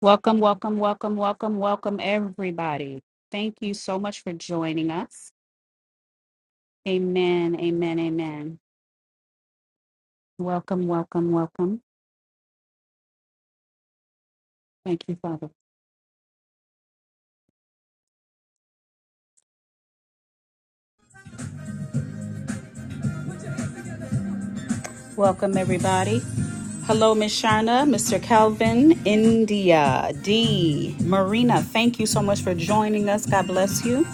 Welcome, welcome, welcome, welcome, welcome, everybody. Thank you so much for joining us. Amen, amen, amen. Welcome, welcome, welcome. Thank you, Father. Welcome, everybody. Hello, Miss Sharna, Mr. Calvin, India, D, Marina. Thank you so much for joining us. God bless you.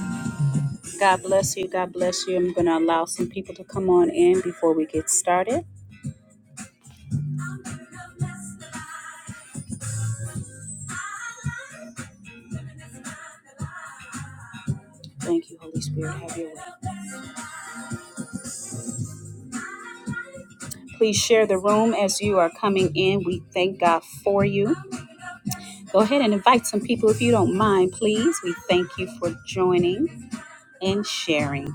God bless you. God bless you. I'm going to allow some people to come on in before we get started. Thank you, Holy Spirit. Have your way. Please share the room as you are coming in. We thank God for you. Go ahead and invite some people if you don't mind, please. We thank you for joining and sharing.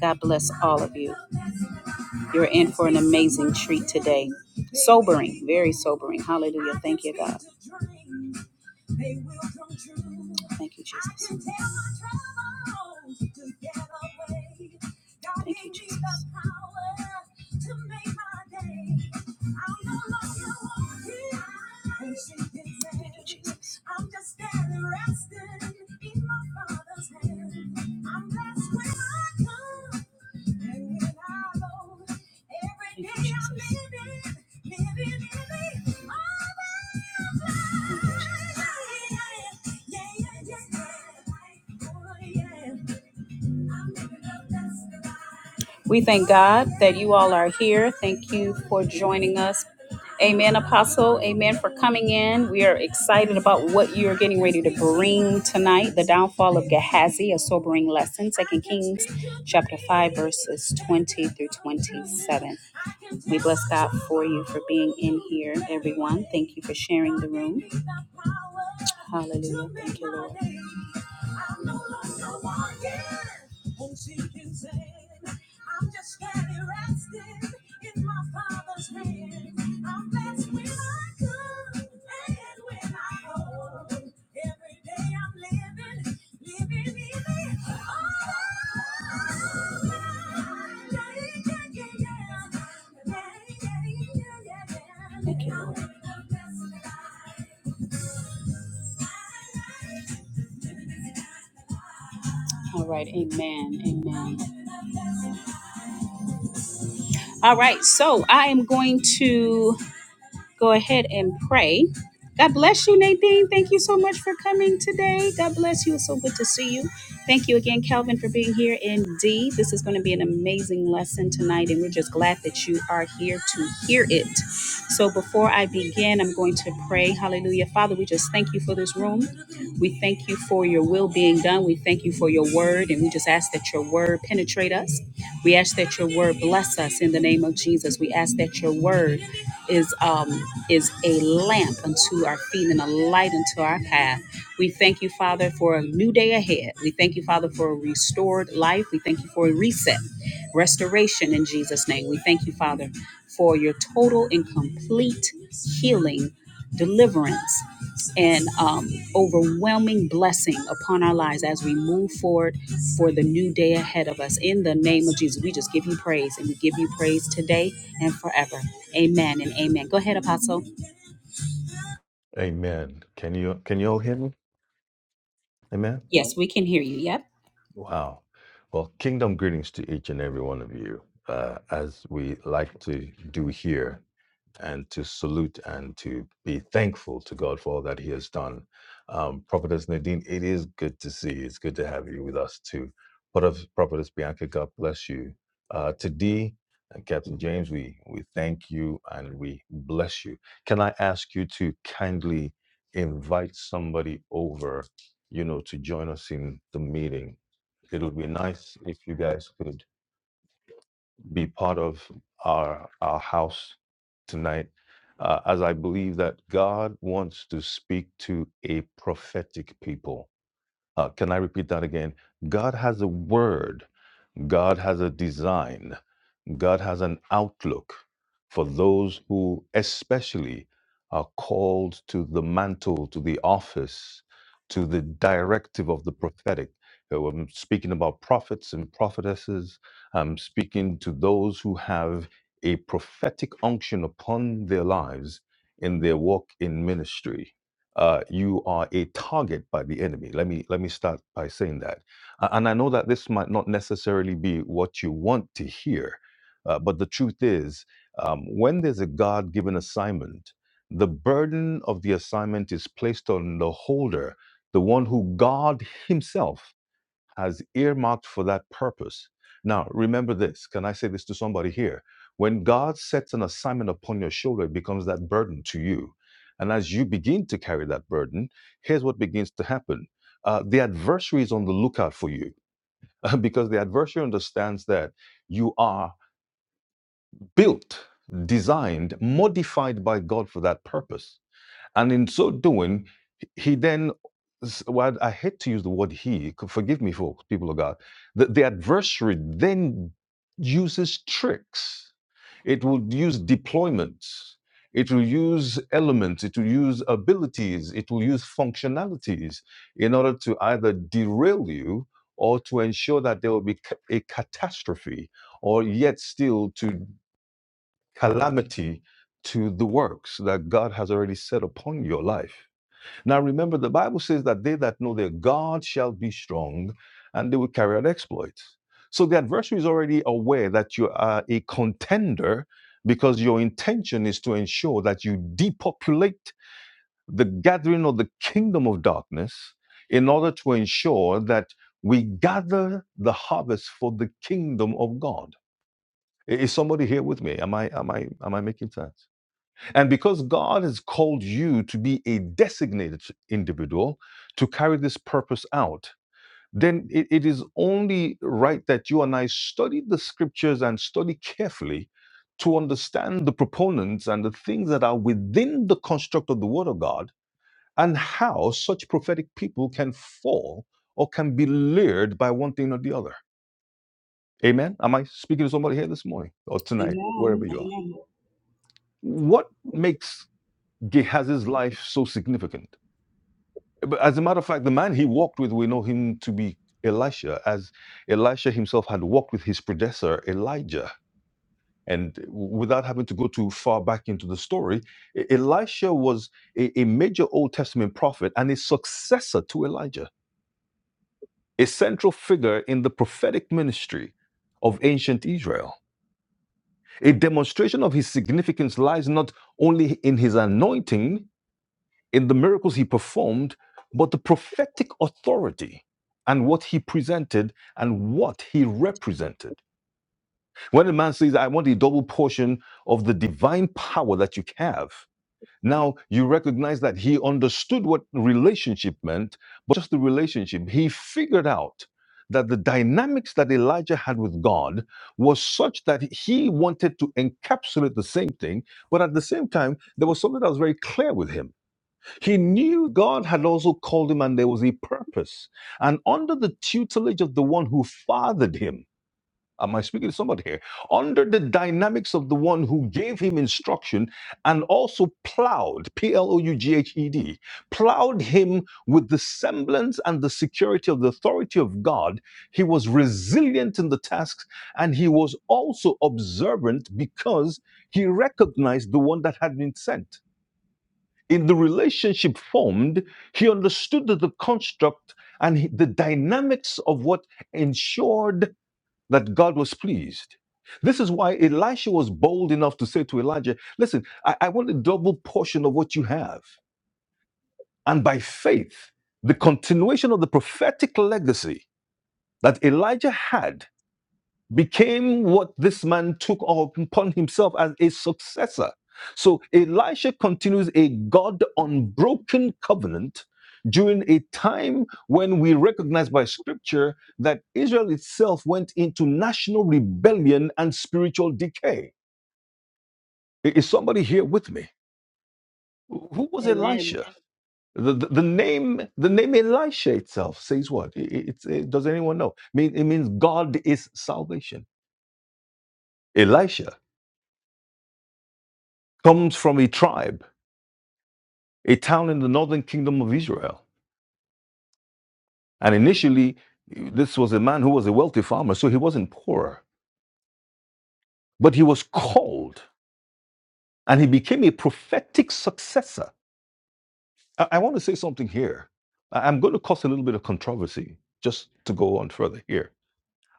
God bless all of you. You're in for an amazing treat today. Sobering, very sobering. Hallelujah. Thank you, God. Thank you, Jesus. Thank you, Jesus. I'm just standing, resting in my father's hand. I'm blessed when I come and when I go. Every day I'm living, living in the oh, yeah, yeah, yeah, yeah, yeah. Oh, yeah. We thank God that you all are here. Thank you for joining us. Amen, Apostle. Amen for coming in. We are excited about what you're getting ready to bring tonight. The downfall of Gehazi, a sobering lesson. Second Kings chapter 5, verses 20 through 27. We bless God for you for being in here, everyone. Thank you for sharing the room. Hallelujah. Thank you, Lord. And she can say, I'm just barely resting in my father's hand. I'm blessed when I come and when I go. Every day I'm living, living, living. Oh, yeah, yeah, yeah, yeah, yeah, yeah, yeah, yeah. Thank you, Lord. All right, amen, amen. All right, so I am going to. go ahead and pray. God bless you, Nadine. Thank you so much for coming today. God bless you. It's so good to see you. Thank you again, Calvin, for being here. Indeed, this is going to be an amazing lesson tonight, and we're just glad that you are here to hear it. So, before I begin, I'm going to pray. Hallelujah. Father, we just thank you for this room. We thank you for your will being done. We thank you for your word, and we just ask that your word penetrate us. We ask that your word bless us in the name of Jesus. We ask that your word is. Um, is a lamp unto our feet and a light unto our path. We thank you, Father, for a new day ahead. We thank you, Father, for a restored life. We thank you for a reset, restoration in Jesus' name. We thank you, Father, for your total and complete healing, deliverance and um, overwhelming blessing upon our lives as we move forward for the new day ahead of us. In the name of Jesus, we just give you praise and we give you praise today and forever. Amen and amen. Go ahead, Apostle. Amen. Can you can you all hear me? Amen. Yes, we can hear you. Yep. Wow. Well, kingdom greetings to each and every one of you. Uh, as we like to do here, and to salute and to be thankful to God for all that He has done. Um, Prophetess Nadine, it is good to see you. It's good to have you with us too. Prophetess, Prophetess Bianca, God bless you. Uh, to D and Captain James, we, we thank you and we bless you. Can I ask you to kindly invite somebody over, you know, to join us in the meeting? It would be nice if you guys could be part of our our house tonight, uh, as I believe that God wants to speak to a prophetic people. Uh, can I repeat that again? God has a word. God has a design. God has an outlook for those who, especially, are called to the mantle, to the office, to the directive of the prophetic. So I'm speaking about prophets and prophetesses. I'm speaking to those who have a prophetic unction upon their lives in their walk in ministry. Uh, you are a target by the enemy. Let me let me start by saying that. A- And I know that this might not necessarily be what you want to hear, uh, but the truth is, um, when there's a God given assignment, the burden of the assignment is placed on the holder, the one who God Himself has earmarked for that purpose. Now, remember this. Can I say this to somebody here? When God sets an assignment upon your shoulder, it becomes that burden to you. And as you begin to carry that burden, here's what begins to happen. Uh, the adversary is on the lookout for you because the adversary understands that you are built, designed, modified by God for that purpose. And in so doing, he then, s- well, I hate to use the word he, forgive me for people of God, the, the adversary then uses tricks. It will use deployments. It will use elements. It will use abilities. It will use functionalities in order to either derail you or to ensure that there will be a catastrophe or yet still to calamity to the works that God has already set upon your life. Now, remember, the Bible says that they that know their God shall be strong and they will carry out exploits. So the adversary is already aware that you are a contender because your intention is to ensure that you depopulate the gathering of the kingdom of darkness in order to ensure that we gather the harvest for the kingdom of God. I- Is somebody here with me? Am I am I am I making sense? And because God has called you to be a designated individual to carry this purpose out, then it, it is only right that you and I study the scriptures and study carefully to understand the proponents and the things that are within the construct of the Word of God and how such prophetic people can fall or can be lured by one thing or the other. Amen. Am I speaking to somebody here this morning or tonight, Amen. wherever you are? Amen. What makes Gehazi's life so significant? But as a matter of fact, the man he walked with, we know him to be Elisha, as Elisha himself had walked with his predecessor, Elijah. And w- without having to go too far back into the story, E- Elisha was a, a major Old Testament prophet and a successor to Elijah, a central figure in the prophetic ministry of ancient Israel. A demonstration of his significance lies not only in his anointing, in the miracles he performed, but the prophetic authority and what he presented and what he represented. When a man says, I want a double portion of the divine power that you have, now you recognize that he understood what relationship meant, but just the relationship. He figured out that the dynamics that Elijah had with God was such that he wanted to encapsulate the same thing, but at the same time, there was something that was very clear with him he knew God had also called him and there was a purpose. And under the tutelage of the one who fathered him, am I speaking to somebody here? Under the dynamics of the one who gave him instruction and also plowed, P L O U G H E D, plowed him with the semblance and the security of the authority of God, he was resilient in the tasks and he was also observant because he recognized the one that had been sent in the relationship formed, he understood that the construct and he- the dynamics of what ensured that God was pleased. This is why Elisha was bold enough to say to Elijah, Listen, I, I want a double portion of what you have. And by faith, the continuation of the prophetic legacy that Elijah had became what this man took upon himself as a successor. So Elisha continues a God unbroken covenant during a time when we recognize by scripture that Israel itself went into national rebellion and spiritual decay. I- Is somebody here with me? Who was Amen. Elisha? The, the, the name the name Elisha itself says what? I- I- it's- it- does anyone know? Mean- It means God is salvation. Elisha. comes from a tribe, a town in the northern kingdom of Israel. And initially, this was a man who was a wealthy farmer, so he wasn't poor, but he was called and he became a prophetic successor. I, I want to say something here. I- I'm going to cause a little bit of controversy just to go on further here.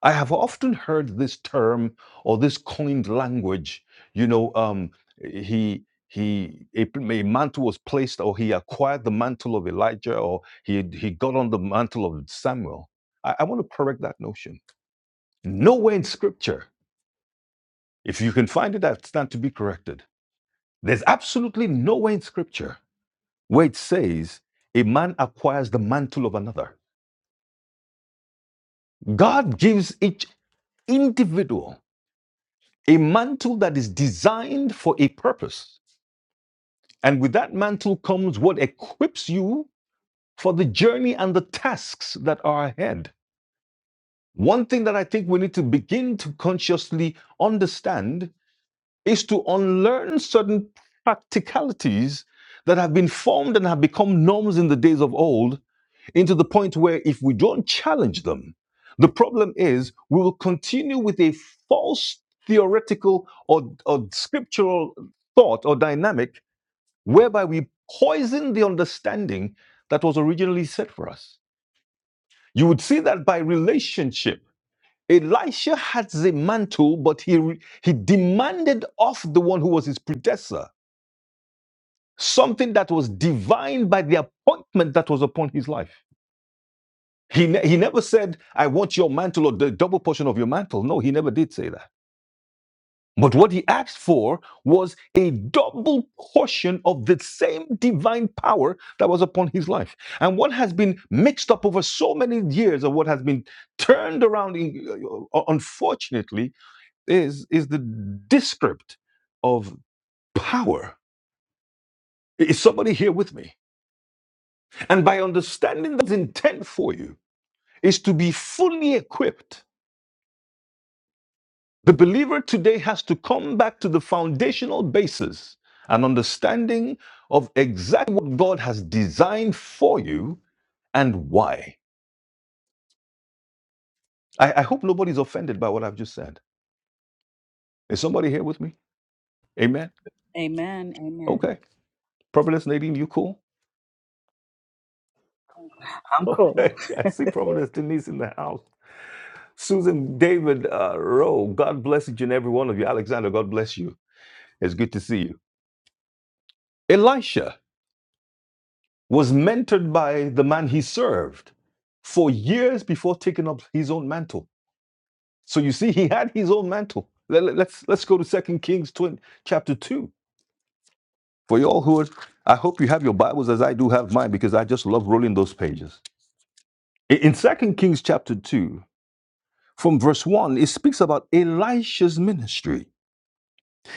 I have often heard this term or this coined language. You know, um, he he a, a mantle was placed, or he acquired the mantle of Elijah, or he he got on the mantle of Samuel. I, I want to correct that notion. Nowhere in Scripture, if you can find it, I stand to be corrected. There's absolutely nowhere in Scripture where it says a man acquires the mantle of another. God gives each individual a mantle that is designed for a purpose. And with that mantle comes what equips you for the journey and the tasks that are ahead. One thing that I think we need to begin to consciously understand is to unlearn certain practicalities that have been formed and have become norms in the days of old into the point where if we don't challenge them, the problem is we will continue with a false theoretical or, or scriptural thought or dynamic whereby we poison the understanding that was originally set for us. You would see that by relationship. Elisha had the mantle, but he, he demanded of the one who was his predecessor something that was divine by the appointment that was upon his life. He, ne- he never said, I want your mantle or the double portion of your mantle. No, he never did say that. But what he asked for was a double portion of the same divine power that was upon his life. And what has been mixed up over so many years, or what has been turned around, in- uh, uh, unfortunately, is, is the descript of power. Is somebody here with me? And by understanding that intent for you is to be fully equipped The believer today has to come back to the foundational basis, an understanding of exactly what God has designed for you and why. I, I hope nobody's offended by what I've just said. Is somebody here with me? Amen. Amen. Amen. Okay. Prophetess Nadine, you cool? I'm cool. Okay. I see Prophetess Denise in the house. Susan David uh, Rowe, God bless each and every one of you. Alexander, God bless you. It's good to see you. Elisha was mentored by the man he served for years before taking up his own mantle. So you see, he had his own mantle. Let, us let's let's go to Second Kings 20, chapter 2. For you all who are, I hope you have your Bibles as I do have mine because I just love rolling those pages. In, in 2 Kings chapter 2, from verse 1, it speaks about Elisha's ministry.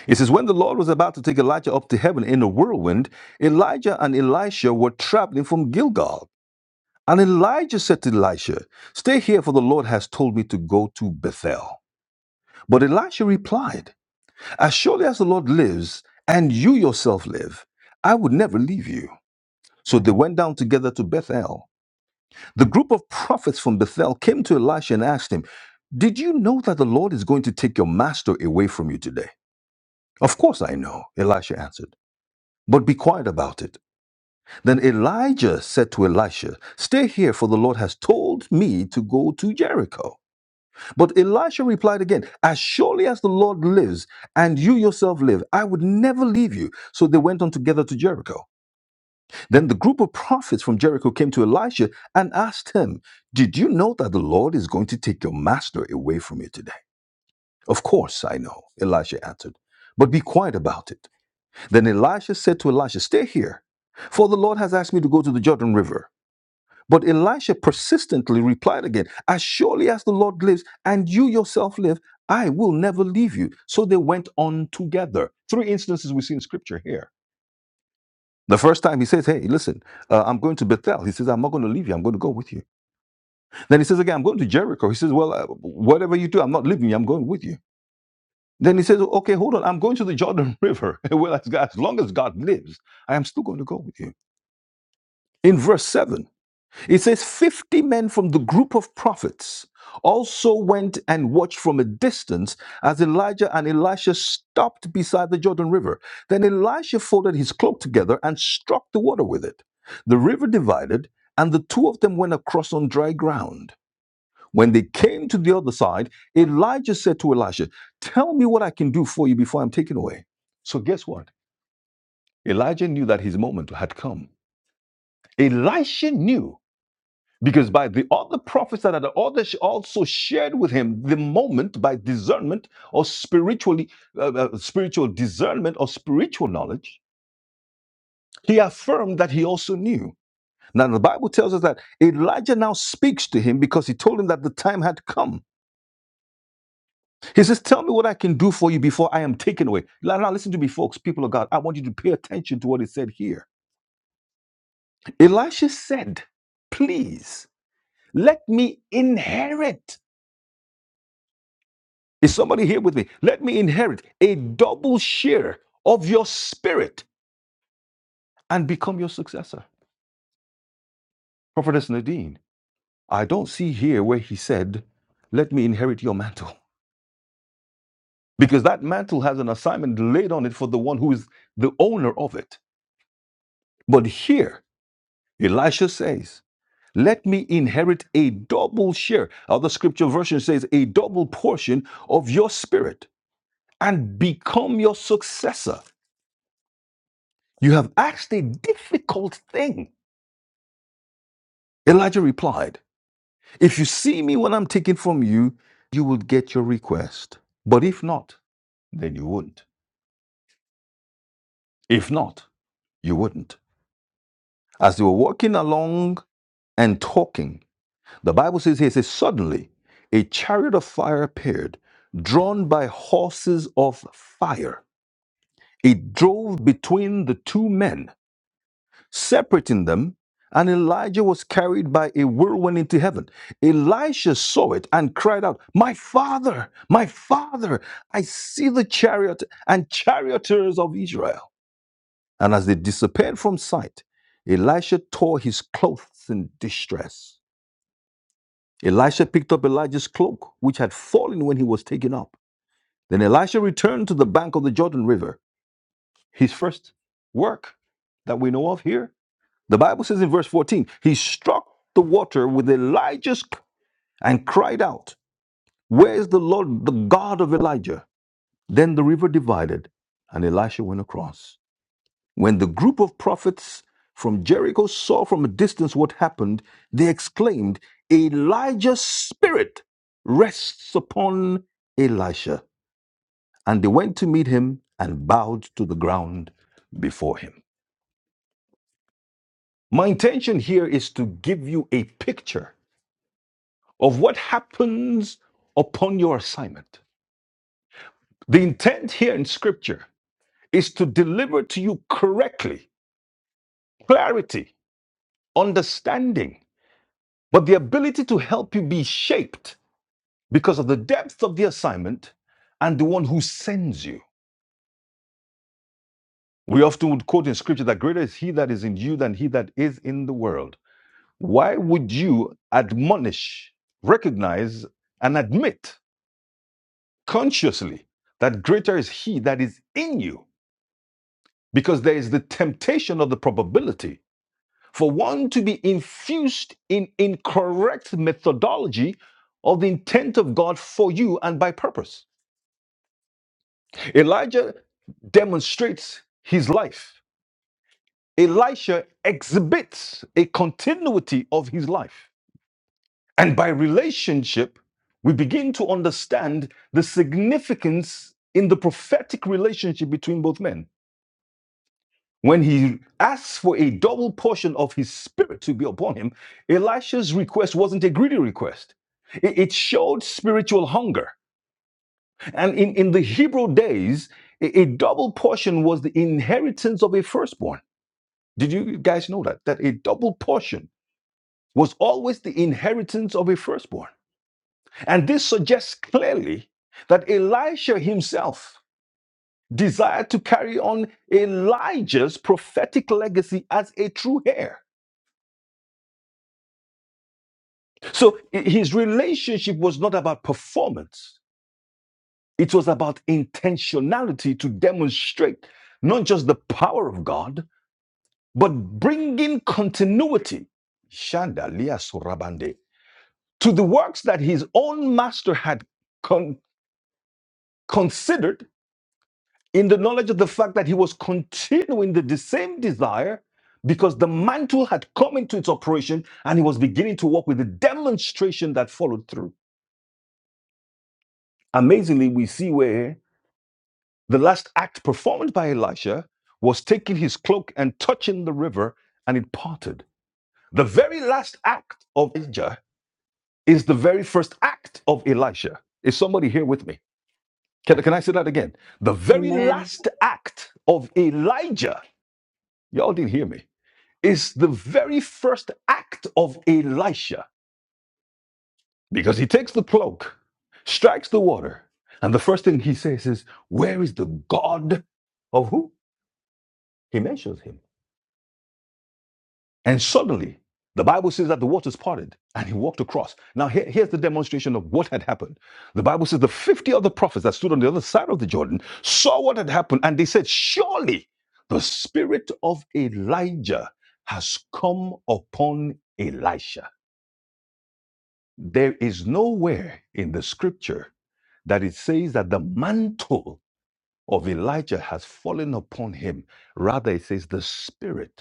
It says, When the Lord was about to take Elijah up to heaven in a whirlwind, Elijah and Elisha were traveling from Gilgal. And Elijah said to Elisha, Stay here, for the Lord has told me to go to Bethel. But Elisha replied, As surely as the Lord lives, and you yourself live, I would never leave you. So they went down together to Bethel. The group of prophets from Bethel came to Elisha and asked him, Did you know that the Lord is going to take your master away from you today? Of course I know, Elisha answered. But be quiet about it. Then Elijah said to Elisha, Stay here, for the Lord has told me to go to Jericho. But Elisha replied again, As surely as the Lord lives and you yourself live, I would never leave you. So they went on together to Jericho. Then the group of prophets from Jericho came to Elisha and asked him, Did you know that the Lord is going to take your master away from you today? Of course I know, Elisha answered, but be quiet about it. Then Elisha said to Elisha, Stay here, for the Lord has asked me to go to the Jordan River. But Elisha persistently replied again, As surely as the Lord lives and you yourself live, I will never leave you. So they went on together. Three instances we see in scripture here. The first time he says, Hey, listen, uh, I'm going to Bethel. He says, I'm not going to leave you. I'm going to go with you. Then he says again, I'm going to Jericho. He says, Well, uh, whatever you do, I'm not leaving you. I'm going with you. Then he says, Okay, hold on. I'm going to the Jordan River. well, as, God- as long as God lives, I am still going to go with you. In verse 7, It says, 50 men from the group of prophets also went and watched from a distance as Elijah and Elisha stopped beside the Jordan River. Then Elisha folded his cloak together and struck the water with it. The river divided, and the two of them went across on dry ground. When they came to the other side, Elijah said to Elisha, Tell me what I can do for you before I'm taken away. So, guess what? Elijah knew that his moment had come. Elisha knew because by the other prophets that had also shared with him the moment by discernment or spiritually, uh, uh, spiritual discernment or spiritual knowledge, he affirmed that he also knew. Now the Bible tells us that Elijah now speaks to him because he told him that the time had come. He says, "Tell me what I can do for you before I am taken away." Now, now listen to me, folks, people of God. I want you to pay attention to what it said here. Elisha said, "Please let me inherit." Is somebody here with me? Let me inherit a double share of your spirit and become your successor. Prophetess Nadine, I don't see here where he said, Let me inherit your mantle. Because that mantle has an assignment laid on it for the one who is the owner of it. But here, Elisha says, Let me inherit a double share. Other scripture version says, A double portion of your spirit and become your successor. You have asked a difficult thing Elijah replied, If you see me when I'm taken from you, you will get your request. But if not, then you wouldn't. If not, you wouldn't. As they were walking along and talking, the Bible says here, it says, Suddenly a chariot of fire appeared, drawn by horses of fire. It drove between the two men separating them, and Elijah was carried by a whirlwind into heaven. Elisha saw it and cried out, My father, my father, I see the chariot and charioteers of Israel. And as they disappeared from sight, Elisha tore his clothes in distress. Elisha picked up Elijah's cloak, which had fallen when he was taken up. Then Elisha returned to the bank of the Jordan River, his first work that we know of here The Bible says in verse 14, he struck the water with Elijah's c- and cried out, Where is the Lord, the God of Elijah? Then the river divided, and Elisha went across. When the group of prophets from Jericho saw from a distance what happened, they exclaimed, Elijah's spirit rests upon Elisha. And they went to meet him and bowed to the ground before him. My intention here is to give you a picture of what happens upon your assignment. The intent here in scripture is to deliver to you correctly clarity, understanding, but the ability to help you be shaped because of the depth of the assignment and the one who sends you. We often would quote in scripture that greater is he that is in you than he that is in the world. Why would you admonish, recognize, and admit consciously that greater is he that is in you because there is the temptation of the probability for one to be infused in incorrect methodology of the intent of God for you and by purpose. Elijah demonstrates his life. Elisha exhibits a continuity of his life. And by relationship, we begin to understand the significance in the prophetic relationship between both men. When he asked for a double portion of his spirit to be upon him, Elisha's request wasn't a greedy request. It, it showed spiritual hunger. And in, in the Hebrew days, a, a double portion was the inheritance of a firstborn. Did you guys know that? That a double portion was always the inheritance of a firstborn. And this suggests clearly that Elisha himself desired to carry on Elijah's prophetic legacy as a true heir. So his relationship was not about performance, it was about intentionality to demonstrate not just the power of God, but bringing continuity Shandalia Surabande, to the works that his own master had con- considered in the knowledge of the fact that he was continuing the, the same desire because the mantle had come into its operation and he was beginning to walk with the demonstration that followed through. Amazingly, we see where The last act performed by Elisha was taking his cloak and touching the river, and it parted. The very last act of Elijah is the very first act of Elisha. Is somebody here with me? Can, can I say that again? The very Amen. last act of Elijah, y'all didn't hear me, is the very first act of Elisha because he takes the cloak, strikes the water, and the first thing he says is, Where is the God of who? He mentions him. And suddenly, the Bible says that the waters parted and he walked across. Now, here- here's the demonstration of what had happened. The Bible says the 50 other prophets that stood on the other side of the Jordan saw what had happened and they said, Surely the spirit of Elijah has come upon Elisha. There is nowhere in the scripture that it says that the mantle of Elijah has fallen upon him. Rather, it says the spirit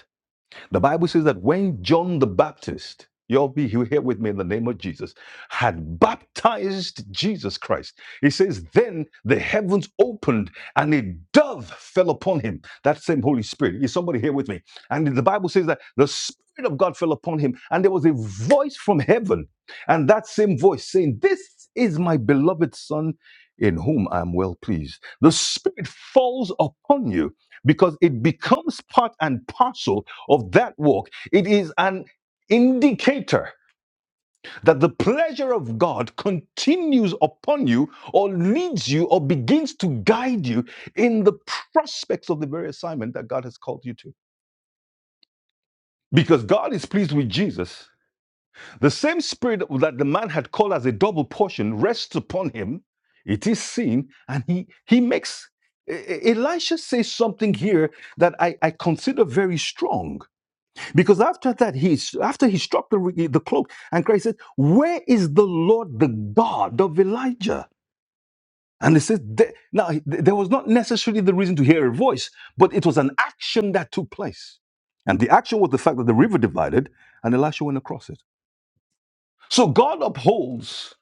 the Bible says that when John the Baptist, you'll be here here with me in the name of Jesus, had baptized Jesus Christ, he says, then the heavens opened and a dove fell upon him. That same Holy Spirit. Is somebody here with me? And the Bible says that the Spirit of God fell upon him and there was a voice from heaven. And that same voice saying, This is my beloved Son in whom I am well pleased. The Spirit falls upon you because it becomes part and parcel of that walk, it is an indicator that the pleasure of God continues upon you or leads you or begins to guide you in the prospects of the very assignment that God has called you to. Because God is pleased with Jesus, the same spirit that the man had called as a double portion rests upon him. It is seen, and he he makes E- E- Elisha says something here that I, I consider very strong Because after that, he after he struck the, the cloak, and Christ said, "Where is the Lord, the God of Elijah?" And he says, "There-" "Now there was not necessarily the reason to hear a voice, but it was an action that took place, and the action was the fact that the river divided, and Elisha went across it. So God upholds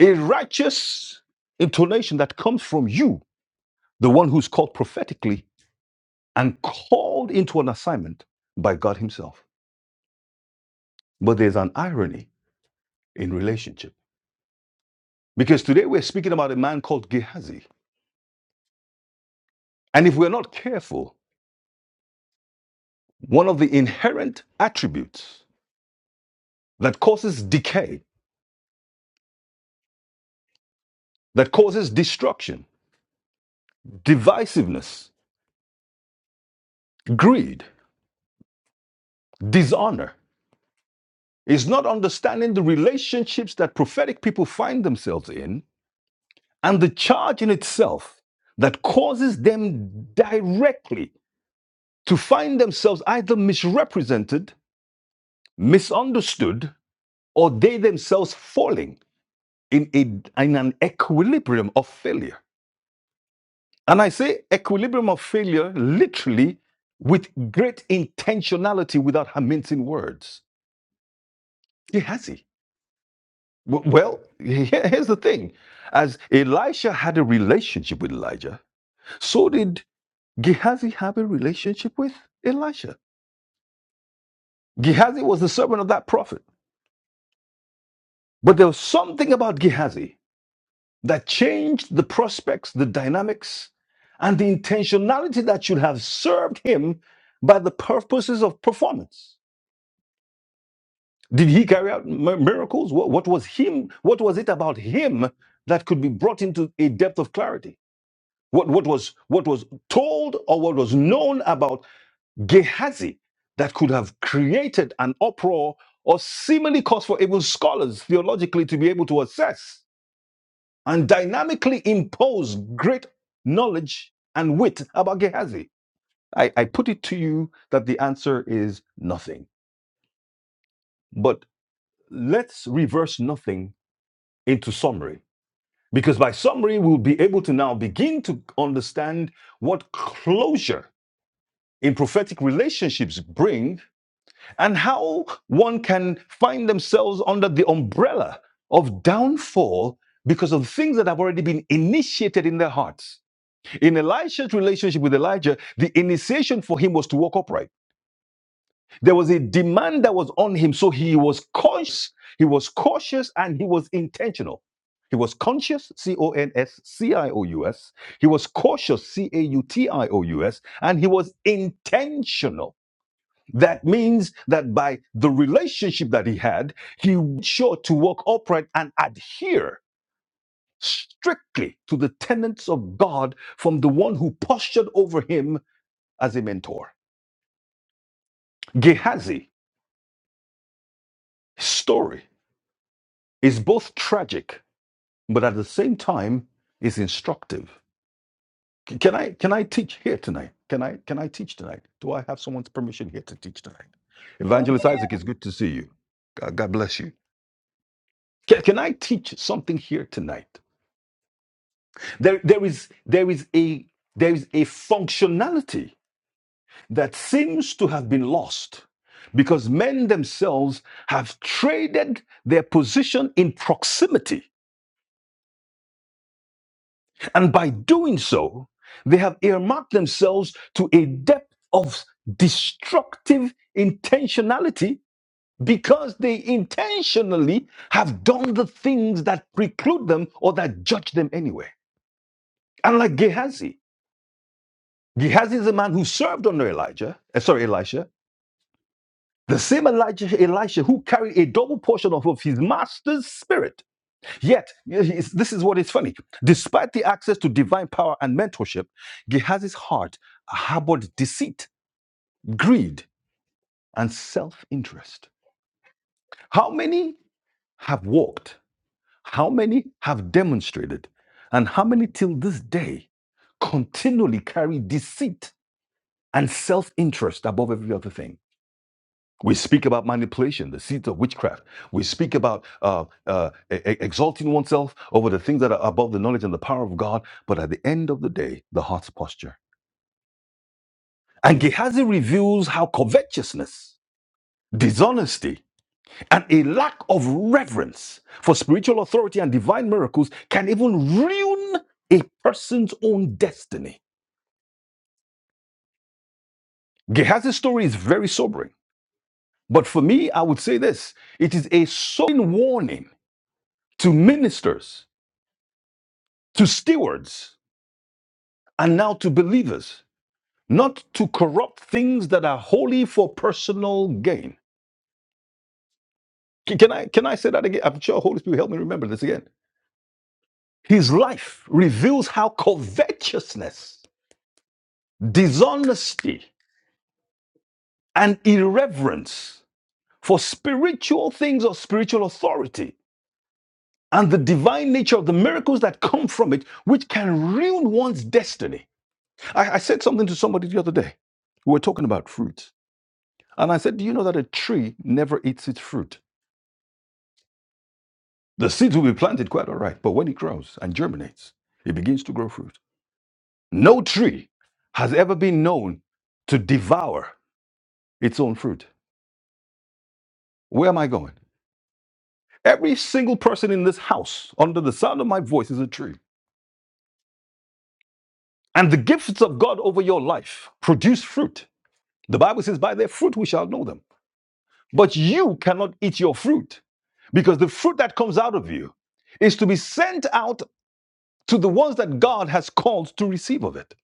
a righteous intonation that comes from you, the one who's called prophetically and called into an assignment by God Himself. But there's an irony in relationship Because today we're speaking about a man called Gehazi. And if we're not careful, one of the inherent attributes that causes decay, that causes destruction, divisiveness, greed, dishonor, is not understanding the relationships that prophetic people find themselves in and the charge in itself that causes them directly to find themselves either misrepresented, misunderstood, or they themselves falling in, a, in an equilibrium of failure. And I say equilibrium of failure literally with great intentionality without mincing words. He has he. Well, here- here's the thing. As Elisha had a relationship with Elijah, so did Gehazi have a relationship with Elisha. Gehazi was the servant of that prophet. But there was something about Gehazi. that changed the prospects, the dynamics, and the intentionality that should have served him by the purposes of performance. Did he carry out mi- miracles? What, what was him? What was it about him that could be brought into a depth of clarity? What, what was what was told or what was known about Gehazi that could have created an uproar or seemingly cause for even scholars theologically to be able to assess and dynamically impose great knowledge and wit about Gehazi? I, I put it to you that the answer is nothing. But let's reverse nothing into summary, because by summary, we'll be able to now begin to understand what closure in prophetic relationships bring and how one can find themselves under the umbrella of downfall because of things that have already been initiated in their hearts In Elisha's relationship with Elijah, the initiation for him was to walk upright. There was a demand that was on him, so he was conscious, he was cautious, and he was intentional. He was conscious, C O N S C I O U S. He was cautious, C A U T I O U S. And he was intentional. That means that by the relationship that he had, he was sure to walk upright and adhere strictly to the tenets of God from the one who postured over him as a mentor. Gehazi's story is both tragic, but at the same time is instructive. Can I can I teach here tonight? Can I can I teach tonight? Do I have someone's permission here to teach tonight? Evangelist Yeah. Isaac, it's good to see you. God, God bless you. Can, can I teach something here tonight? There there is there is a there is a functionality that seems to have been lost because men themselves have traded their position in proximity And by doing so, they have earmarked themselves to a depth of destructive intentionality because they intentionally have done the things that preclude them or that judge them anyway. And like Gehazi, Gehazi is a man who served under Elijah, uh, sorry, Elisha, the same Elijah, Elisha who carried a double portion of of his master's spirit Yet, this is what is funny. Despite the access to divine power and mentorship, Gehazi's heart harbored deceit, greed, and self interest. How many have walked? How many have demonstrated? And how many till this day continually carry deceit and self interest above every other thing? We speak about manipulation, the seeds of witchcraft. We speak about uh, uh, e- e- exalting oneself over the things that are above the knowledge and the power of God. But at the end of the day, the heart's posture. And Gehazi reveals how covetousness, dishonesty, and a lack of reverence for spiritual authority and divine miracles can even ruin a person's own destiny. Gehazi's story is very sobering. But for me, I would say this it is a sobering warning to ministers to stewards and now to believers, not to corrupt things that are holy for personal gain. Can can I can I say that again? I'm sure Holy Spirit help me remember this again. His life reveals how covetousness, dishonesty, and irreverence for spiritual things or spiritual authority and the divine nature of the miracles that come from it, which can ruin one's destiny. I, I said something to somebody the other day. We were talking about fruit. And I said, Do you know that a tree never eats its fruit? The seeds will be planted quite all right, but when it grows and germinates, it begins to grow fruit. No tree has ever been known to devour its own fruit. Where am I going? Every single person in this house, under the sound of my voice, is a tree. And the gifts of God over your life produce fruit. The Bible says, By their fruit we shall know them. But you cannot eat your fruit because the fruit that comes out of you is to be sent out to the ones that God has called to receive of it.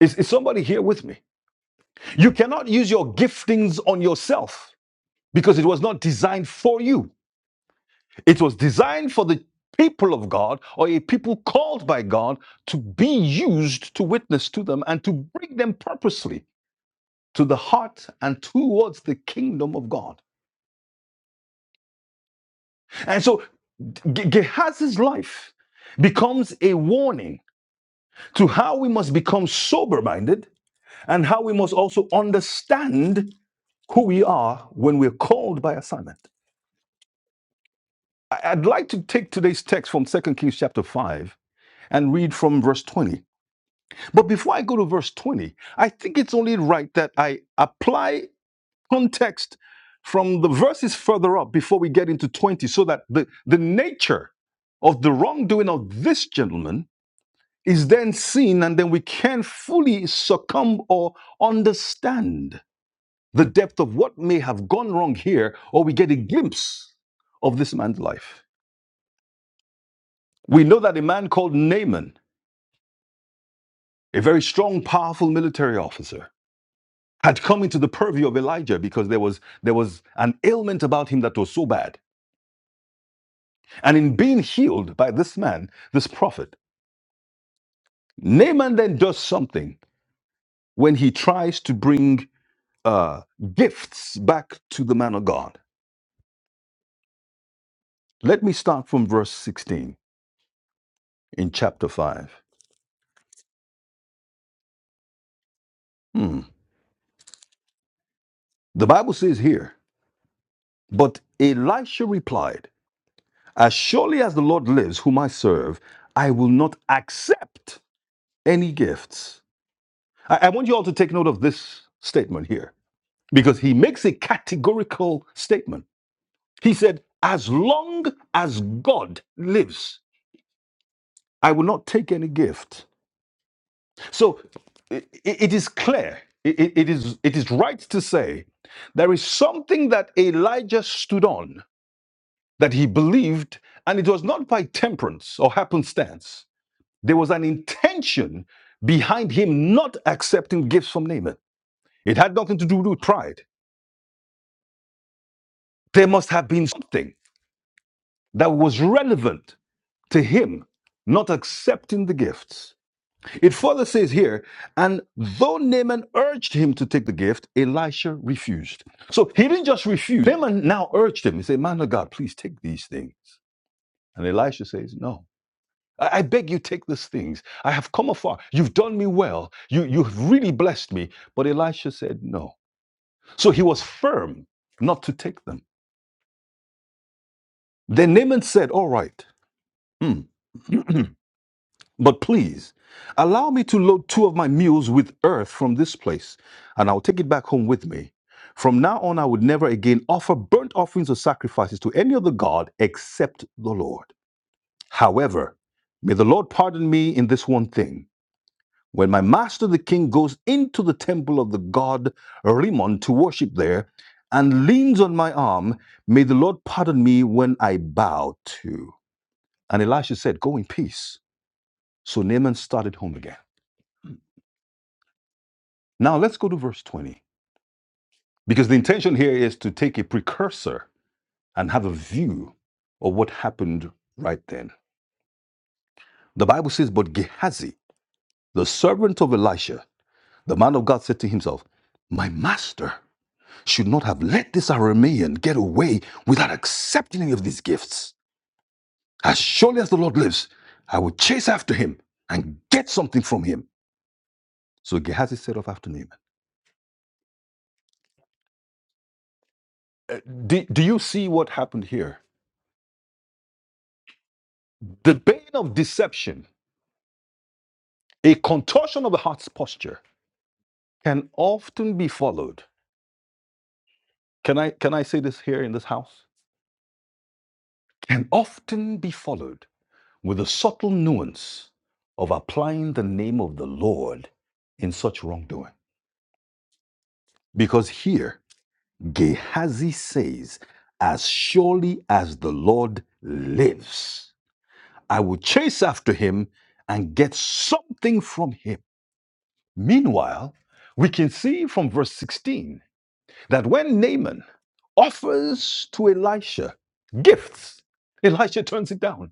Is, is somebody here with me? You cannot use your giftings on yourself because it was not designed for you. It was designed for the people of God or a people called by God to be used to witness to them and to bring them purposely to the heart and towards the kingdom of God. And so Gehazi's life becomes a warning to how we must become sober minded and how we must also understand who we are when we're called by assignment. I- would like to take today's text from Second Kings chapter 5 and read from verse 20. But before I go to verse 20, I think it's only right that I apply context from the verses further up before we get into 20 so that the, the nature of the wrongdoing of this gentleman is then seen and then we can fully succumb or understand the depth of what may have gone wrong here, or we get a glimpse of this man's life. We know that a man called Naaman, a very strong, powerful military officer, had come into the purview of Elijah because there was, there was an ailment about him that was so bad. And in being healed by this man, this prophet, Naaman then does something when he tries to bring uh, gifts back to the man of God. Let me start from verse 16 in chapter 5. Hmm. The Bible says here, But Elisha replied, As surely as the Lord lives, whom I serve, I will not accept any gifts. I, I want you all to take note of this statement here because he makes a categorical statement. He said, As long as God lives, I will not take any gift. So i- i- it is clear, i- i- it, is, it is right to say there is something that Elijah stood on that he believed, and it was not by temperance or happenstance. There was an intention behind him not accepting gifts from Naaman. It had nothing to do with pride. There must have been something that was relevant to him not accepting the gifts. It further says here, and though Naaman urged him to take the gift, Elisha refused. So he didn't just refuse. Naaman now urged him. He said, Man of God, please take these things. And Elisha says, No. I beg you, take these things. I have come afar. You've done me well. You, you've really blessed me. But Elisha said, No. So he was firm not to take them. Then Naaman said, All right, hmm, but please allow me to load two of my mules with earth from this place, and I'll take it back home with me. From now on, I would never again offer burnt offerings or sacrifices to any other God except the Lord. However, may the Lord pardon me in this one thing. When my master the king goes into the temple of the god Rimmon to worship there and leans on my arm, may the Lord pardon me when I bow to. And Elisha said, Go in peace. So Naaman started home again. Now let's go to verse 20, because the intention here is to take a precursor and have a view of what happened right then. The Bible says, But Gehazi, the servant of Elisha, the man of God said to himself, My master. should not have let this Aramean get away without accepting any of these gifts. As surely as the Lord lives, I will chase after him and get something from him. So Gehazi set off after Naaman. Uh, do, do you see what happened here? The bane of deception, a contortion of the heart's posture, can often be followed. Can I, can I say this here in this house? Can often be followed with a subtle nuance of applying the name of the Lord in such wrongdoing. Because here, Gehazi says, As surely as the Lord lives, I will chase after him and get something from him. Meanwhile, we can see from verse 16 that when Naaman offers to Elisha gifts, Elisha turns it down.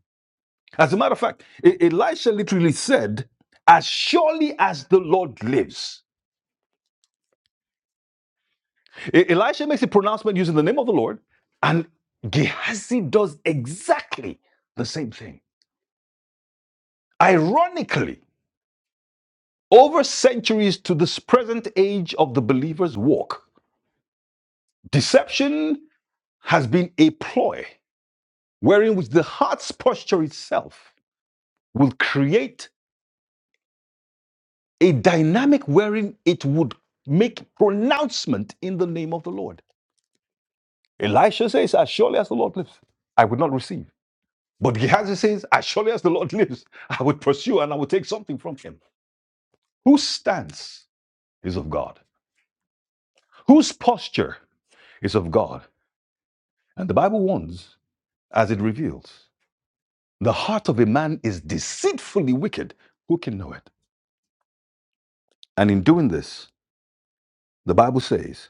As a matter of fact, E- Elisha literally said, As surely as the Lord lives. E- Elisha makes a pronouncement using the name of the Lord, and Gehazi does exactly the same thing. Ironically, over centuries to this present age of the believer's walk, deception has been a ploy wherein which the heart's posture itself will create a dynamic wherein it would make pronouncement in the name of the Lord. Elisha says, As surely as the Lord lives, I would not receive. But Gehazi says, As surely as the Lord lives, I would pursue and I would take something from him. Whose stance is of God? Whose posture is of God? And the Bible warns, as it reveals, the heart of a man is deceitfully wicked. Who can know it? And in doing this, the Bible says,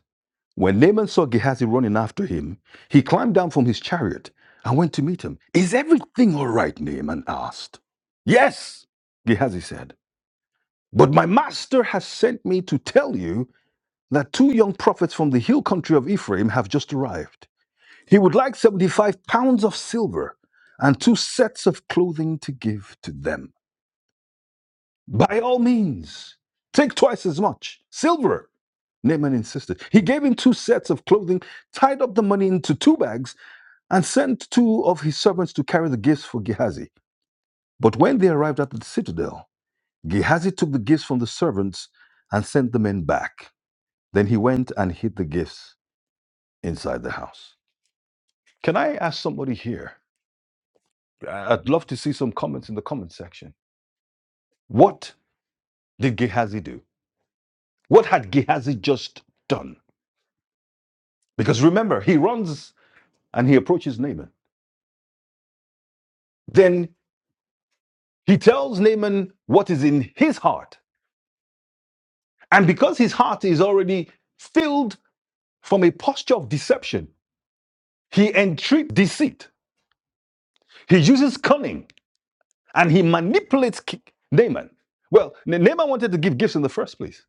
When Naaman saw Gehazi running after him, he climbed down from his chariot and went to meet him. Is everything all right? Naaman asked. Yes, Gehazi said. But my master has sent me to tell you that two young prophets from the hill country of Ephraim have just arrived. He would like 75 pounds of silver and two sets of clothing to give to them. By all means, take twice as much silver. Naaman insisted. He gave him two sets of clothing, tied up the money into two bags, and sent two of his servants to carry the gifts for Gehazi. But when they arrived at the citadel, Gehazi took the gifts from the servants and sent the men back. Then he went and hid the gifts inside the house. Can I ask somebody here? I- I'd love to see some comments in the comment section. What did Gehazi do? What had Gehazi just done? Because remember, he runs and he approaches Naaman. Then he tells Naaman what is in his heart. And because his heart is already filled from a posture of deception, he entreats deceit. He uses cunning and he manipulates Ki- Naaman. Well, Na- Naaman wanted to give gifts in the first place.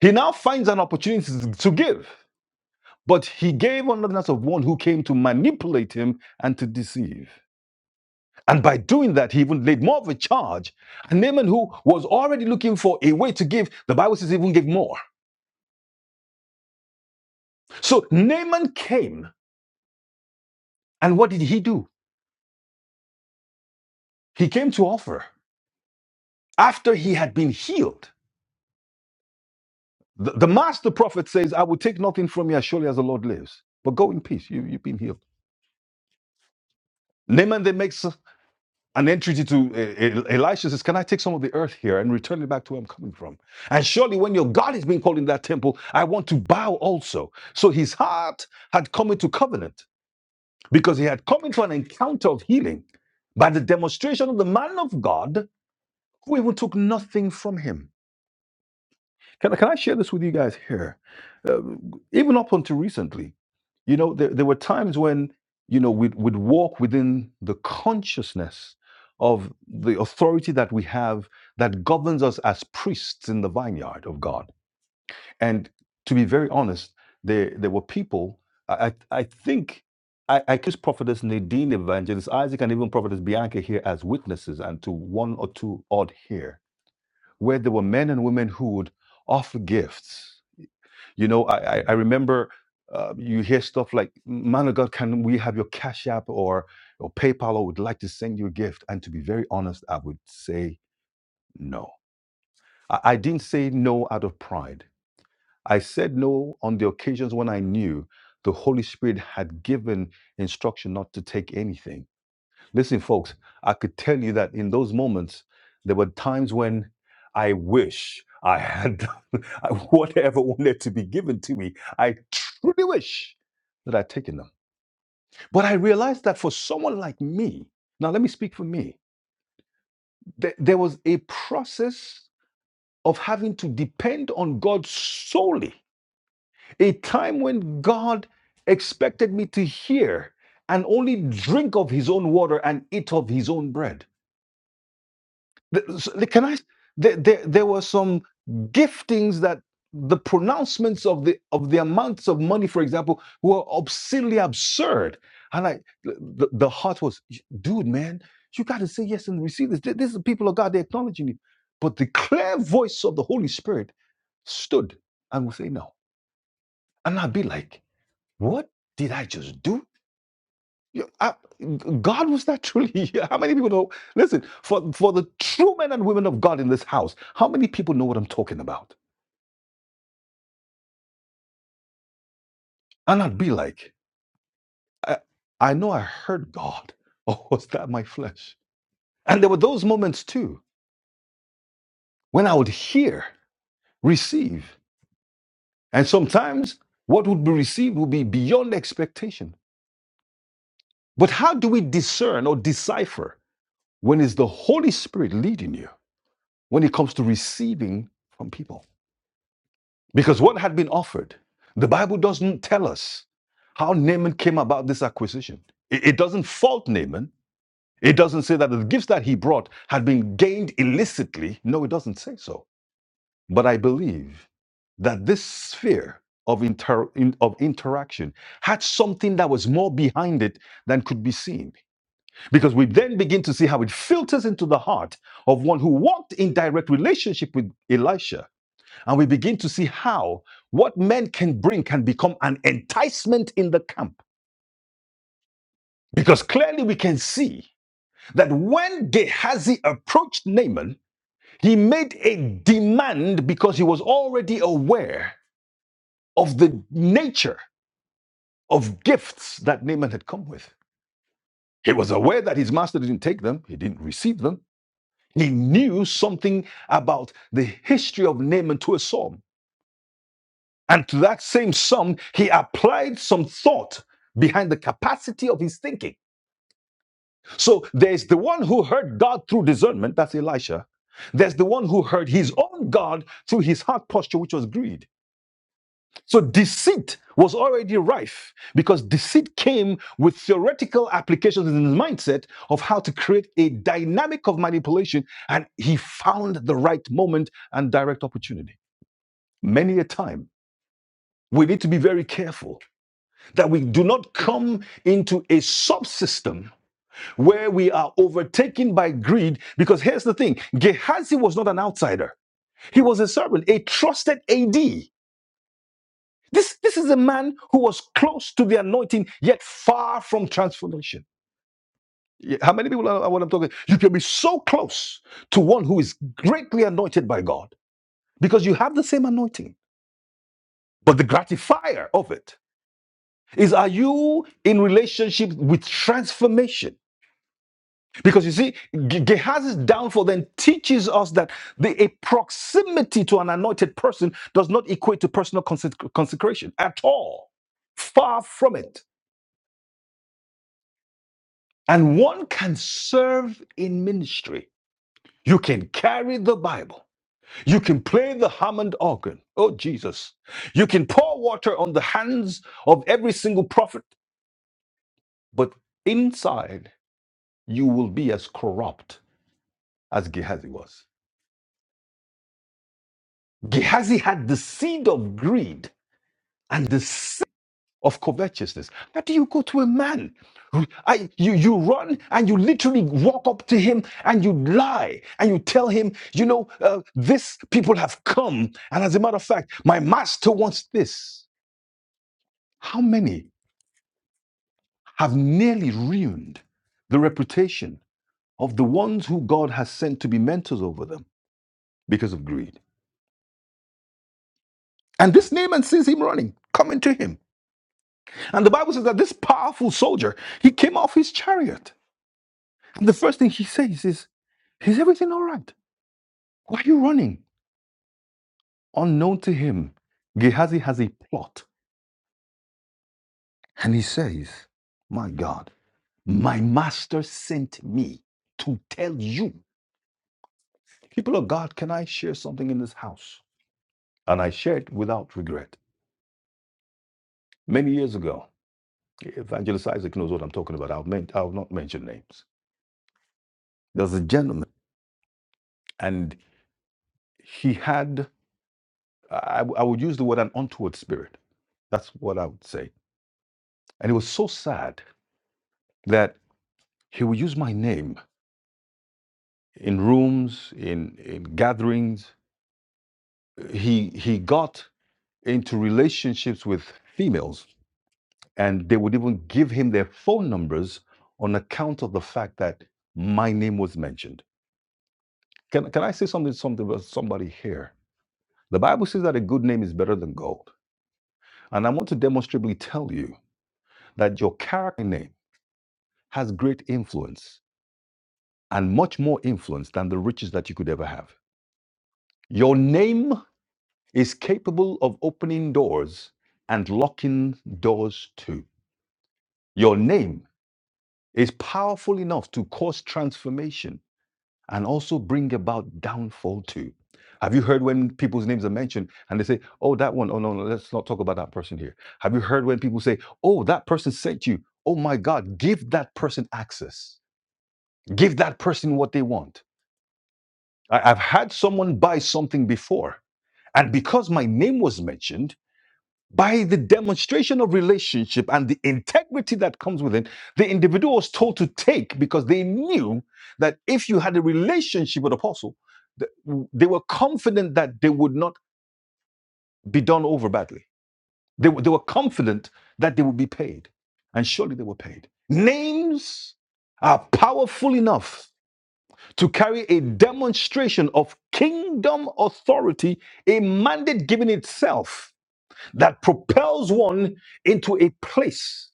He now finds an opportunity to give. But he gave unworthiness of one who came to manipulate him and to deceive. And by doing that, he even laid more of a charge. And Naaman, who was already looking for a way to give, the Bible says he even gave more. So Naaman came, and what did he do? He came to offer after he had been healed. The, the master prophet says, I will take nothing from you as surely as the Lord lives, but go in peace. You, you've been healed. Naaman then makes an entity to E- E- Elisha says, Can I take some of the earth here and return it back to where I'm coming from? And surely when your God is being called in that temple, I want to bow also. So his heart had come into covenant because he had come into an encounter of healing by the demonstration of the man of God who even took nothing from him. Can, can I share this with you guys here? Uh, even up until recently, you know, there, there were times when, you know, we'd, we'd walk within the consciousness of the authority that we have that governs us as priests in the vineyard of God. And to be very honest, there, there were people, I, I I think I, I kiss prophetess Nadine, evangelist Isaac, and even prophetess Bianca here as witnesses, and to one or two odd here, where there were men and women who would offer gifts you know, I I, I remember uh, you hear stuff like, "Man of God, can we have your Cash App or or PayPal? Or would like to send you a gift." And to be very honest, I would say no. I, I didn't say no out of pride. I said no on the occasions when I knew the Holy Spirit had given instruction not to take anything Listen, folks, I could tell you that in those moments, there were times when I wish I had whatever wanted to be given to me. I truly wish that I'd taken them. But I realized that for someone like me, now let me speak for me, th- there was a process of having to depend on God solely. A time when God expected me to hear and only drink of his own water and eat of his own bread The- Can I? There, there, there were some giftings that the pronouncements of the of the amounts of money, for example, were obscenely absurd. And I, the, the heart was, dude, man, you got to say yes and receive this. Th- This is the people of God; they're acknowledging you. But the clear voice of the Holy Spirit stood and would say no, and I'd be like, what did I just do? Yeah, I- G- God was naturally. here. How many people know? Listen, for for the true men and women of God in this house, how many people know what I'm talking about? And I'd be like, I, I know I heard God, or was that my flesh? And there were those moments too when I would hear, receive, and sometimes what would be received would be beyond expectation. But how do we discern or decipher when it's the Holy Spirit leading you when it comes to receiving from people? Because what had been offered, the Bible doesn't tell us how Naaman came about this acquisition. It, it doesn't fault Naaman. It doesn't say that the gifts that he brought had been gained illicitly. No, it doesn't say so. But I believe that this sphere of, inter- in- of interaction had something that was more behind it than could be seen. Because we then begin to see how it filters into the heart of one who walked in direct relationship with Elisha and we begin to see how what men can bring can become an enticement in the camp. Because clearly we can see that when Gehazi approached Naaman, he made a demand because he was already aware of the nature of gifts that Naaman had come with. He was aware that his master didn't take them, he didn't receive them. He knew something about the history of Naaman to a psalm. And to that same sum, he applied some thought behind the capacity of his thinking. So there's the one who heard God through discernment, that's Elisha. There's the one who heard his own God through his heart posture, which was greed. So deceit was already rife because deceit came with theoretical applications in his mindset of how to create a dynamic of manipulation. And he found the right moment and direct opportunity. Many a time, we need to be very careful that we do not come into a subsystem where we are overtaken by greed. Because here's the thing Gehazi was not an outsider, he was a servant, a trusted AD. This, this is a man who was close to the anointing, yet far from transformation. Yeah, How many people are what I'm talking? You can be so close to one who is greatly anointed by God because you have the same anointing. But the gratifier of it is are you in relationship with transformation? Because you see, Ge- Gehazi's downfall then teaches us that the a proximity to an anointed person does not equate to personal consec- consecration at all. Far from it. And one can serve in ministry. You can carry the Bible. You can play the Hammond organ. Oh, Jesus. You can pour water on the hands of every single prophet, but inside you will be as corrupt as Gehazi was. Gehazi had the seed of greed and the sin of covetousness. How do you go to a man? I, you, you run and you literally walk up to him and you lie and you tell him, you know, uh, this people have come. And as a matter of fact, my master wants this. How many have nearly ruined the reputation of the ones who God has sent to be mentors over them because of greed? And this Naaman sees him running, coming to him. And the Bible says that this powerful soldier, he came off his chariot And The first thing he says is, Is everything all right? Why are you running? Unknown to him, Gehazi has a plot. And he says, My God, my master sent me to tell you, people of God, can I share something in this house? And I shared without regret. Many years ago, Evangelist Isaac knows what I'm talking about. I'll, men- I'll not mention names. There's a gentleman, and he had, I, I would use the word an untoward spirit. That's what I would say And it was so sad that he would use my name in rooms, in, in gatherings. He, he got into relationships with females, and they would even give him their phone numbers on account of the fact that my name was mentioned. Can, can I say something, something about somebody here? The Bible says that a good name is better than gold. And I want to demonstrably tell you that your character name has great influence and much more influence than the riches that you could ever have. Your name is capable of opening doors and locking doors too. Your name is powerful enough to cause transformation and also bring about downfall too. Have you heard when people's names are mentioned and they say, oh, that one, oh, no, no, let's not talk about that person here? Have you heard when people say, oh, that person sent you? Oh my God, give that person access, give that person what they want. I- I've had someone buy something before, and because my name was mentioned, by the demonstration of relationship and the integrity that comes with it, the individual was told to take because they knew that if you had a relationship with apostle, th- they were confident that they would not be done over badly. They, were- they were confident that they would be paid, and surely they were paid. Names are powerful enough to carry a demonstration of kingdom authority, a mandate given itself that propels one into a place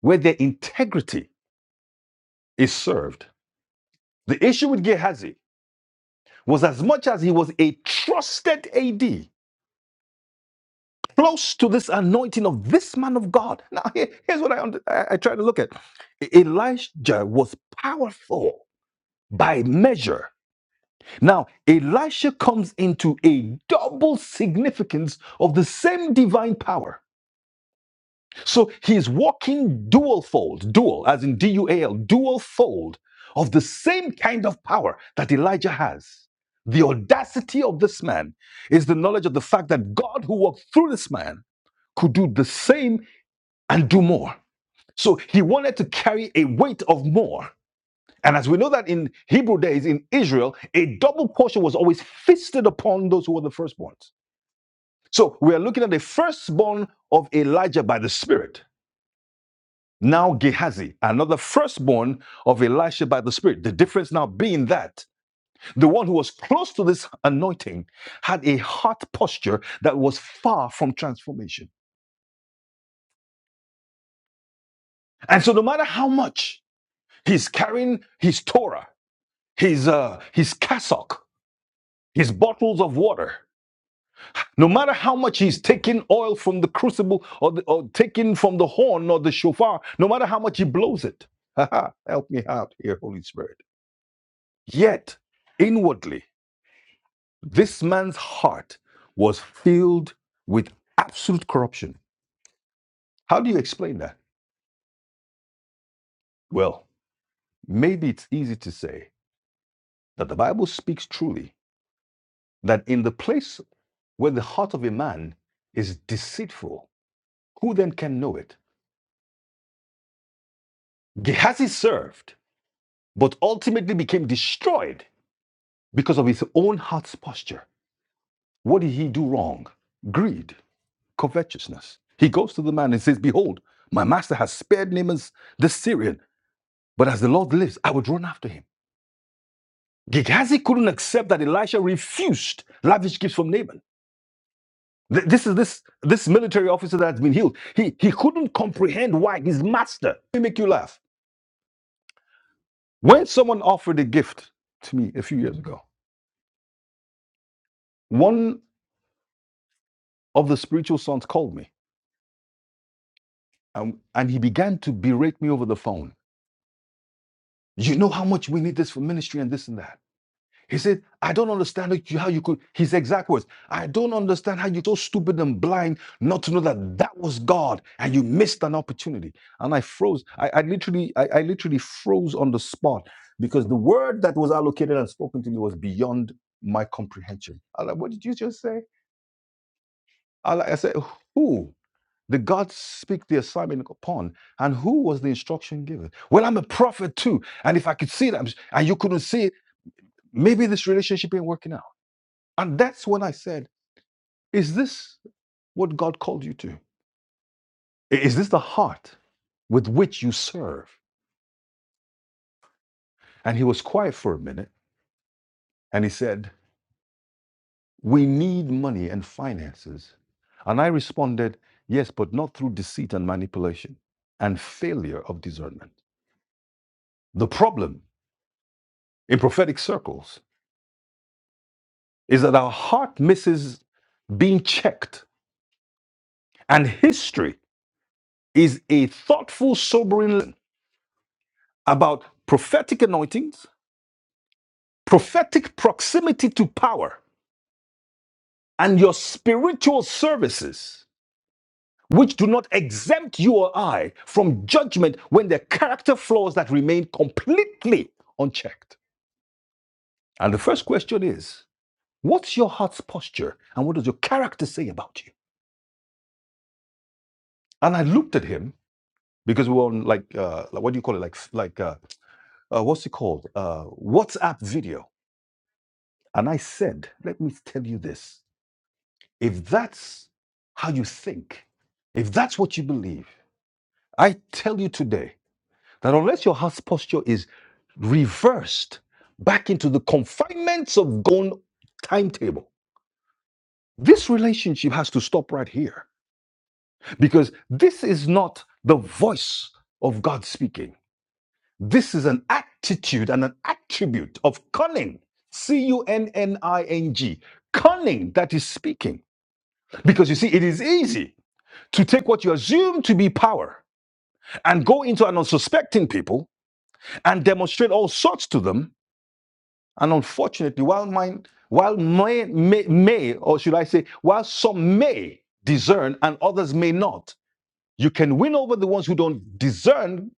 where their integrity is served. The issue with Gehazi was as much as he was a trusted AD, close to this anointing of this man of God. Now, here- here's what I, und- I, I try to look at E- Elijah was powerful by measure. Now, Elisha comes into a double significance of the same divine power. So he's walking dual fold, dual, as in D U A L, dual fold of the same kind of power that Elijah has. The audacity of this man is the knowledge of the fact that God, who walked through this man, could do the same and do more. So he wanted to carry a weight of more. And as we know that in Hebrew days in Israel, a double portion was always feasted upon those who were the firstborns. So we are looking at the firstborn of Elijah by the Spirit Now Gehazi, another firstborn of Elisha by the Spirit. The difference now being that the one who was close to this anointing had a heart posture that was far from transformation. And so no matter how much he's carrying his Torah, his uh, his cassock, his bottles of water, no matter how much he's taking oil from the crucible or, the, or taking from the horn or the shofar, no matter how much he blows it, help me out here, Holy Spirit. Yet inwardly This man's heart was filled with absolute corruption. How do you explain that? Well, maybe it's easy to say that the Bible speaks truly that in the place where the heart of a man is deceitful, who then can know it? Gehazi served, but ultimately became destroyed because of his own heart's posture. What did he do wrong? Greed, covetousness. He goes to the man and says, Behold, my master has spared Naaman the Syrian But as the Lord lives, I would run after him. Gehazi couldn't accept that Elisha refused lavish gifts from Naaman. Th- This is this this military officer that's been healed. He he couldn't comprehend why his master. Let me make you laugh. When someone offered a gift to me a few years ago, one of the spiritual sons called me and, and he began to berate me over the phone. You know how much we need this for ministry and this and that. He said, I don't understand how you could, his exact words, I don't understand how you're so stupid and blind not to know that that was God and you missed an opportunity. And I froze. I, I literally, I, I literally froze on the spot because the word that was allocated and spoken to me was beyond my comprehension. I like, what did you just say? I, like, I said, who? Did God speak the assignment upon? And who was the instruction given? Well, I'm a prophet too. And if I could see it, I'm- and you couldn't see it, maybe this relationship ain't working out. And that's when I said, Is this what God called you to? Is this the heart with which you serve? And he was quiet for a minute and he said, We need money and finances. And I responded, Yes, but not through deceit and manipulation and failure of discernment. The problem in prophetic circles is that our heart misses being checked, and history is a thoughtful, sobering lesson about prophetic anointings prophetic proximity to power, and your spiritual services, which do not exempt you or I from judgment when there are character flaws that remain completely unchecked. And the first question is what's your heart's posture and what does your character say about you? And I looked at him because we were on like, uh, like what do you call it? Like, like uh, uh, what's it called? Uh, WhatsApp video. And I said, let me tell you this. If that's how you think, if that's what you believe, I tell you today that unless your heart's posture is reversed back into the confinements of gone timetable, this relationship has to stop right here because this is not the voice of God speaking. This is an attitude and an attribute of cunning, C U N N I N G, cunning that is speaking. Because you see, it is easy to take what you assume to be power and go into an unsuspecting people and demonstrate all sorts to them. And unfortunately, while mine, while may, may, may, or should I say, while some may discern and others may not, you can win over the ones who don't discern,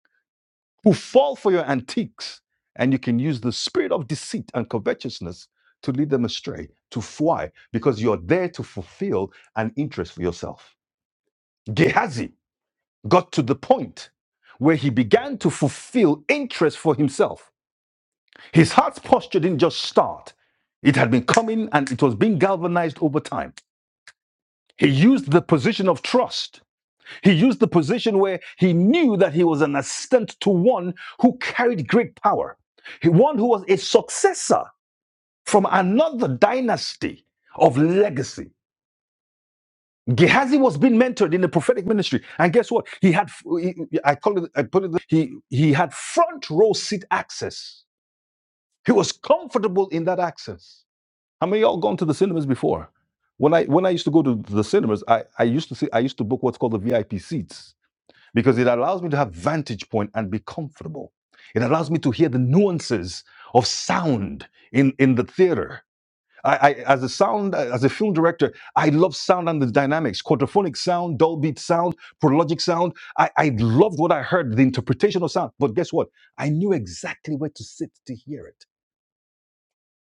who fall for your antiques, and you can use the spirit of deceit and covetousness to lead them astray, to fly, because you're there to fulfill an interest for yourself. Gehazi got to the point where he began to fulfill interest for himself. His heart's posture didn't just start, it had been coming and it was being galvanized over time. He used the position of trust. He used the position where he knew that he was an assistant to one who carried great power, one who was a successor from another dynasty of legacy. Gehazi was being mentored in the prophetic ministry, and guess what? He had he- I call it I put it he he had front row seat access. He was comfortable in that access. How many of y'all gone to the cinemas before? When I when I used to go to the cinemas, I I used to see I used to book what's called the VIP seats because it allows me to have vantage point and be comfortable. It allows me to hear the nuances of sound in in the theater. I, I as a sound as a film director, I love sound and the dynamics, quadraphonic sound, dull beat sound, prologic sound. I, I loved what I heard, the interpretation of sound. But guess what? I knew exactly where to sit to hear it.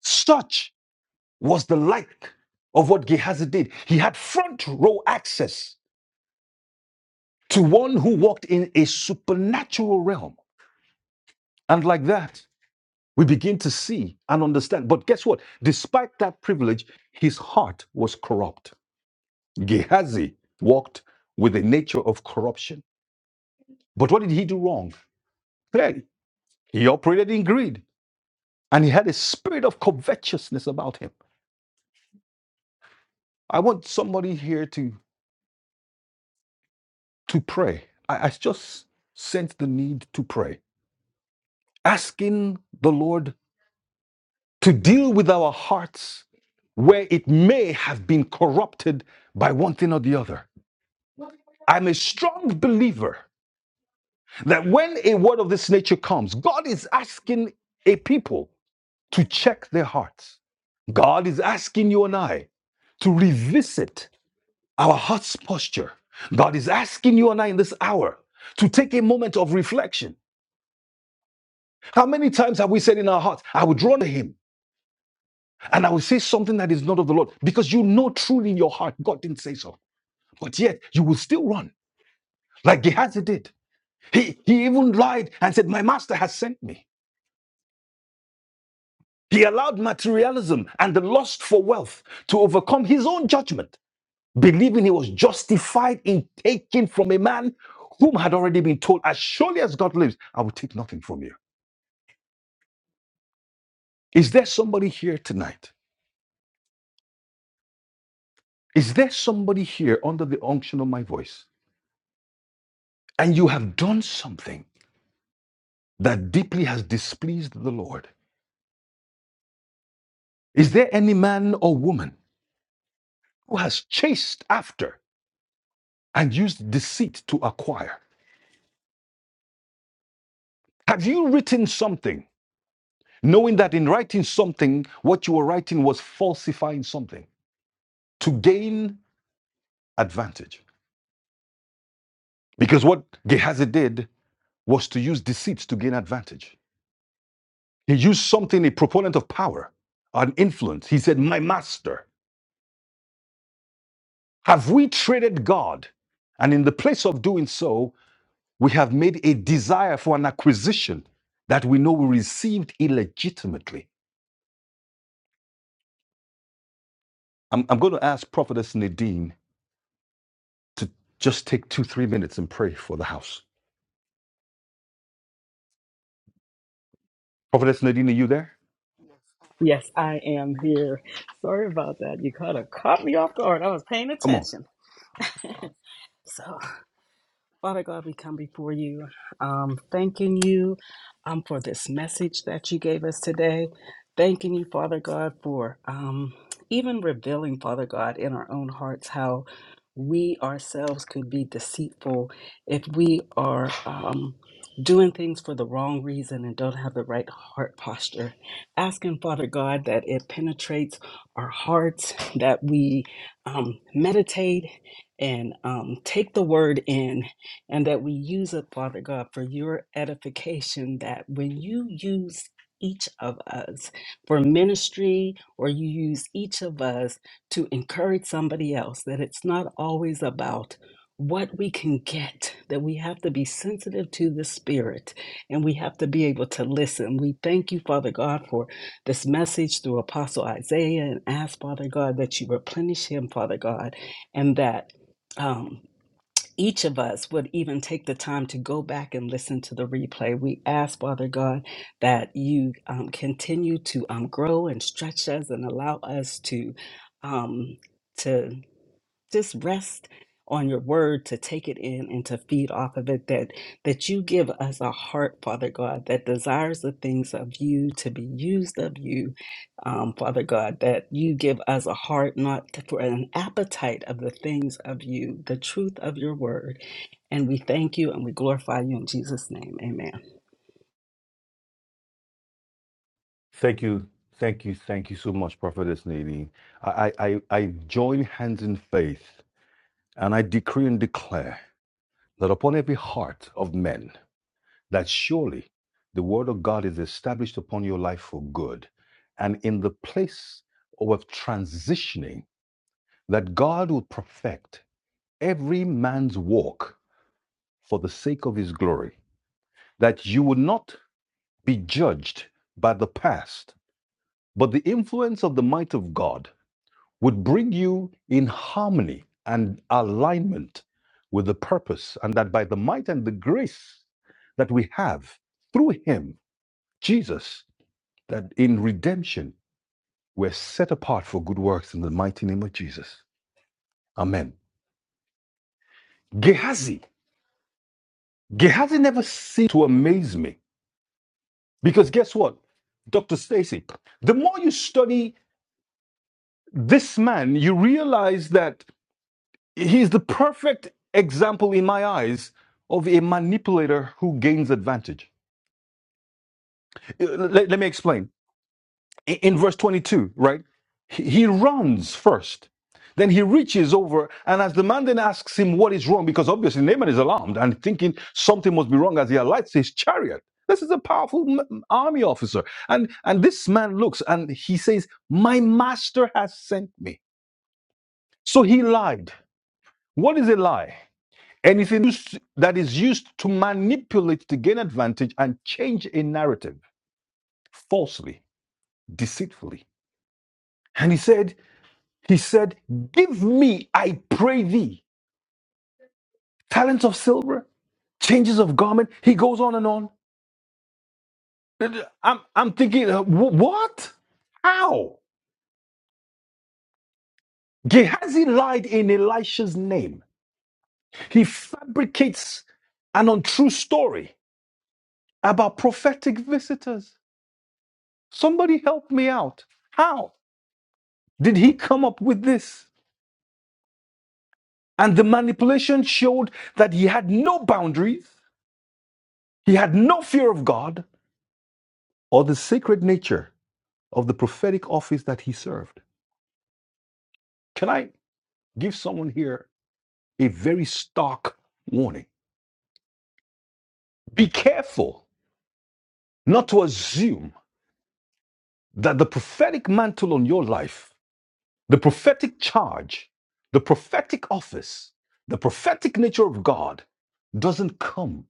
Such was the like of what Gehazi did. He had front row access to one who walked in a supernatural realm. And like that, we begin to see and understand. But guess what? Despite that privilege, his heart was corrupt Gehazi walked with the nature of corruption. But what did he do wrong? Clearly, he operated in greed and he had a spirit of covetousness about him. I want somebody here to, to pray. I, I just sense the need to pray, asking the Lord to deal with our hearts where it may have been corrupted by one thing or the other. I'm a strong believer that when a word of this nature comes, God is asking a people. to check their hearts. God is asking you and I to revisit our heart's posture. God is asking you and I in this hour to take a moment of reflection. How many times have we said in our hearts, I will draw to him and I will say something that is not of the Lord? Because you know truly in your heart, God didn't say so. But yet you will still run like Gehazi did. He, he even lied and said, My master has sent me. He allowed materialism and the lust for wealth to overcome his own judgment believing he was justified in taking from a man whom had already been told, As surely as God lives, I will take nothing from you. Is there somebody here tonight? Is there somebody here under the unction of my voice? And you have done something that deeply has displeased the Lord. Is there any man or woman who has chased after and used deceit to acquire? Have you written something knowing that in writing something, what you were writing was falsifying something to gain advantage. Because what Gehazi did was to use deceit to gain advantage. He used something, a proponent of power, an influence. He said, My master, have we traded God? And in the place of doing so, we have made a desire for an acquisition that we know we received illegitimately. I'm, I'm going to ask Prophetess Nadine to just take two, three minutes and pray for the house. Prophetess Nadine, are you there? Yes, I am here. Sorry about that. You kind of caught me off guard. I was paying Come on. attention. So Father God, we come before you, um, thanking you um, for this message that you gave us today. Thanking you, Father God, for um, even revealing, Father God, in our own hearts how we ourselves could be deceitful if we are um, doing things for the wrong reason and don't have the right heart posture. Asking, Father God, that it penetrates our hearts, that we um, meditate and um, take the word in and that we use it, Father God, for your edification. That when you use each of us for ministry, or you use each of us to encourage somebody else, that it's not always about what we can get, that we have to be sensitive to the Spirit and we have to be able to listen. We thank you, Father God, for this message through Apostle Isaiah and ask, Father God, that you replenish him, Father God, and that. Um, each of us would even take the time to go back and listen to the replay. We ask, Father God, that you um, continue to um, grow and stretch us and allow us to um, to just rest on your word to take it in and to feed off of it that that you give us a heart father god that desires the things of you to be used of you um, father god that you give us a heart not for an appetite of the things of you the truth of your word and we thank you and we glorify you in Jesus' name. Amen. Thank you. Thank you. Thank you so much, Prophetess Nadine. I, I, I I join hands in faith and I decree and declare that upon every heart of men, that surely the word of God is established upon your life for good. And in the place of transitioning, that God will perfect every man's walk for the sake of his glory, that you will not be judged by the past, but the influence of the might of God would bring you in harmony and alignment with the purpose, and that by the might and the grace that we have through Him, Jesus, that in redemption we're set apart for good works in the mighty name of Jesus. Amen. Gehazi, Gehazi never ceased to amaze me because guess what? Dr. Stacy, the more you study this man, you realize that He's the perfect example in my eyes of a manipulator who gains advantage. Uh, Let, let me explain. In, in verse 22, right? He, he runs first. Then he reaches over, and as the man then asks him what is wrong, because obviously Naaman is alarmed and thinking something must be wrong as he alights his chariot. This is a powerful m- m- army officer. And, and this man looks and he says, My master has sent me. So he lied. What is a lie? Anything used, that is used to manipulate to gain advantage and change a narrative falsely, deceitfully. And he said, He said, Give me, I pray thee, talents of silver, changes of garment. He goes on and on. I'm, I'm thinking, uh, wh- what? How? Gehazi lied in Elisha's name. He fabricates an untrue story about prophetic visitors. Somebody help me out. How? Did he come up with this? And the manipulation showed that he had no boundaries, he had no fear of God or the sacred nature of the prophetic office that he served. Can I give someone here a very stark warning? Be careful not to assume that the prophetic mantle on your life, the prophetic charge, the prophetic office, the prophetic nature of God doesn't come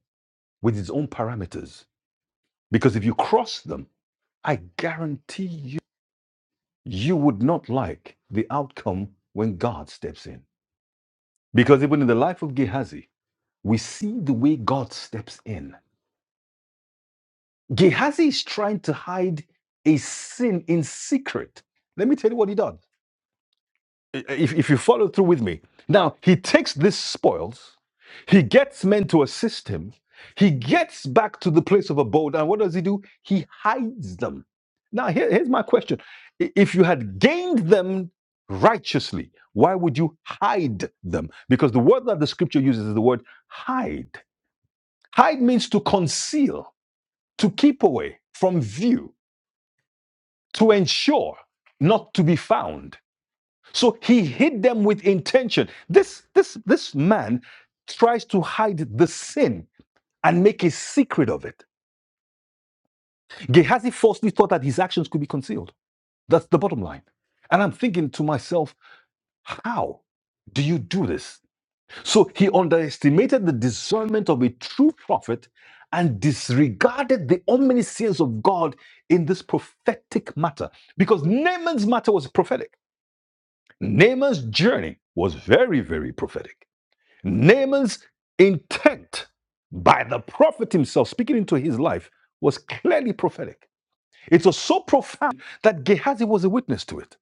with its own parameters. Because if you cross them, I guarantee you, you would not like the outcome when God steps in. Because even in the life of Gehazi, we see the way God steps in. Gehazi is trying to hide a sin in secret. Let me tell you what he did. if, if you follow through with me. Now, he takes these spoils, he gets men to assist him, he gets back to the place of abode, and what does he do? He hides them. Now, here- here's my question I- If you had gained them righteously, why would you hide them? Because the word that the scripture uses is the word hide. Hide means to conceal, to keep away from view, to ensure not to be found. So he hid them with intention. This this this man tries to hide the sin and make a secret of it. Gehazi falsely thought that his actions could be concealed. That's the bottom line. And I'm thinking to myself, how do you do this? So he underestimated the discernment of a true prophet and disregarded the omniscience of God in this prophetic matter because Naaman's matter was prophetic. Naaman's journey was very, very prophetic. Naaman's intent by the prophet himself speaking into his life was clearly prophetic. It was so profound that Gehazi was a witness to it.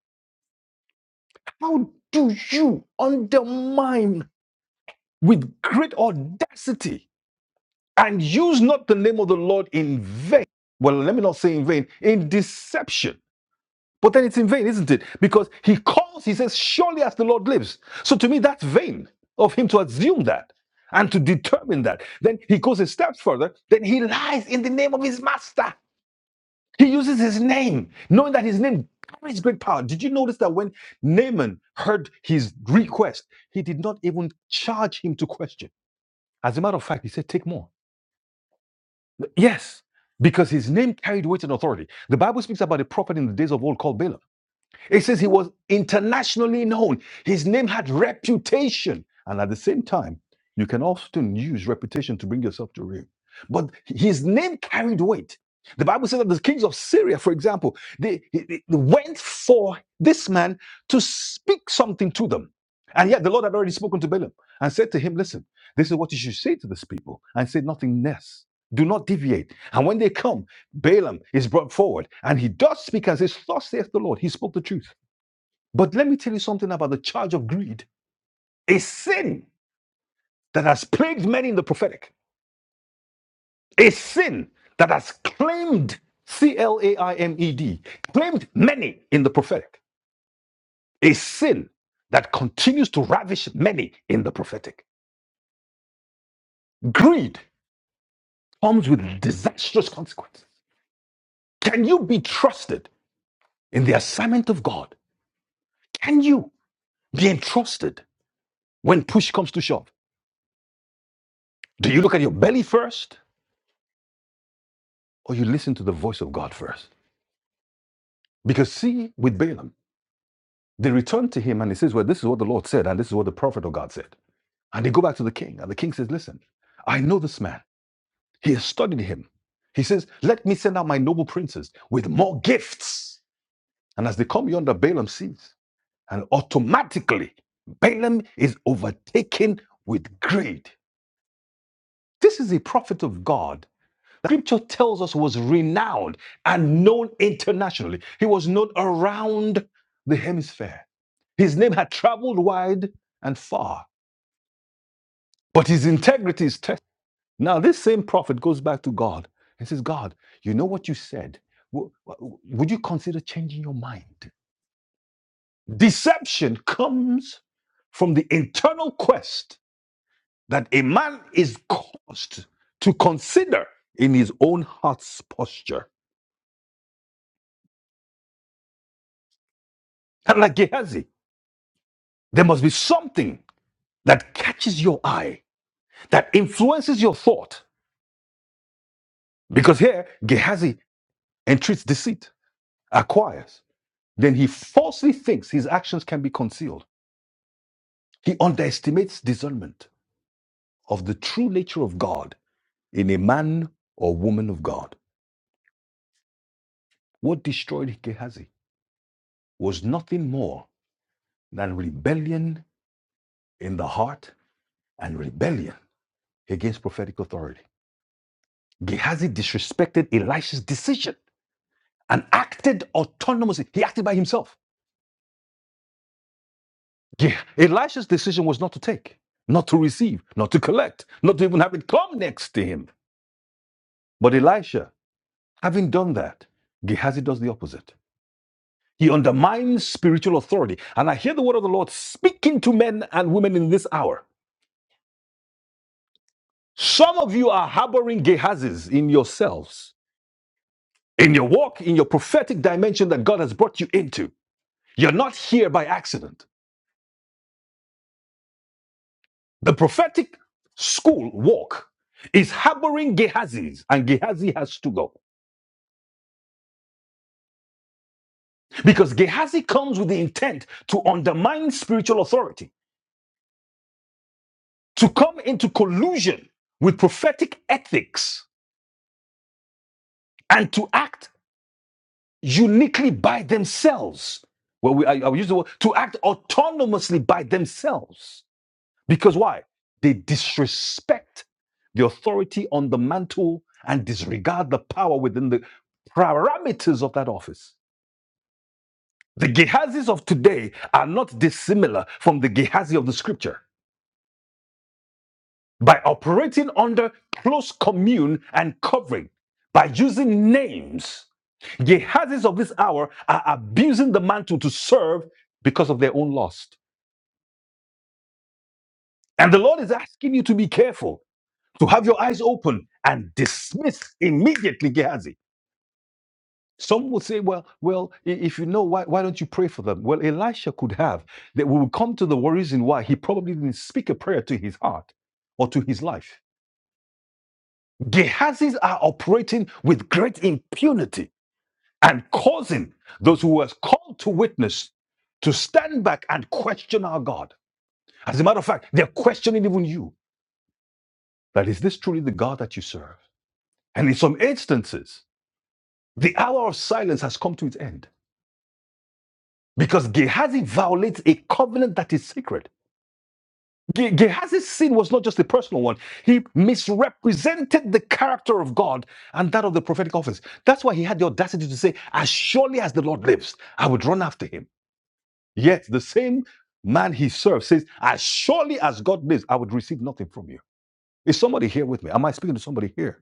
How do you undermine with great audacity and use not the name of the Lord in vain? Well, let me not say in vain, in deception But then it's in vain, isn't it? Because he calls, he says, Surely as the Lord lives. So to me, that's vain of him to assume that and to determine that. Then he goes a step further, then he lies in the name of his master. He uses his name, knowing that his name carries great power. Did you notice that when Naaman heard his request, he did not even charge him to question? As a matter of fact, he said, Take more. Yes, because his name carried weight and authority. The Bible speaks about a prophet in the days of old called Balaam. It says he was internationally known. His name had reputation. And at the same time, you can often use reputation to bring yourself to ruin. But his name carried weight. The Bible says that the kings of Syria, for example, they, they- went for this man to speak something to them. And yet the Lord had already spoken to Balaam and said to him, Listen, this is what you should say to this people, and say nothing less. Do not deviate. And when they come, Balaam is brought forward, and he does speak and says, Thus saith the Lord. He spoke the truth. But let me tell you something about the charge of greed a sin that has plagued many in the prophetic, a sin that has claimed, C L A I M E D, claimed many in the prophetic, a sin that continues to ravish many in the prophetic. Greed comes with disastrous consequences. Can you be trusted in the assignment of God? Can you be entrusted when push comes to shove? Do you look at your belly first or you listen to the voice of God first? Because see, with Balaam, they return to him and he says, Well, this is what the Lord said, and this is what the prophet of God said. And they go back to the king, and the king says, Listen, I know this man. He has studied him. He says, Let me send out my noble princes with more gifts. And as they come yonder, Balaam sees, and automatically Balaam is overtaken with greed. This is a prophet of God Scripture tells us was renowned and known internationally. He was known around the hemisphere. His name had traveled wide and far, but his integrity is tested. Now, this same prophet goes back to God and says, God, you know what you said. W- w- Would you consider changing your mind? Deception comes from the internal quest that a man is caused to consider in his own heart's posture. And like Gehazi. There must be something that catches your eye, that influences your thought. Because here, Gehazi entreats deceit, acquires. Then he falsely thinks his actions can be concealed. He underestimates discernment of the true nature of God in a man or woman of God. What destroyed Gehazi was nothing more than rebellion in the heart and rebellion against prophetic authority. Gehazi disrespected Elisha's decision and acted autonomously. He acted by himself. Yeah. Elisha's decision was not to take, not to receive, not to collect, not to even have it come next to him. But Elisha, having done that, Gehazi does the opposite. He undermines spiritual authority. And I hear the word of the Lord speaking to men and women in this hour. Some of you are harboring Gehazis in yourselves, in your walk, in your prophetic dimension that God has brought you into. You're not here by accident. The prophetic school walk is harboring Gehazi's, and Gehazi has to go because Gehazi comes with the intent to undermine spiritual authority, to come into collusion with prophetic ethics, and to act uniquely by themselves. Well, we, I, I use the word to act autonomously by themselves because why? They disrespect the authority on the mantle and disregard the power within the parameters of that office. The Gehazis of today are not dissimilar from the Gehazi of the scripture. By operating under close commune and covering, by using names, Gehazis of this hour are abusing the mantle to serve because of their own lust. And the Lord is asking you to be careful, to have your eyes open and dismiss immediately Gehazi. Some would say, well, well, i- if you know, why, why don't you pray for them? Well, Elisha could have. That we will come to the reason why he probably didn't speak a prayer to his heart or to his life. Gehazis are operating with great impunity and causing those who were called to witness to stand back and question our God. As a matter of fact, they're questioning even you. That is this truly the God that you serve? And in some instances, the hour of silence has come to its end. because Gehazi violates a covenant that is sacred. Ge- Gehazi's sin was not just a personal one. He misrepresented the character of God and that of the prophetic office. That's why he had the audacity to say, As surely as the Lord lives, I would run after him. Yet the same man he serves says, As surely as God lives, I would receive nothing from you. Is somebody here with me? Am I speaking to somebody here?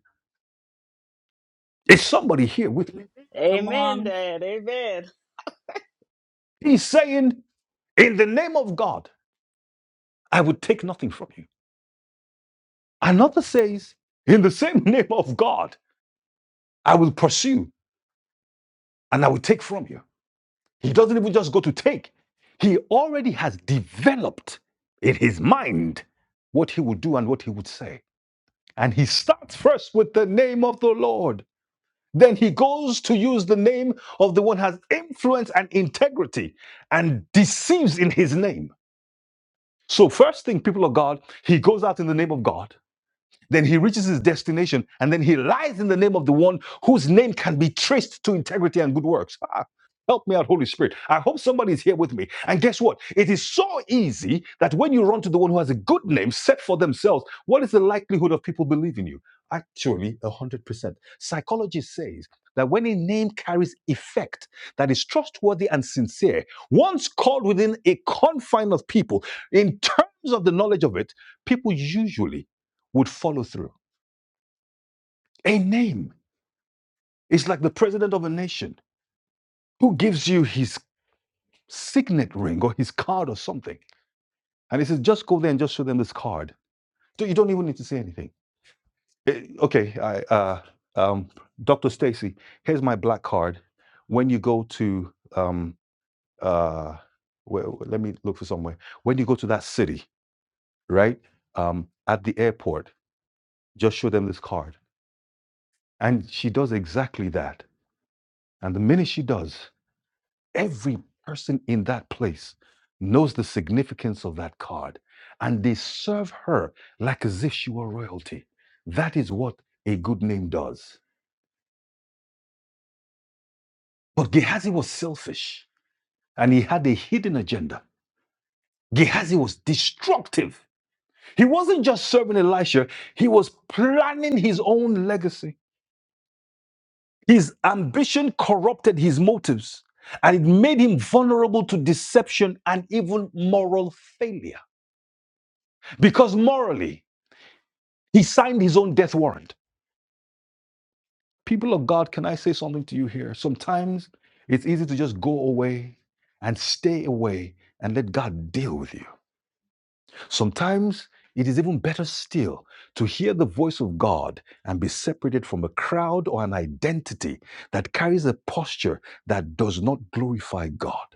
Is somebody here with me? Come Amen, on. Dad. Amen. He's saying, In the name of God, I would take nothing from you. Another says, In the same name of God, I will pursue and I will take from you. He doesn't even just go to take, he already has developed in his mind what he would do and what he would say. And he starts first with the name of the Lord. Then he goes to use the name of the one who has influence and integrity and deceives in his name. So, first thing, people of God, he goes out in the name of God. Then he reaches his destination and then he lies in the name of the one whose name can be traced to integrity and good works. Ah, help me out, Holy Spirit. I hope somebody's here with me. And guess what? It is so easy that when you run to the one who has a good name set for themselves, what is the likelihood of people believing you? Actually, 100%. Psychology says that when a name carries effect that is trustworthy and sincere, once called within a confine of people, in terms of the knowledge of it, people usually would follow through. A name is like the president of a nation who gives you his signet ring or his card or something. And he says, just go there and just show them this card. So you don't even need to say anything. Eh, okay, I, uh, um, Dr. Stacy, here's my black card. When you go to, um, uh, where, let me look for somewhere. When you go to that city, right, um, at the airport, just show them this card. And she does exactly that. And the minute she does, every person in that place knows the significance of that card and they serve her like as if she were royalty. That is what a good name does. But Gehazi was selfish and he had a hidden agenda. Gehazi was destructive. He wasn't just serving Elisha, he was planning his own legacy. His ambition corrupted his motives and it made him vulnerable to deception and even moral failure. Because morally, He signed his own death warrant. People of God, can I say something to you here? Sometimes it's easy to just go away and stay away and let God deal with you. Sometimes it is even better still to hear the voice of God and be separated from a crowd or an identity that carries a posture that does not glorify God.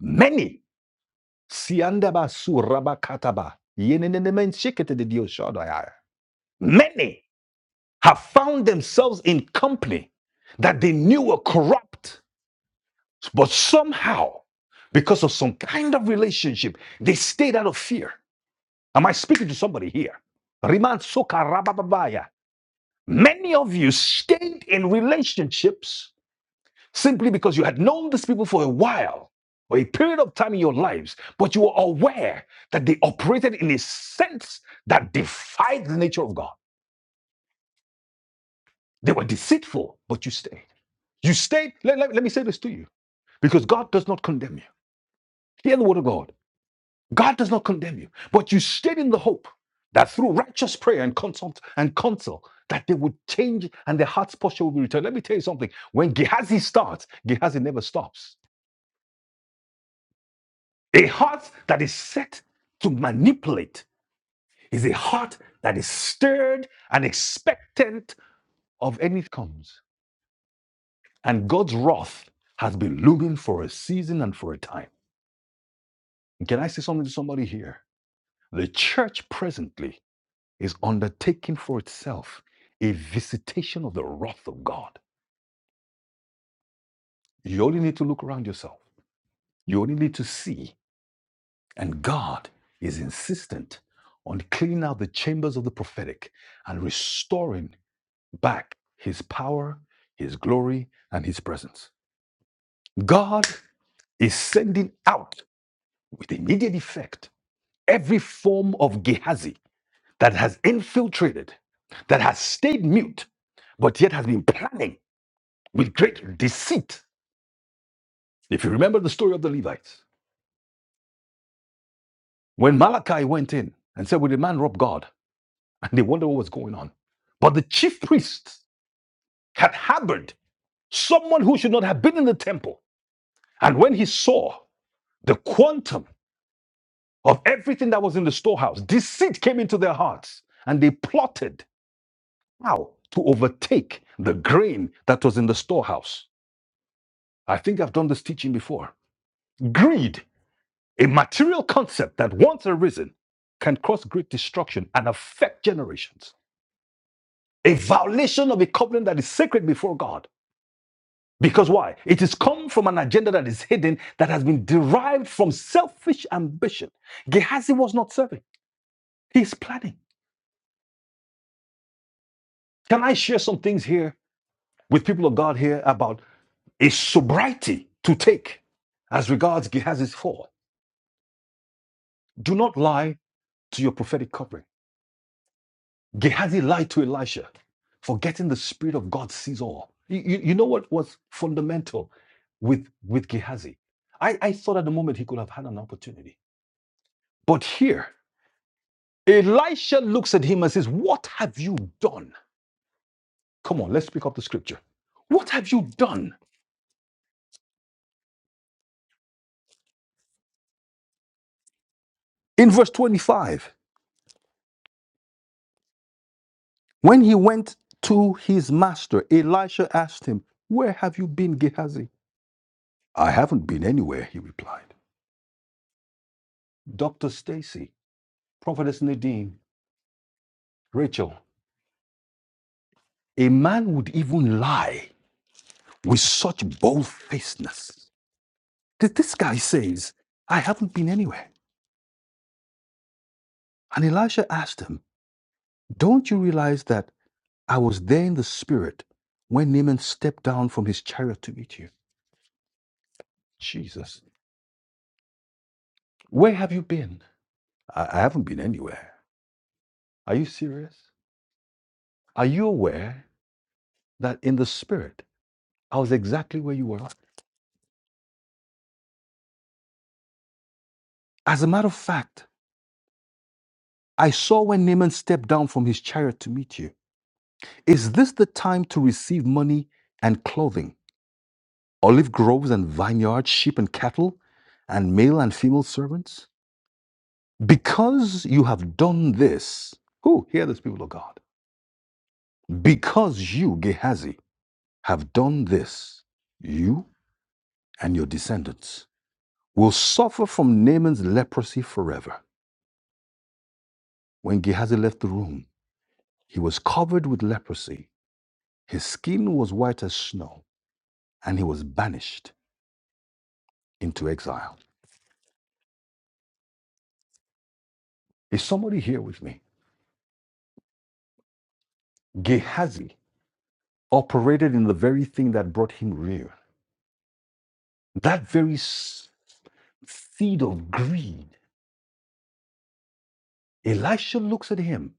Many many have found themselves in company that they knew were corrupt, but somehow, because of some kind of relationship, they stayed out of fear. Am I speaking to somebody here? Riman soka rabababaya. Many of you stayed in relationships simply because you had known these people for a while or a period of time in your lives, but you were aware that they operated in a sense that defied the nature of God. They were deceitful, but you stayed. You stayed, let, let, let me say this to you, because God does not condemn you. Hear the word of God. God does not condemn you, but you stayed in the hope that through righteous prayer and consult and counsel, that they would change and their heart's posture will be returned. Let me tell you something. When Gehazi starts, Gehazi never stops. A heart that is set to manipulate is a heart that is stirred and expectant of any comes. And God's wrath has been looming for a season and for a time. Can I say something to somebody here? The church presently is undertaking for itself a visitation of the wrath of God. You only need to look around yourself, you only need to see. And God is insistent on cleaning out the chambers of the prophetic and restoring back his power, his glory, and his presence. God is sending out with immediate effect every form of Gehazi that has infiltrated, that has stayed mute, but yet has been planning with great deceit. If you remember the story of the Levites, when Malachi went in and said, Will the man rob God? And they wondered what was going on. But the chief priest had harbored someone who should not have been in the temple. And when he saw the quantum of everything that was in the storehouse, deceit came into their hearts and they plotted how to overtake the grain that was in the storehouse. I think I've done this teaching before. Greed, a material concept that once arisen, can cause great destruction and affect generations. A violation of a covenant that is sacred before God. Because why? It is come from an agenda that is hidden that has been derived from selfish ambition. Gehazi was not serving, he's planning. Can I share some things here with people of God here about a sobriety to take as regards Gehazi's fall? Do not lie to your prophetic covering. Gehazi lied to Elisha, forgetting the Spirit of God sees all. You, you, you know what was fundamental with, with Gehazi? I, I thought at the moment he could have had an opportunity. But here, Elisha looks at him and says, What have you done? Come on, let's pick up the scripture. What have you done? In verse 25, when he went to his master, Elisha asked him, Where have you been, Gehazi? I haven't been anywhere, he replied. Dr. Stacy, Prophetess Nadine, Rachel, A man would even lie with such bold facedness. This guy says, I haven't been anywhere. And Elisha asked him, Don't you realize that I was there in the spirit when Naaman stepped down from his chariot to meet you? Jesus, where have you been? I, I haven't been anywhere. Are you serious? Are you aware that in the spirit, I was exactly where you were? As a matter of fact, I saw when Naaman stepped down from his chariot to meet you. Is this the time to receive money and clothing, olive groves and vineyards, sheep and cattle, and male and female servants? Because you have done this, who hear this, people of God. Because you, Gehazi, have done this, you and your descendants will suffer from Naaman's leprosy forever. When Gehazi left the room, he was covered with leprosy. His skin was white as snow, and he was banished into exile. Is somebody here with me? Gehazi operated in the very thing that brought him ruin. That very s- seed of greed. Elisha looks at him.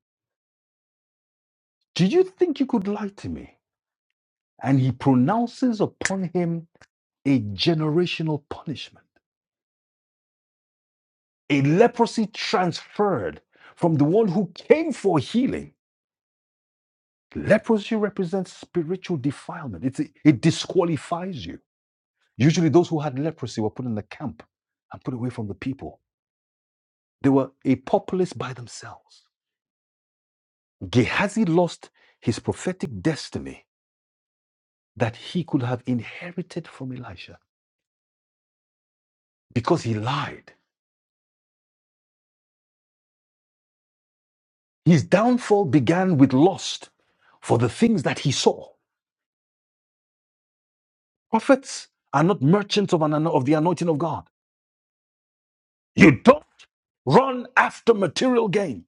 Do you think you could lie to me? And he pronounces upon him a generational punishment, a leprosy transferred from the one who came for healing. Leprosy represents spiritual defilement. It's, it disqualifies you. Usually, those who had leprosy were put in the camp and put away from the people They were a populace by themselves. Gehazi lost his prophetic destiny that he could have inherited from Elisha because he lied. His downfall began with lust for the things that he saw. Prophets are not merchants of, an, of the anointing of God. You don't run after material gain.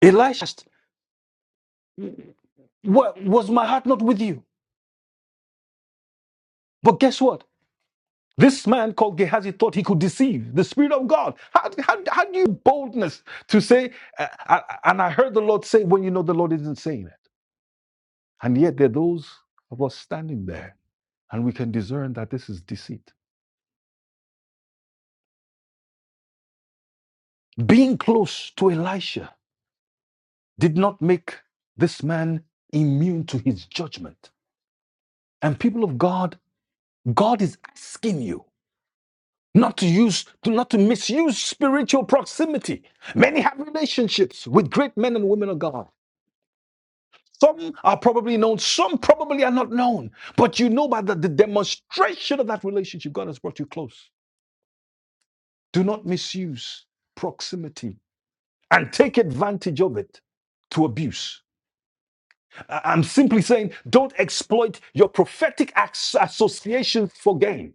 Elisha asked, Was my heart not with you? But guess what? This man called Gehazi thought he could deceive the Spirit of God. How, how, how do you boldness to say, uh, uh, and I heard the Lord say, when you know the Lord isn't saying it? And yet there are those of us standing there, and we can discern that this is deceit. Being close to Elisha did not make this man immune to his judgment. And people of God, God is asking you not to use, to not to misuse spiritual proximity. Many have relationships with great men and women of God. Some are probably known, some probably are not known. But you know by the, the demonstration of that relationship, God has brought you close. Do not misuse proximity and take advantage of it to abuse. I- I'm simply saying don't exploit your prophetic as- associations for gain.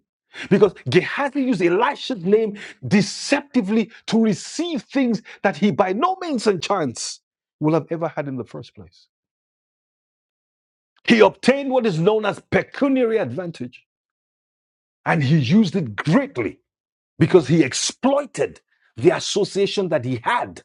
Because Gehazi used Elisha's name deceptively to receive things that he by no means and chance will have ever had in the first place. He obtained what is known as pecuniary advantage And he used it greatly because he exploited the association that he had.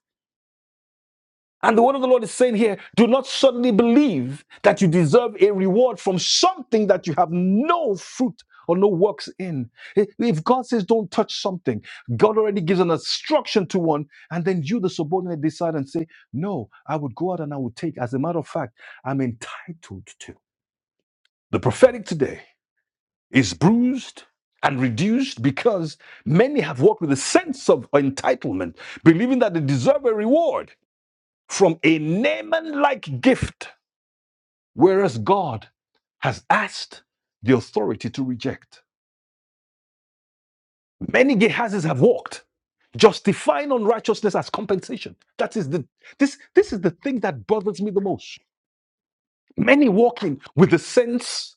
And the word of the Lord is saying here do not suddenly believe that you deserve a reward from something that you have no fruit or no works in. If God says don't touch something, God already gives an instruction to one, and then you, the subordinate, decide and say, No, I would go out and I would take. As a matter of fact, I'm entitled to. The prophetic today is bruised and reduced because many have walked with a sense of entitlement, believing that they deserve a reward from a Naaman like gift, whereas God has asked the authority to reject. Many Gehazis have walked, justifying unrighteousness as compensation. That is the this this is the thing that bothers me the most. Many walking with a sense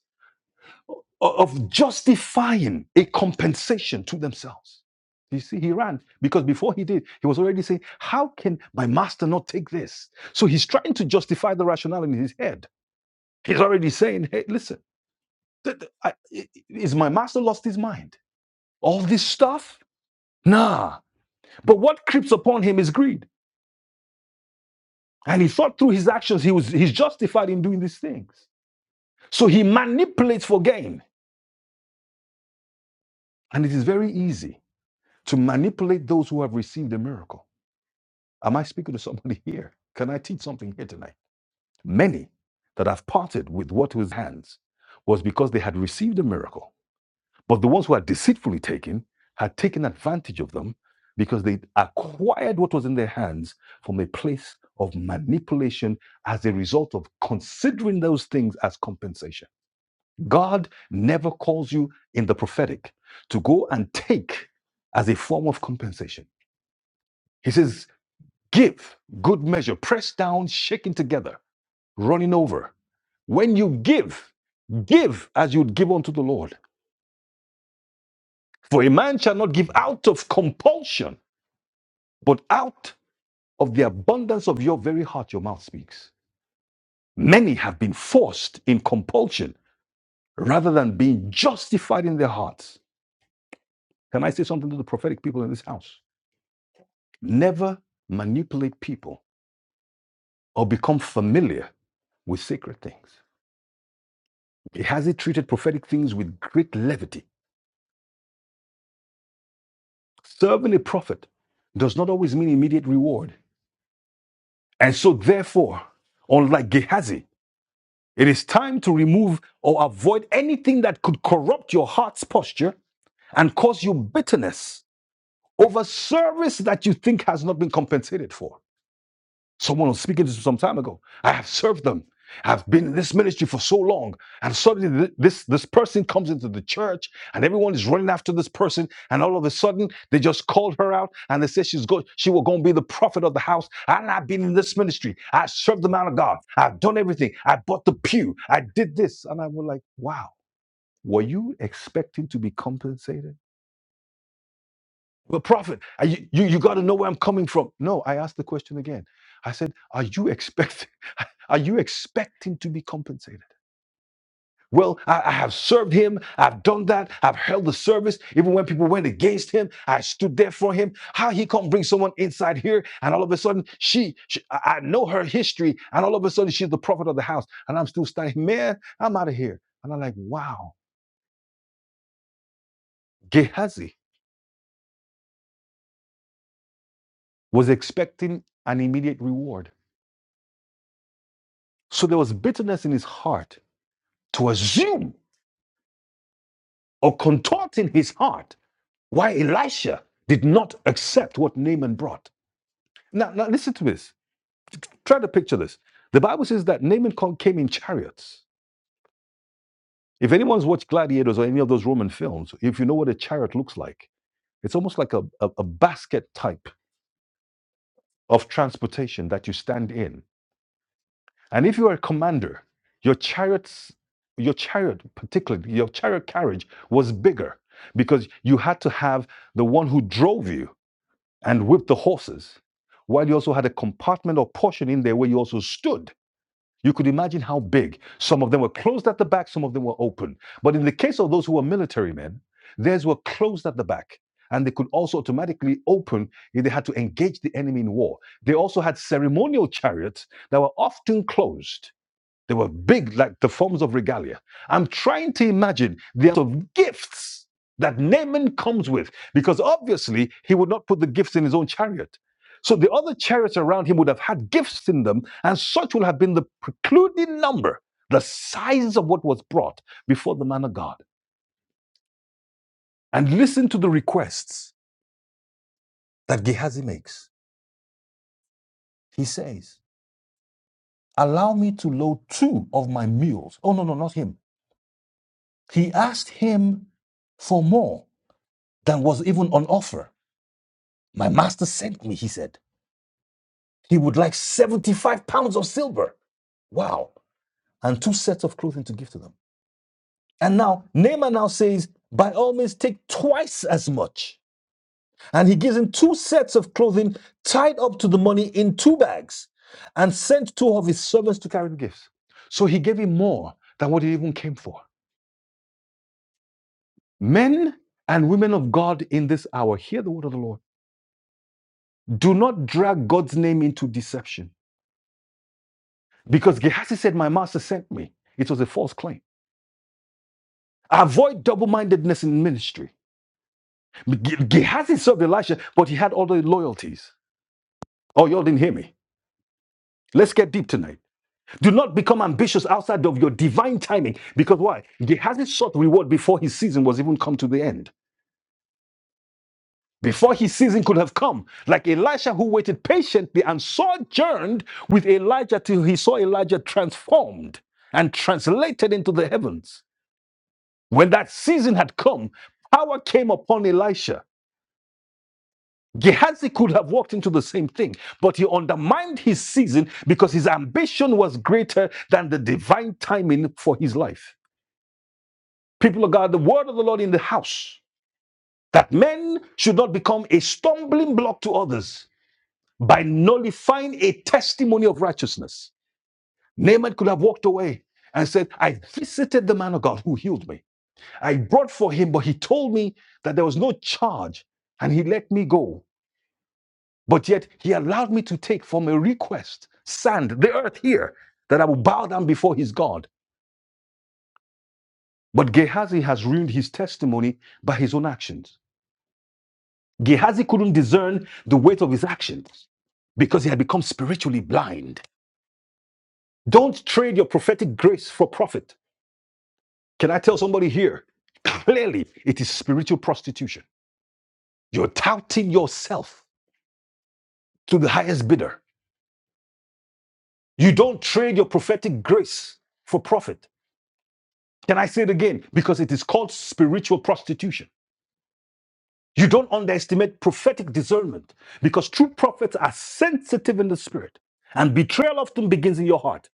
of justifying a compensation to themselves. You see, he ran because before he did, he was already saying, How can my master not take this? So he's trying to justify the rationale in his head. He's already saying, Hey, listen, th- th- i- is my master lost his mind? All this stuff? Nah. But what creeps upon him is greed. And he thought through his actions, he was he's justified in doing these things. So he manipulates for gain. And it is very easy to manipulate those who have received a miracle Am I speaking to somebody here? Can I teach something here tonight? Many that have parted with what was hands was because they had received a miracle, but the ones who had deceitfully taken had taken advantage of them because they acquired what was in their hands from a place of manipulation as a result of considering those things as compensation. God never calls you in the prophetic to go and take as a form of compensation. He says, Give good measure, pressed down, shaken together, running over. When you give, give as you would give unto the Lord. For a man shall not give out of compulsion, but out of the abundance of your very heart your mouth speaks. Many have been forced in compulsion rather than being justified in their hearts. Can I say something to the prophetic people in this house? Never manipulate people or become familiar with sacred things. He has it treated prophetic things with great levity Serving a prophet does not always mean immediate reward. And so, therefore, unlike Gehazi, it is time to remove or avoid anything that could corrupt your heart's posture and cause you bitterness over service that you think has not been compensated for. Someone was speaking to some time ago. I have served them. I've been in this ministry for so long, and suddenly this this person comes into the church, and everyone is running after this person, and all of a sudden they just called her out, and they said she's go she was going to be the prophet of the house. And I've been in this ministry. I served the man of God. I've done everything. I bought the pew. I did this, and I was like, wow. Were you expecting to be compensated? Well, prophet, I, you you got to know where I'm coming from. No, I asked the question again. I said, are you expecting? Are you expecting to be compensated? Well, I, I have served him. I've done that. I've held the service. Even when people went against him, I stood there for him. How he can't bring someone inside here, and all of a sudden she, she I I know her history, and all of a sudden she's the prophet of the house, and I'm still standing. Man, I'm out of here. And I'm like, wow. Gehazi was expecting an immediate reward, so there was bitterness in his heart to assume or contorting his heart why Elisha did not accept what Naaman brought. Now, now listen to this. Try to picture this. The Bible says that Naaman co- came in chariots. If anyone's watched Gladiators or any of those Roman films, if you know what a chariot looks like, it's almost like a, a, a basket type of transportation that you stand in. And if you are a commander, your chariots, your chariot particularly, your chariot carriage was bigger because you had to have the one who drove you and whipped the horses, while you also had a compartment or portion in there where you also stood. You could imagine how big. Some of them were closed at the back, some of them were open. But in the case of those who were military men, theirs were closed at the back. And they could also automatically open if they had to engage the enemy in war. They also had ceremonial chariots that were often closed they were big, like the forms of regalia. I'm trying to imagine the amount of gifts that Naaman comes with, because obviously he would not put the gifts in his own chariot. So the other chariots around him would have had gifts in them, and such will have been the precluding number, the size of what was brought before the man of God. And listen to the requests that Gehazi makes. He says, Allow me to load two of my mules. Oh, no, no, not him. He asked him for more. than was even on offer. My master sent me, he said. He would like 75 pounds of silver. Wow. And two sets of clothing to give to them. And now Naaman now says, by all means, take twice as much. And he gives him two sets of clothing tied up to the money in two bags and sent two of his servants to carry the gifts. So he gave him more than what he even came for. Men and women of God in this hour, hear the word of the Lord. Do not drag God's name into deception. Because Gehazi said, My master sent me. It was a false claim. Avoid double mindedness in ministry. Ge- Gehazi served Elisha, but he had other loyalties. Oh, y'all didn't hear me. Let's get deep tonight. Do not become ambitious outside of your divine timing. Because why? Gehazi sought reward before his season was even come to the end. Before his season could have come, like Elisha who waited patiently and sojourned with Elijah till he saw Elijah transformed and translated into the heavens. When that season had come, power came upon Elisha. Gehazi could have walked into the same thing, but he undermined his season because his ambition was greater than the divine timing for his life. People of God, the word of the Lord in the house that men should not become a stumbling block to others by nullifying a testimony of righteousness. Naaman could have walked away and said, I visited the man of God who healed me. I brought for him, but he told me that there was no charge and he let me go. But yet he allowed me to take from a request sand, the earth here, that I will bow down before his God. But Gehazi has ruined his testimony by his own actions. Gehazi couldn't discern the weight of his actions because he had become spiritually blind. Don't trade your prophetic grace for profit. Can I tell somebody here? Clearly, it is spiritual prostitution. You're touting yourself to the highest bidder You don't trade your prophetic grace for profit. Can I say it again? Because it is called spiritual prostitution. You don't underestimate prophetic discernment because true prophets are sensitive in the spirit, and betrayal often begins in your heart.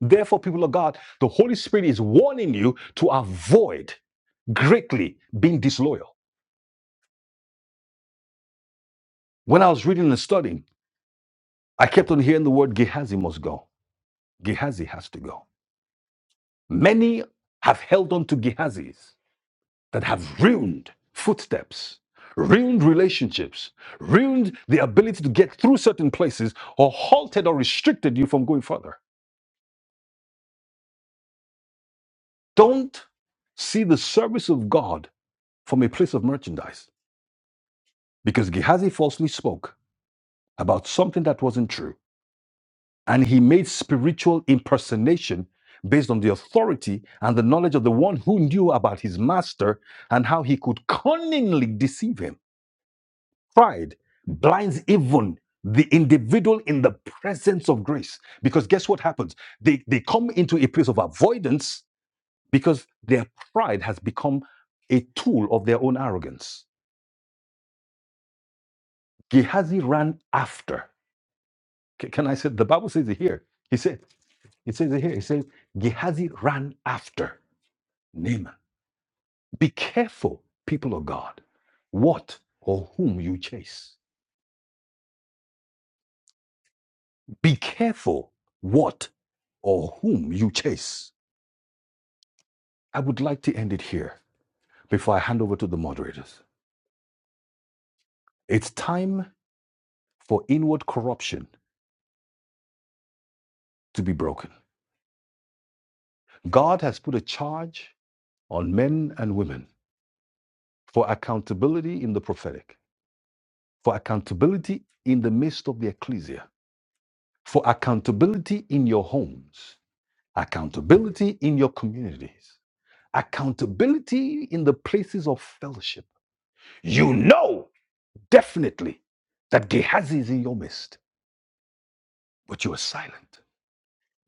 Therefore, people of God, the Holy Spirit is warning you to avoid greatly being disloyal. When I was reading and studying, I kept on hearing the word Gehazi must go. Gehazi has to go. Many have held on to Gehazis that have ruined footsteps, ruined relationships, ruined the ability to get through certain places, or halted or restricted you from going further. Don't see the service of God from a place of merchandise because Gehazi falsely spoke about something that wasn't true and he made spiritual impersonation based on the authority and the knowledge of the one who knew about his master and how he could cunningly deceive him. Pride blinds even the individual in the presence of grace. Because guess what happens? They, they come into a place of avoidance because their pride has become a tool of their own arrogance. Gehazi ran after. Ca- Can I say the Bible says it here? He said, it says it here. It says Gehazi ran after Naaman. Be careful, people of God, what or whom you chase. Be careful what or whom you chase I would like to end it here before I hand over to the moderators. It's time for inward corruption to be broken. God has put a charge on men and women for accountability in the prophetic, for accountability in the midst of the ecclesia, for accountability in your homes, accountability in your communities, accountability in the places of fellowship. You know definitely that Gehazi is in your midst, but you are silent.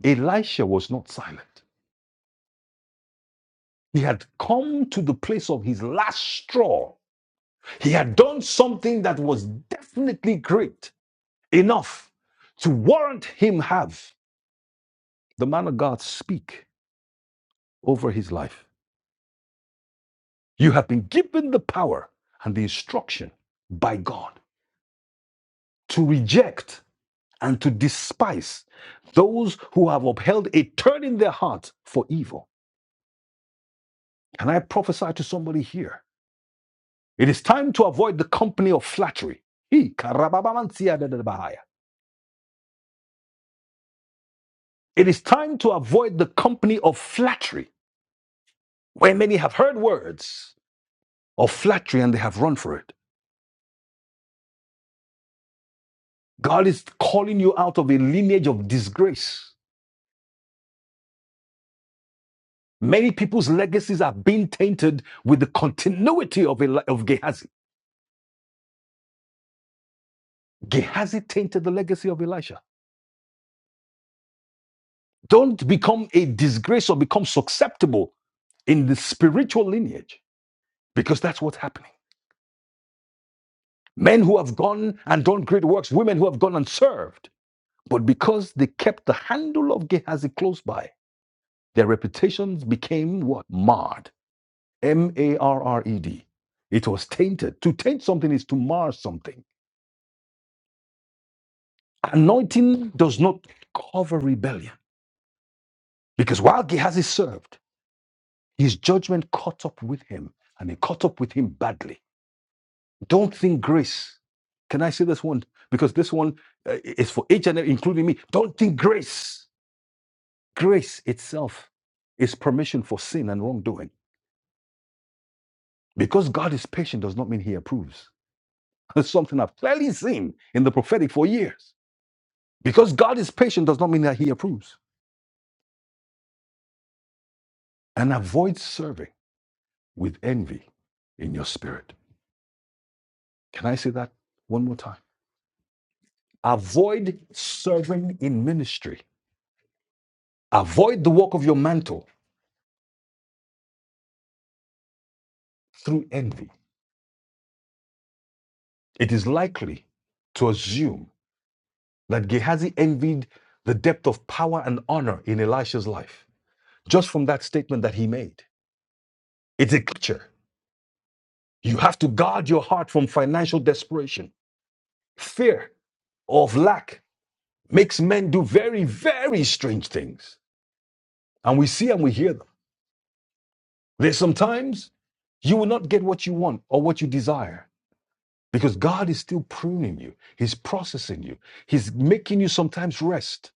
Elisha was not silent. He had come to the place of his last straw. He had done something that was definitely great enough to warrant him have the man of God speak over his life. You have been given the power and the instruction by God to reject and to despise those who have upheld a turn in their heart for evil. Can I prophesy to somebody here? It is time to avoid the company of flattery. It is time to avoid the company of flattery, where many have heard words of flattery and they have run for it. God is calling you out of a lineage of disgrace. Many people's legacies are being tainted with the continuity of, Eli- of Gehazi. Gehazi tainted the legacy of Elisha. Don't become a disgrace or become susceptible in the spiritual lineage because that's what's happening. Men who have gone and done great works, women who have gone and served. But because they kept the handle of Gehazi close by, their reputations became what? Marred. M A R R E D. It was tainted. To taint something is to mar something. Anointing does not cover rebellion. Because while Gehazi served, his judgment caught up with him, and it caught up with him badly. Don't think grace. Can I say this one? Because this one uh, is for each and every, including me. Don't think grace Grace itself is permission for sin and wrongdoing. Because God is patient does not mean he approves. That's something I've clearly seen in the prophetic for years. Because God is patient does not mean that he approves. And avoid serving with envy in your spirit. Can I say that one more time? Avoid serving in ministry. Avoid the work of your mantle through envy. It is likely to assume that Gehazi envied the depth of power and honor in Elisha's life. just from that statement that he made. It's a picture. You have to guard your heart from financial desperation. Fear of lack makes men do very, very strange things. And we see and we hear them. There's sometimes you will not get what you want or what you desire because God is still pruning you, He's processing you, He's making you sometimes rest.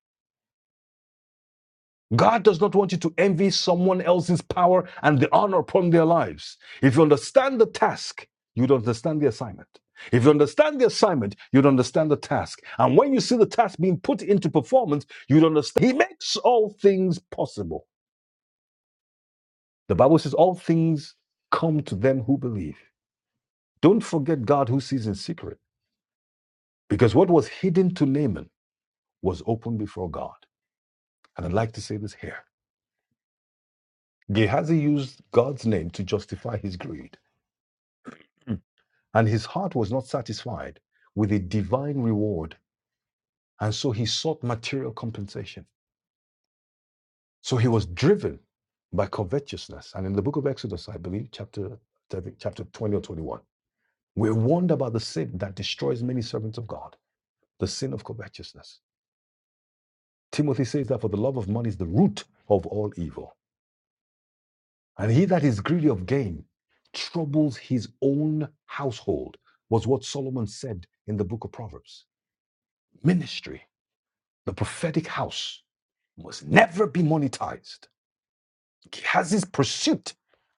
God does not want you to envy someone else's power and the honor upon their lives. If you understand the task, you'd understand the assignment. If you understand the assignment, you'd understand the task. And when you see the task being put into performance, you'd understand. He makes all things possible. The Bible says all things come to them who believe. Don't forget God who sees in secret, because what was hidden to Naaman was open before God. And I'd like to say this here Gehazi used God's name to justify his greed. And his heart was not satisfied with a divine reward. And so he sought material compensation. So he was driven by covetousness. And in the book of Exodus, I believe, chapter, chapter 20 or 21, we're warned about the sin that destroys many servants of God, the sin of covetousness. Timothy says that for the love of money is the root of all evil. And he that is greedy of gain troubles his own household, was what Solomon said in the book of Proverbs. Ministry, the prophetic house must never be monetized. Gehazi's pursuit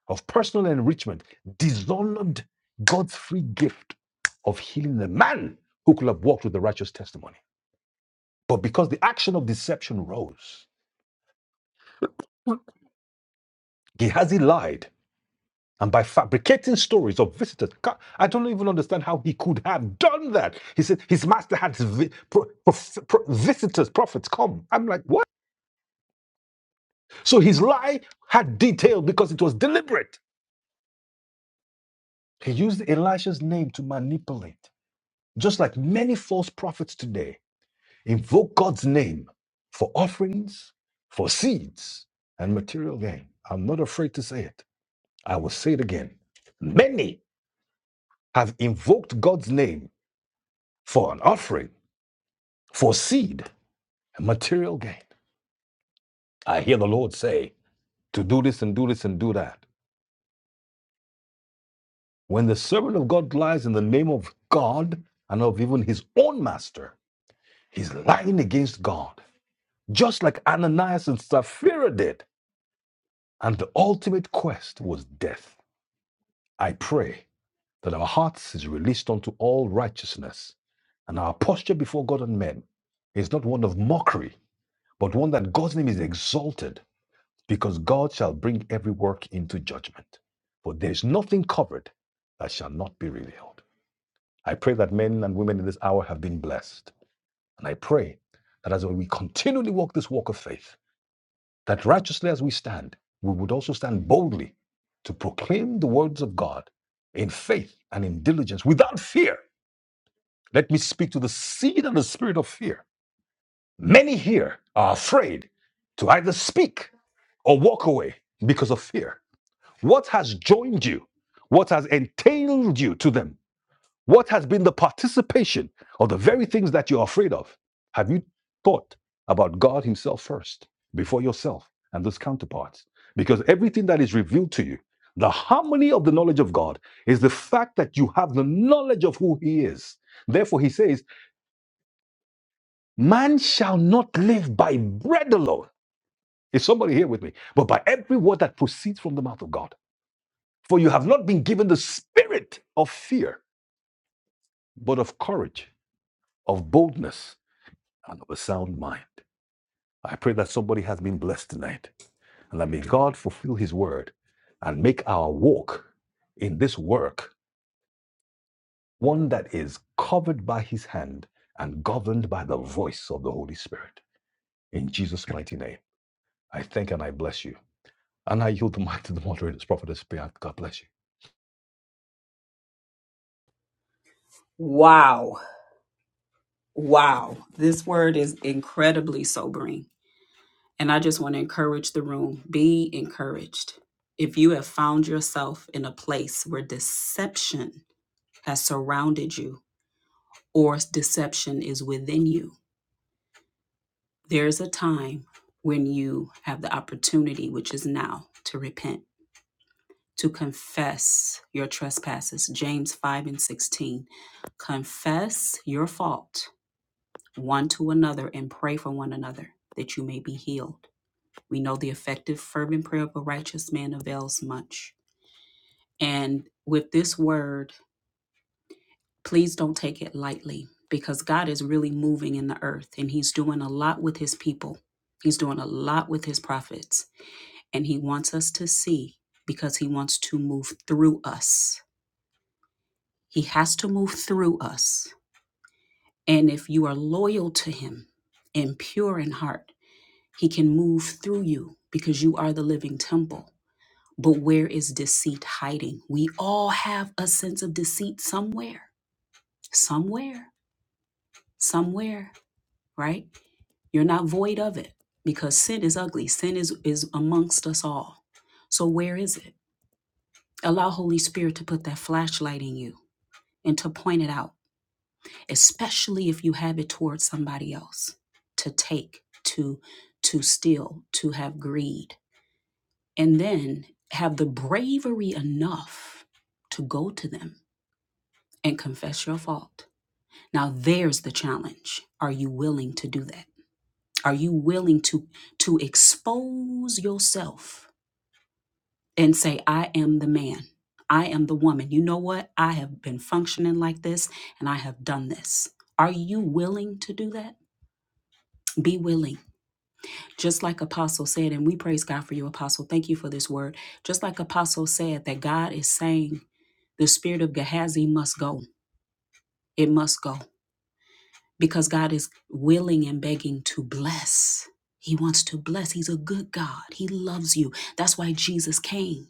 of personal enrichment dishonored God's free gift of healing the man who could have walked with the righteous testimony. But because the action of deception rose, Gehazi lied. And by fabricating stories of visitors, God, I don't even understand how he could have done that. He said his master had vi- pro- prof- pro- visitors, prophets come. I'm like, what? So his lie had detail because it was deliberate. He used Elisha's name to manipulate, just like many false prophets today invoke God's name for offerings, for seeds, and material gain. I'm not afraid to say it. I will say it again. Many have invoked God's name for an offering, for seed, and material gain. I hear the Lord say to do this and do this and do that. When the servant of God lies in the name of God and of even his own master, he's lying against God. just like Ananias and Sapphira did. And the ultimate quest was death. I pray that our hearts is released unto all righteousness, and our posture before God and men is not one of mockery, but one that God's name is exalted, because God shall bring every work into judgment. For there is nothing covered that shall not be revealed. I pray that men and women in this hour have been blessed, and I pray that as we continually walk this walk of faith, that righteously as we stand, we would also stand boldly to proclaim the words of God in faith and in diligence without fear. Let me speak to the seed and the spirit of fear. Many here are afraid to either speak or walk away because of fear. What has joined you? What has entailed you to them? What has been the participation of the very things that you're afraid of? Have you thought about God Himself first, before yourself and those counterparts? Because everything that is revealed to you, the harmony of the knowledge of God is the fact that you have the knowledge of who He is. Therefore, He says, Man shall not live by bread alone. Is somebody here with me? But by every word that proceeds from the mouth of God. For you have not been given the spirit of fear, but of courage, of boldness and of a sound mind. I pray that somebody has been blessed tonight. And that may God fulfill his word and make our walk in this work one that is covered by his hand and governed by the voice of the Holy Spirit. In Jesus' mighty name, I thank and I bless you. And I yield the mic to the moderators, prophetess. Priyanka. God bless you. Wow. Wow. This word is incredibly sobering. And I just want to encourage the room be encouraged. If you have found yourself in a place where deception has surrounded you or deception is within you, there is a time when you have the opportunity, which is now, to repent, to confess your trespasses. James 5 and 16. Confess your fault one to another and pray for one another that you may be healed. We know the effective, fervent prayer of a righteous man avails much. And with this word, please don't take it lightly because God is really moving in the earth and He's doing a lot with His people. He's doing a lot with His prophets. And He wants us to see because He wants to move through us. He has to move through us. And if you are loyal to Him and pure in heart, He can move through you because you are the living temple. But where is deceit hiding? We all have a sense of deceit somewhere, somewhere, somewhere, right? You're not void of it because sin is ugly. Sin is, is amongst us all. So where is it? Allow Holy Spirit to put that flashlight in you and to point it out, especially if you have it towards somebody else to take, to to steal, to have greed. And then have the bravery enough to go to them and confess your fault. Now there's the challenge. Are you willing to do that? Are you willing to to expose yourself and say, I am the man. I am the woman. You know what? I have been functioning like this and I have done this. Are you willing to do that? Be willing. Just like Apostle said, and we praise God for you, Apostle. Thank you for this word. Just like Apostle said, that God is saying the spirit of Gehazi must go. It must go because God is willing and begging to bless. He wants to bless. He's a good God. He loves you. That's why Jesus came.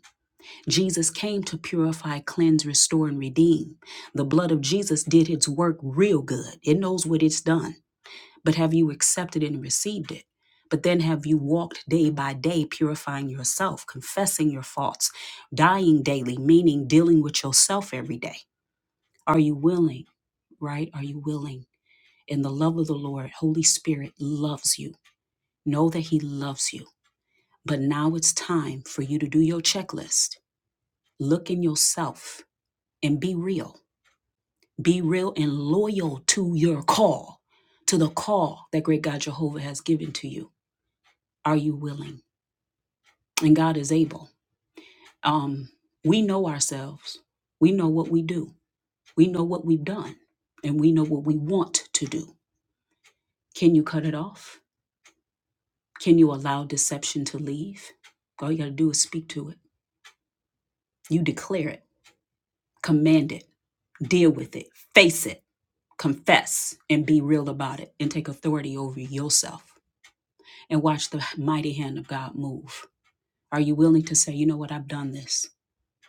Jesus came to purify, cleanse, restore, and redeem. The blood of Jesus did its work real good. It knows what it's done. But have you accepted and received it? But then have you walked day by day purifying yourself, confessing your faults, dying daily, meaning dealing with yourself every day? Are you willing, right? Are you willing? In the love of the Lord, Holy Spirit loves you. Know that He loves you. But now it's time for you to do your checklist. Look in yourself and be real. Be real and loyal to your call, to the call that great God Jehovah has given to you. Are you willing? And God is able. Um, we know ourselves. We know what we do. We know what we've done. And we know what we want to do. Can you cut it off? Can you allow deception to leave? All you got to do is speak to it. You declare it, command it, deal with it, face it, confess, and be real about it, and take authority over yourself. and watch the mighty hand of God move? Are you willing to say, you know what, I've done this.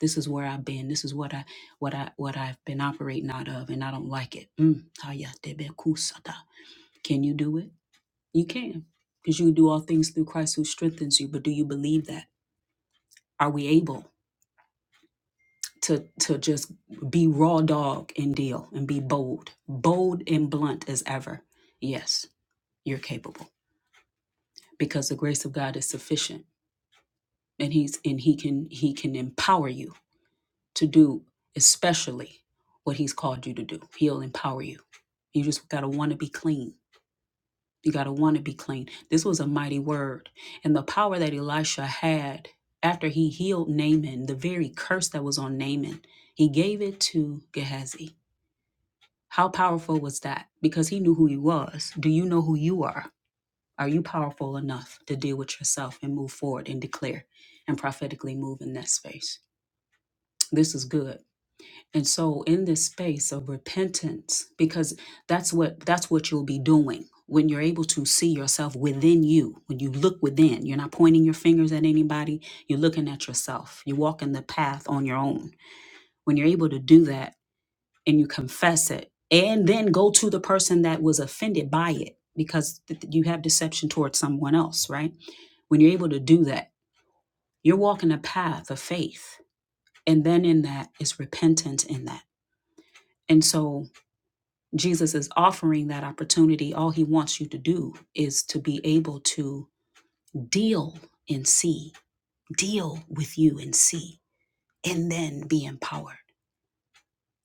This is where I've been. This is what I what I what I've been operating out of, and I don't like it. Mm. Haya tebe kusata. Can you do it? You can. Because you can do all things through Christ who strengthens you. But do you believe that? Are we able to to just be raw dog and deal and be bold? Bold and blunt as ever. Yes, you're capable. Because the grace of God is sufficient and he's and he can he can empower you to do especially what he's called you to do. He'll empower you. You just got to want to be clean. You got to want to be clean. This was a mighty word. And the power that Elisha had after he healed Naaman, the very curse that was on Naaman, he gave it to Gehazi. How powerful was that? Because he knew who he was. Do you know who you are? Are you powerful enough to deal with yourself and move forward and declare and prophetically move in that space? This is good And so in this space of repentance, because that's what that's what you'll be doing when you're able to see yourself within you, when you look within, you're not pointing your fingers at anybody, you're looking at yourself. You're walking the path on your own. When you're able to do that and you confess it and then go to the person that was offended by it because th- you have deception towards someone else, right? When you're able to do that, you're walking a path of faith. And then in that is repentance in that. And so Jesus is offering that opportunity. All he wants you to do is to be able to deal and see, deal with you and see, and then be empowered.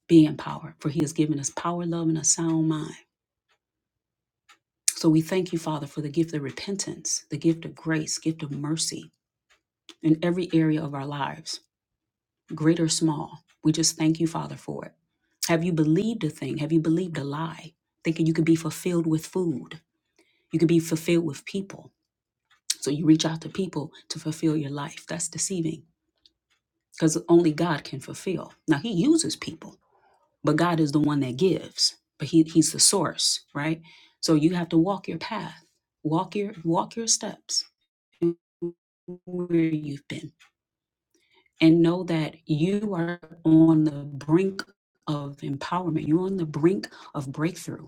Be empowered, for he has given us power, love, and a sound mind. So we thank you, Father, for the gift of repentance, the gift of grace, gift of mercy in every area of our lives, great or small. We just thank you, Father, for it. Have you believed a thing? Have you believed a lie? Thinking you could be fulfilled with food, you could be fulfilled with people So you reach out to people to fulfill your life. That's deceiving because only God can fulfill. Now he uses people, but God is the one that gives. But he he's the source, right? So you have to walk your path. Walk your walk your steps where you've been and know that you are on the brink of empowerment. You're on the brink of breakthrough.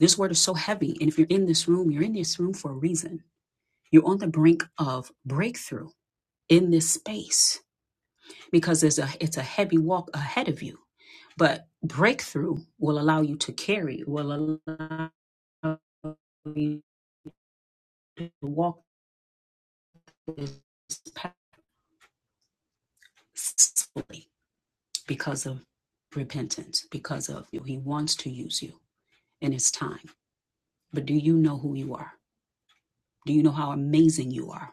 This word is so heavy and if you're in this room, you're in this room for a reason. You're on the brink of breakthrough in this space because there's a it's a heavy walk ahead of you but breakthrough will allow you to carry will allow you to walk this path successfully because of repentance because of you he wants to use you in his time but do you know who you are do you know how amazing you are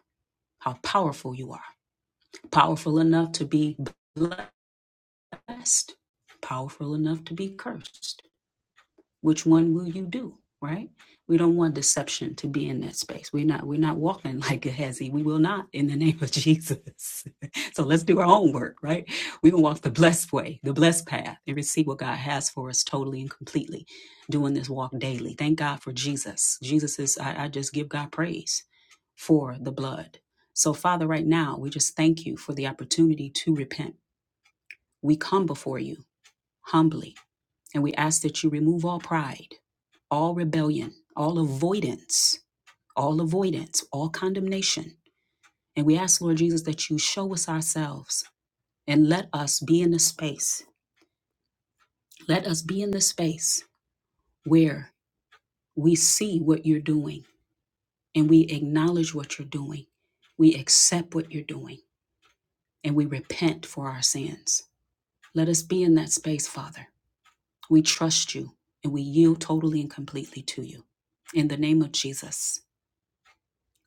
how powerful you are powerful enough to be blessed powerful enough to be cursed which one will you do right we don't want deception to be in that space we're not we're not walking like gehazi we will not in the name of jesus so let's do our own work right we can walk the blessed way the blessed path and receive what god has for us totally and completely doing this walk daily thank god for jesus jesus is i, I just give god praise for the blood so father right now we just thank you for the opportunity to repent we come before you humbly and we ask that you remove all pride, all rebellion, all avoidance, all avoidance, all condemnation. And we ask, Lord Jesus, that you show us ourselves and let us be in the space. Let us be in the space where we see what you're doing and we acknowledge what you're doing. We accept what you're doing and we repent for our sins. Let us be in that space, Father. We trust you and we yield totally and completely to you. In the name of Jesus.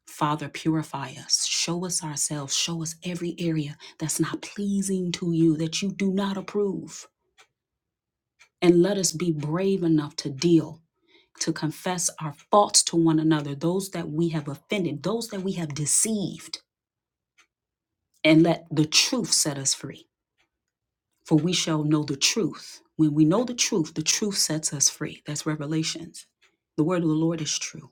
Father, purify us. Show us ourselves. Show us every area that's not pleasing to you, that you do not approve. And let us be brave enough to deal, to confess our faults to one another, those that we have offended, those that we have deceived. And let the truth set us free. For we shall know the truth. When we know the truth, the truth sets us free. That's Revelations. The word of the Lord is true.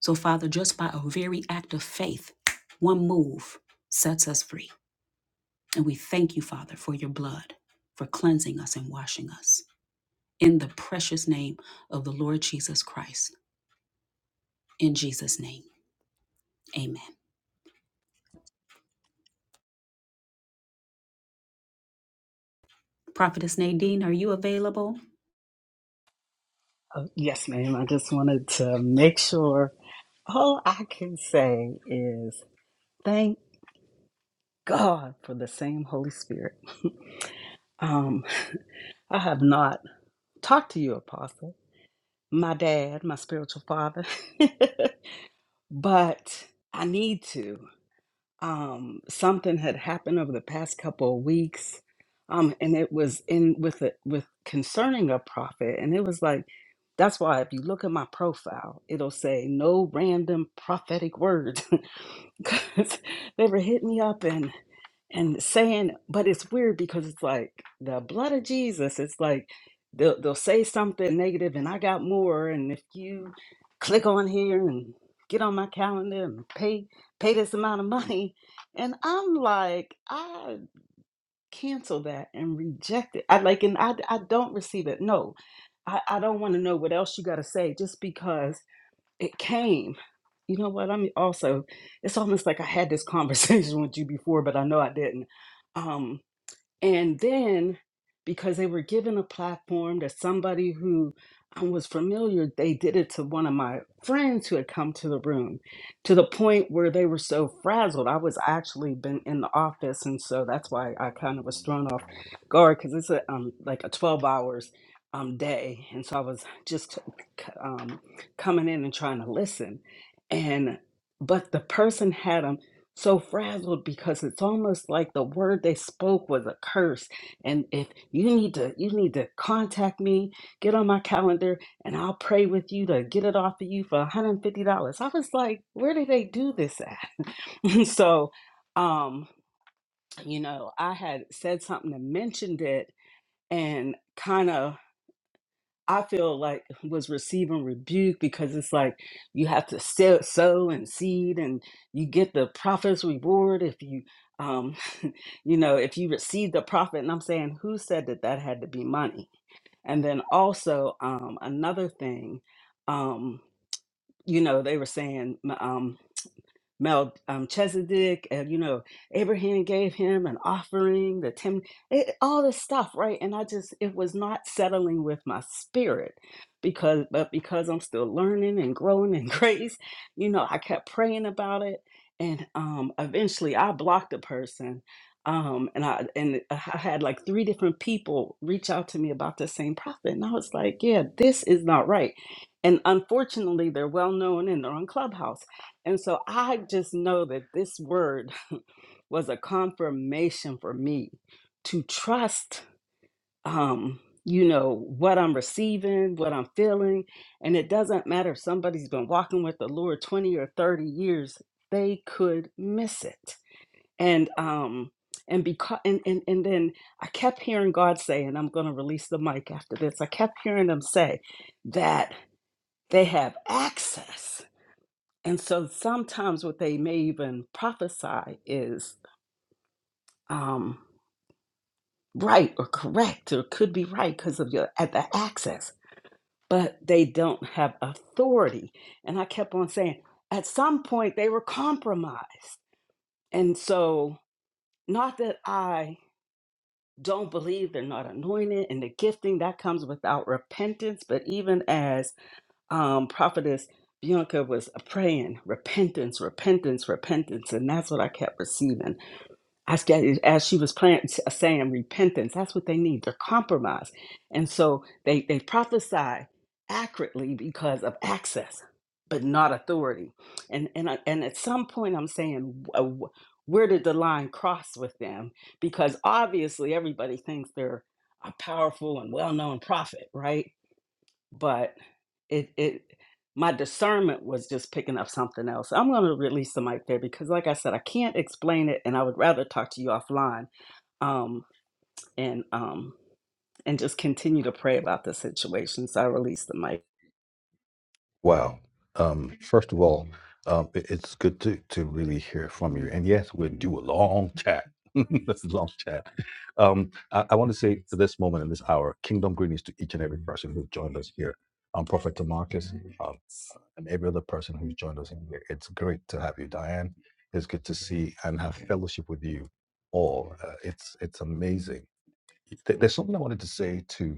So, Father, just by a very act of faith, one move sets us free. And we thank you, Father, for your blood, for cleansing us and washing us. In the precious name of the Lord Jesus Christ. In Jesus' name, amen. Prophetess Nadine, are you available? Yes, ma'am. I just wanted to make sure all I can say is thank God for the same Holy Spirit. Um, I have not talked to you, Apostle, my dad, my spiritual father, but I need to. um, something had happened over the past couple of weeks, um, and it was in with it with concerning a prophet, and it was like that's why if you look at my profile, it'll say no random prophetic words because they were hitting me up and and saying, but it's weird because it's like the blood of Jesus. It's like they'll they'll say something negative, and I got more. And if you click on here and get on my calendar and pay pay this amount of money, and I'm like, I cancel that and reject it. I like, and I I don't receive it. No, I I don't want to know what else you got to say just because it came. You know what? I mean, also, it's almost like I had this conversation with you before, but I know I didn't. Um, and then because they were given a platform to somebody who I was familiar, they did it to one of my friends who had come to the room to the point where they were so frazzled. I was actually been in the office, and so that's why I kind of was thrown off guard because it's a um like a twelve hours um day, and so I was just c- um coming in and trying to listen, and but the person had a so frazzled because it's almost like the word they spoke was a curse and if you need to you need to contact me get on my calendar and i'll pray with you to get it off of you for $150 i was like where did they do this at so um you know i had said something and mentioned it and kind of I feel like was receiving rebuke because it's like you have to sow, sow and seed, and you get the prophet's reward if you, um, you know, if you receive the prophet. And I'm saying, who said that that had to be money? And then also um, another thing, um, you know, they were saying. Mel um, Chesedek, and you know, Abraham gave him an offering, the ten, it, all this stuff, right? And I just, it was not settling with my spirit because, but because I'm still learning and growing in grace, you know, I kept praying about it, and um, eventually I blocked the person. Um, and I and I had like three different people reach out to me about the same prophet, and I was like, "Yeah, this is not right." And unfortunately, they're well known and they're on Clubhouse. And so I just know that this word was a confirmation for me to trust um you know what I'm receiving, what I'm feeling, and it doesn't matter if somebody's been walking with the Lord 20 or 30 years, they could miss it. And um and because and, and and then I kept hearing God say, and I'm gonna release the mic after this. I kept hearing him say that they have access and so sometimes what they may even prophesy is um, right or correct or could be right because of your at the access, but they don't have authority. And I kept on saying, at some point they were compromised. And so not that I don't believe they're not anointed and the gifting that comes without repentance, but even as um, prophetess Bianca was praying, repentance, repentance, repentance, and that's what I kept receiving I said, as she was playing, saying repentance, that's what they need. They're compromised. And so they, they prophesy accurately because of access, but not authority. And, and, I- and at some point, I'm saying, uh, wh- where did the line cross with them? Because obviously, everybody thinks they're a powerful and well known prophet, right? but it it my discernment was just picking up something else. I'm going to release the mic there because, like I said, I can't explain it, and I would rather talk to you offline um, and um, and just continue to pray about the situation. So I release the mic. Wow. Um, first of all, um, it- it's good to, to really hear from you. And yes, we'll do a long chat. That's a long chat. Um, I, I want to say to this moment in this hour, kingdom greetings to each and every person who joined us here. I'm Prophet Tamarcus um, and every other person who's joined us in here. It's great to have you, Diane. It's good to see and have fellowship with you all. Uh, it's it's amazing. There- There's something I wanted to say to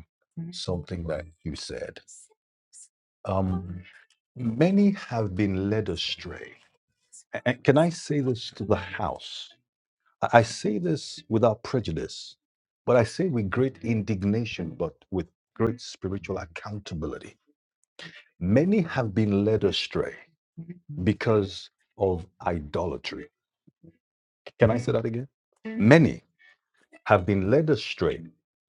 something that you said um, many have been led astray. A- And can I say this to the House? I I say this without prejudice, but I say with great indignation, but with great spiritual accountability. Many have been led astray because of idolatry. Can I say that again? Many have been led astray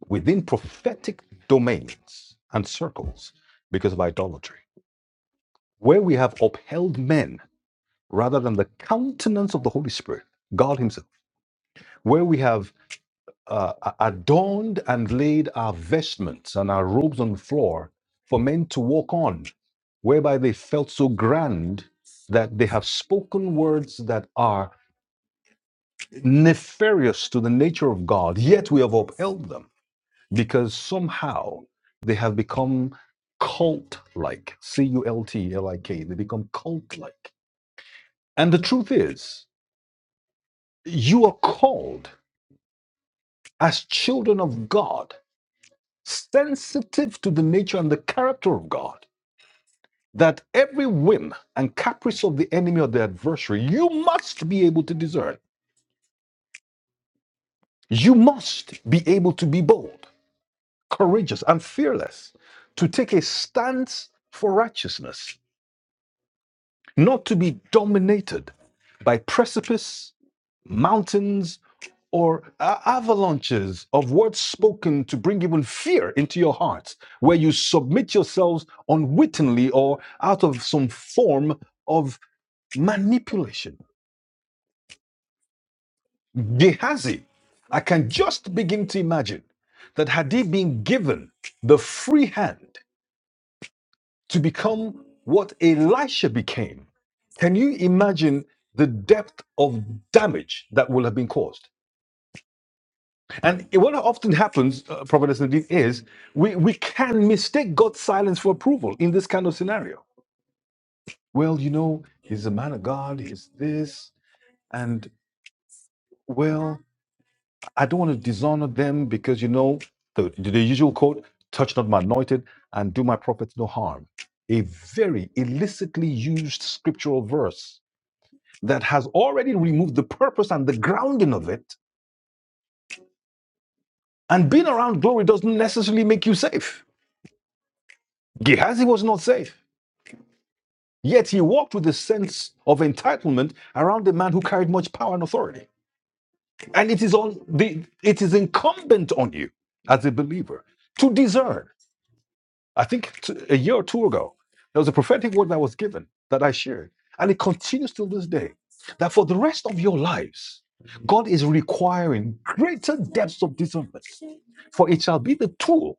within prophetic domains and circles because of idolatry, where we have upheld men rather than the countenance of the Holy Spirit, God Himself, where we have uh, adorned and laid our vestments and our robes on the floor for men to walk on, whereby they felt so grand that they have spoken words that are nefarious to the nature of God, yet we have upheld them because somehow they have become cult like. C U L T L I K. They become cult like. And the truth is, you are called as children of God, sensitive to the nature and the character of God, that every whim and caprice of the enemy or the adversary, you must be able to discern. You must be able to be bold, courageous, and fearless, to take a stance for righteousness, not to be dominated by precipice, mountains, or a- avalanches of words spoken to bring even fear into your hearts, where you submit yourselves unwittingly or out of some form of manipulation. Gehazi, I can just begin to imagine that had he been given the free hand to become what Elisha became, can you imagine the depth of damage that will have been caused? And what often happens, uh, Prophet Nasruddin, is we, we can mistake God's silence for approval in this kind of scenario. Well, you know, he's a man of God, he's this, and well, I don't want to dishonor them because, you know, the, the usual quote, touch not my anointed and do my prophets no harm. A very illicitly used scriptural verse that has already removed the purpose and the grounding of it. And being around glory doesn't necessarily make you safe. Gehazi was not safe. Yet he walked with a sense of entitlement around a man who carried much power and authority. And it is on the it is incumbent on you as a believer to discern. I think t- a year or two ago, there was a prophetic word that was given that I shared, and it continues till this day. That for the rest of your lives, God is requiring greater depths of discernment, for it shall be the tool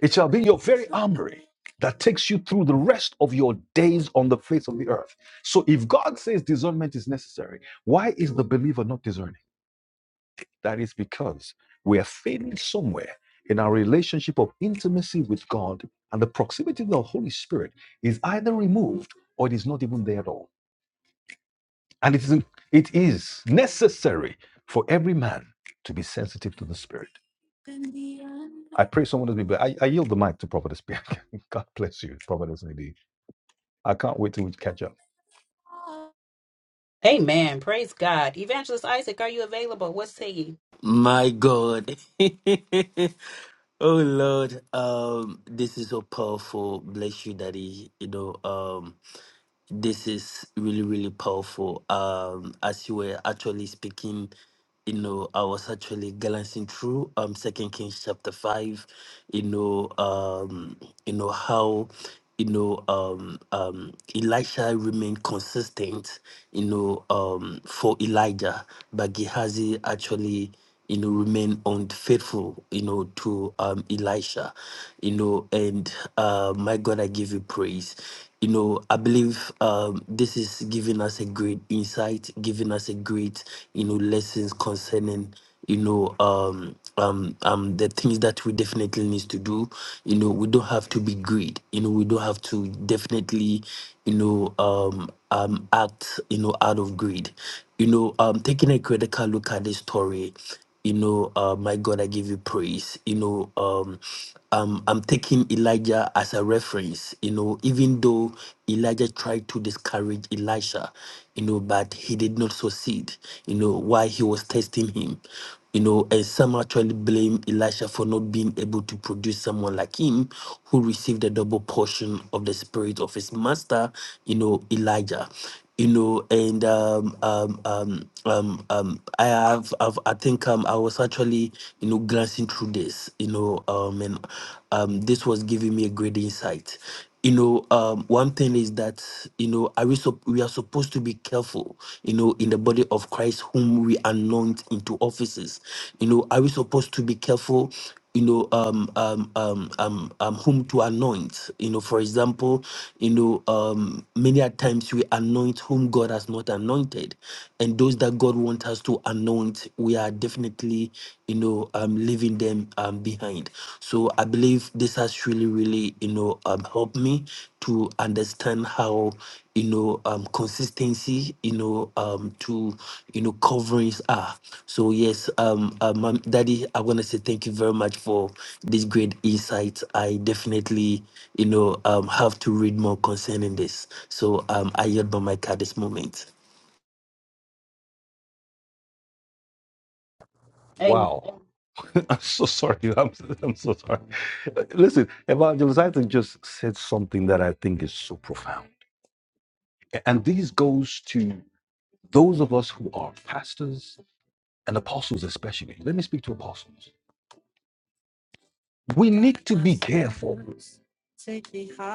it shall be your very armory that takes you through the rest of your days on the face of the earth. So if God says discernment is necessary, why is the believer not discerning? That is because we are failing somewhere in our relationship of intimacy with God and the proximity of the Holy Spirit is either removed or it is not even there at all. And it is, it is necessary for every man to be sensitive to the Spirit. I pray someone to be, blessed. I, I yield the mic to Prophetess Bianca. God bless you, Prophetess Nadine. I can't wait till we catch up. Amen. Praise God. Evangelist Isaac, are you available? What say you? My God. Oh Lord, um, this is so powerful. Bless you, Daddy. You know, um, this is really, really powerful. Um, as you were actually speaking, you know, I was actually glancing through um Second Kings chapter five, you know, um, you know how you know, um, um, Elisha remained consistent, you know, um, for Elijah, but Gehazi actually, you know, remained unfaithful, you know, to um, Elisha, you know, and uh, my God, I give you praise. You know, I believe um, this is giving us a great insight, giving us a great, you know, lessons concerning you know um um um the things that we definitely need to do you know we don't have to be greed you know we don't have to definitely you know um um act you know out of greed you know um taking a critical look at this story you know uh, my god i give you praise you know um, um i'm taking elijah as a reference you know even though elijah tried to discourage elisha you know but he did not succeed you know why he was testing him you know and some actually blame elisha for not being able to produce someone like him who received a double portion of the spirit of his master you know elijah you know, and um, um, um, um, um, I have, I've, I think um, I was actually, you know, glancing through this, you know, um, and um, this was giving me a great insight. You know, um, one thing is that you know, are we sup- we are supposed to be careful, you know, in the body of Christ whom we anoint into offices. You know, are we supposed to be careful you know um um um um, um whom to anoint you know for example you know um many a times we anoint whom god has not anointed and those that god wants us to anoint we are definitely you know um leaving them um behind so i believe this has really really really, you know, um, helped me to understand how, you know, um, consistency, you know, um, to, you know, coverings are. So yes, um, uh, mom, daddy, I want to say thank you very much for this great insight. I definitely, you know, um, have to read more concerning this. So um, I yield by my card this moment. Amen. Wow. I'm so sorry. I'm, I'm so sorry. Listen, Evangelist Isaac just said something that I think is so profound. And this goes to those of us who are pastors and apostles, especially. Let me speak to apostles. We need to be careful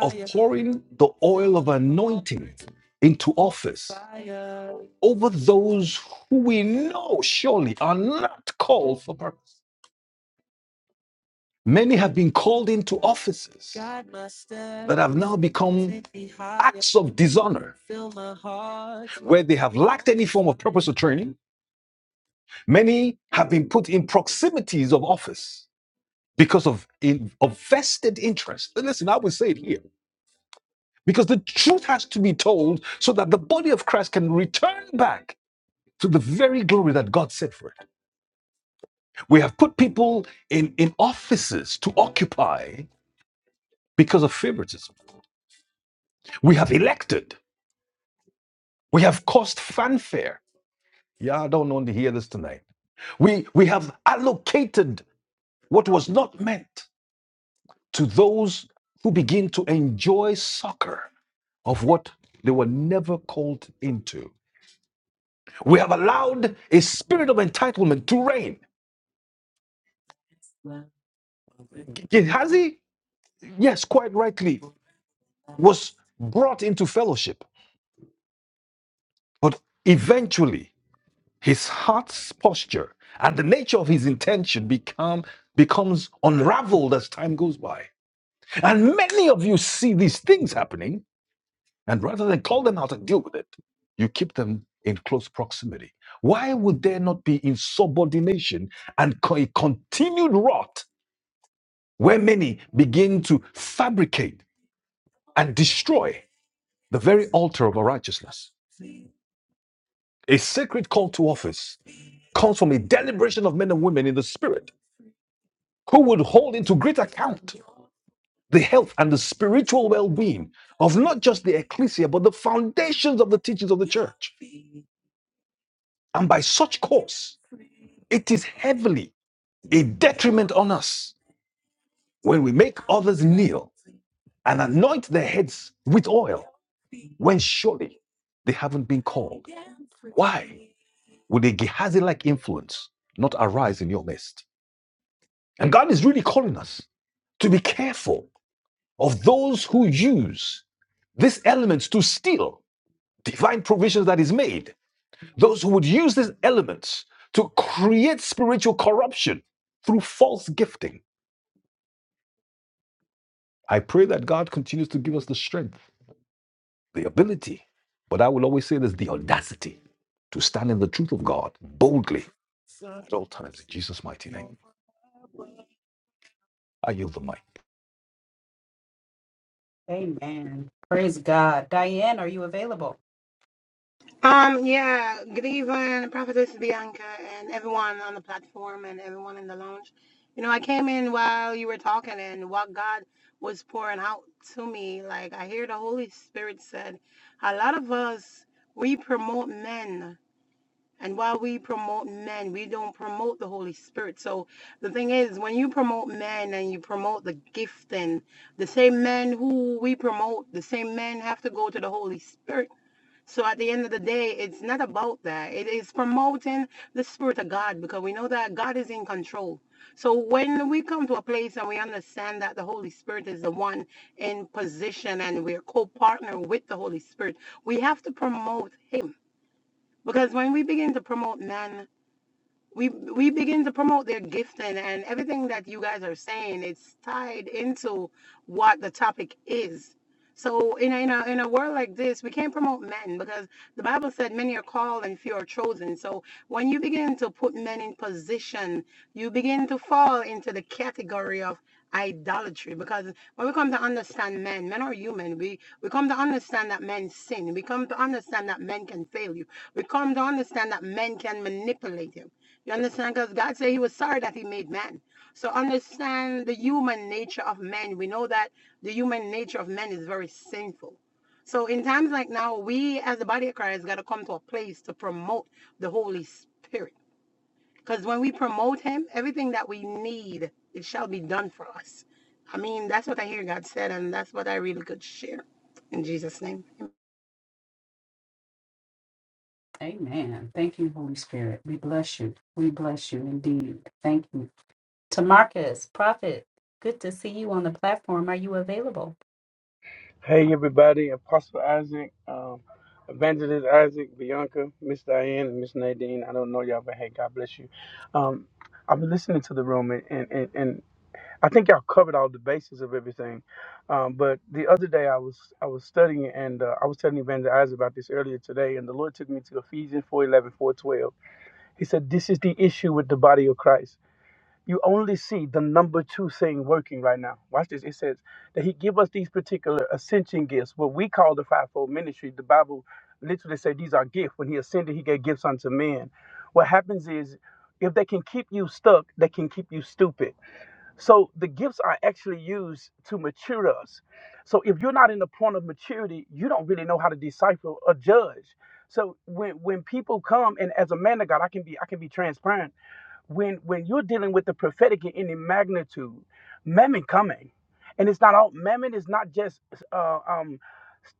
of pouring the oil of anointing into office over those who we know surely are not called for purpose. Many have been called into offices that have now become acts of dishonor where they have lacked any form of purpose or training. Many have been put in proximities of office because of, in, of vested interest. And listen, I will say it here because the truth has to be told so that the body of Christ can return back to the very glory that God set for it. We have put people in, in offices to occupy because of favoritism. We have elected. We have caused fanfare. Yeah, I don't want to hear this tonight. We we have allocated what was not meant to those who begin to enjoy soccer of what they were never called into. We have allowed a spirit of entitlement to reign. Gehazi, yes, quite rightly, was brought into fellowship, but eventually his heart's posture and the nature of his intention become becomes unraveled as time goes by. And many of you see these things happening, and rather than call them out and deal with it, you keep them in close proximity. Why would there not be insubordination and co- a continued rot where many begin to fabricate and destroy the very altar of our righteousness? A sacred call to office comes from a deliberation of men and women in the spirit who would hold into great account the health and the spiritual well being of not just the ecclesia, but the foundations of the teachings of the church. And by such course, it is heavily a detriment on us when we make others kneel and anoint their heads with oil when surely they haven't been called. Why would a Gehazi like influence not arise in your midst? And God is really calling us to be careful of those who use these elements to steal divine provisions that is made. Those who would use these elements to create spiritual corruption through false gifting. I pray that God continues to give us the strength, the ability, but I will always say this the audacity to stand in the truth of God boldly at all times in Jesus' mighty name. I yield the mic. Amen. Praise God. Diane, are you available? Um, yeah, good evening, Prophetess Bianca, and everyone on the platform and everyone in the lounge. You know, I came in while you were talking and what God was pouring out to me. Like, I hear the Holy Spirit said, a lot of us, we promote men. And while we promote men, we don't promote the Holy Spirit. So the thing is, when you promote men and you promote the gift, and the same men who we promote, the same men have to go to the Holy Spirit so at the end of the day, it's not about that. It is promoting the spirit of God because we know that God is in control. So when we come to a place and we understand that the Holy Spirit is the one in position and we're co-partner with the Holy Spirit, we have to promote him. Because when we begin to promote man, we we begin to promote their gifting and everything that you guys are saying it's tied into what the topic is so in a, in a in a world like this we can't promote men because the bible said many are called and few are chosen so when you begin to put men in position you begin to fall into the category of idolatry because when we come to understand men men are human we we come to understand that men sin we come to understand that men can fail you we come to understand that men can manipulate you you understand? Because God said he was sorry that he made man. So understand the human nature of men. We know that the human nature of men is very sinful. So in times like now, we as the body of Christ got to come to a place to promote the Holy Spirit. Because when we promote him, everything that we need, it shall be done for us. I mean, that's what I hear God said, and that's what I really could share. In Jesus' name. amen. Amen. Thank you, Holy Spirit. We bless you. We bless you indeed. Thank you. To Marcus, prophet, good to see you on the platform. Are you available? Hey everybody, Apostle Isaac, um, Evangelist Isaac, Bianca, Miss Diane, and Miss Nadine. I don't know y'all, but hey, God bless you. Um, I've been listening to the room, and, and, and, and I think y'all covered all the bases of everything. Um, but the other day, I was I was studying, and uh, I was telling Evangelist Isaac about this earlier today, and the Lord took me to Ephesians 4, 4.12. He said, "This is the issue with the body of Christ." you only see the number two thing working right now. Watch this. It says that he give us these particular ascension gifts, what we call the fivefold ministry. The Bible literally said these are gifts. When he ascended, he gave gifts unto men. What happens is if they can keep you stuck, they can keep you stupid. So the gifts are actually used to mature us. So if you're not in the point of maturity, you don't really know how to decipher or judge. So when when people come and as a man of God, I can be I can be transparent. When when you're dealing with the prophetic in any magnitude, mammon coming, and it's not all mammon is not just uh, um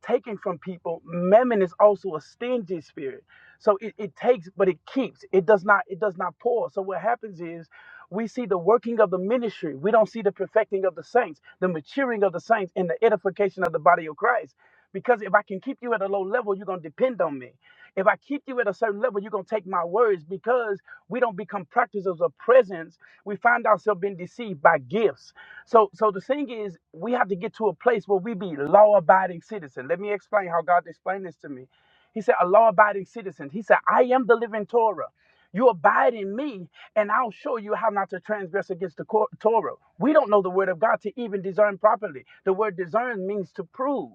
taken from people. Mammon is also a stingy spirit. So it, it takes, but it keeps. It does not, it does not pause. So what happens is we see the working of the ministry. We don't see the perfecting of the saints, the maturing of the saints, and the edification of the body of Christ. Because if I can keep you at a low level, you're gonna depend on me. If I keep you at a certain level, you're gonna take my words because we don't become practitioners of presence. We find ourselves being deceived by gifts. So so the thing is we have to get to a place where we be law abiding citizens. Let me explain how God explained this to me. He said, a law abiding citizen. He said, I am the living Torah. You abide in me, and I'll show you how not to transgress against the cor- Torah. We don't know the word of God to even discern properly. The word discern means to prove.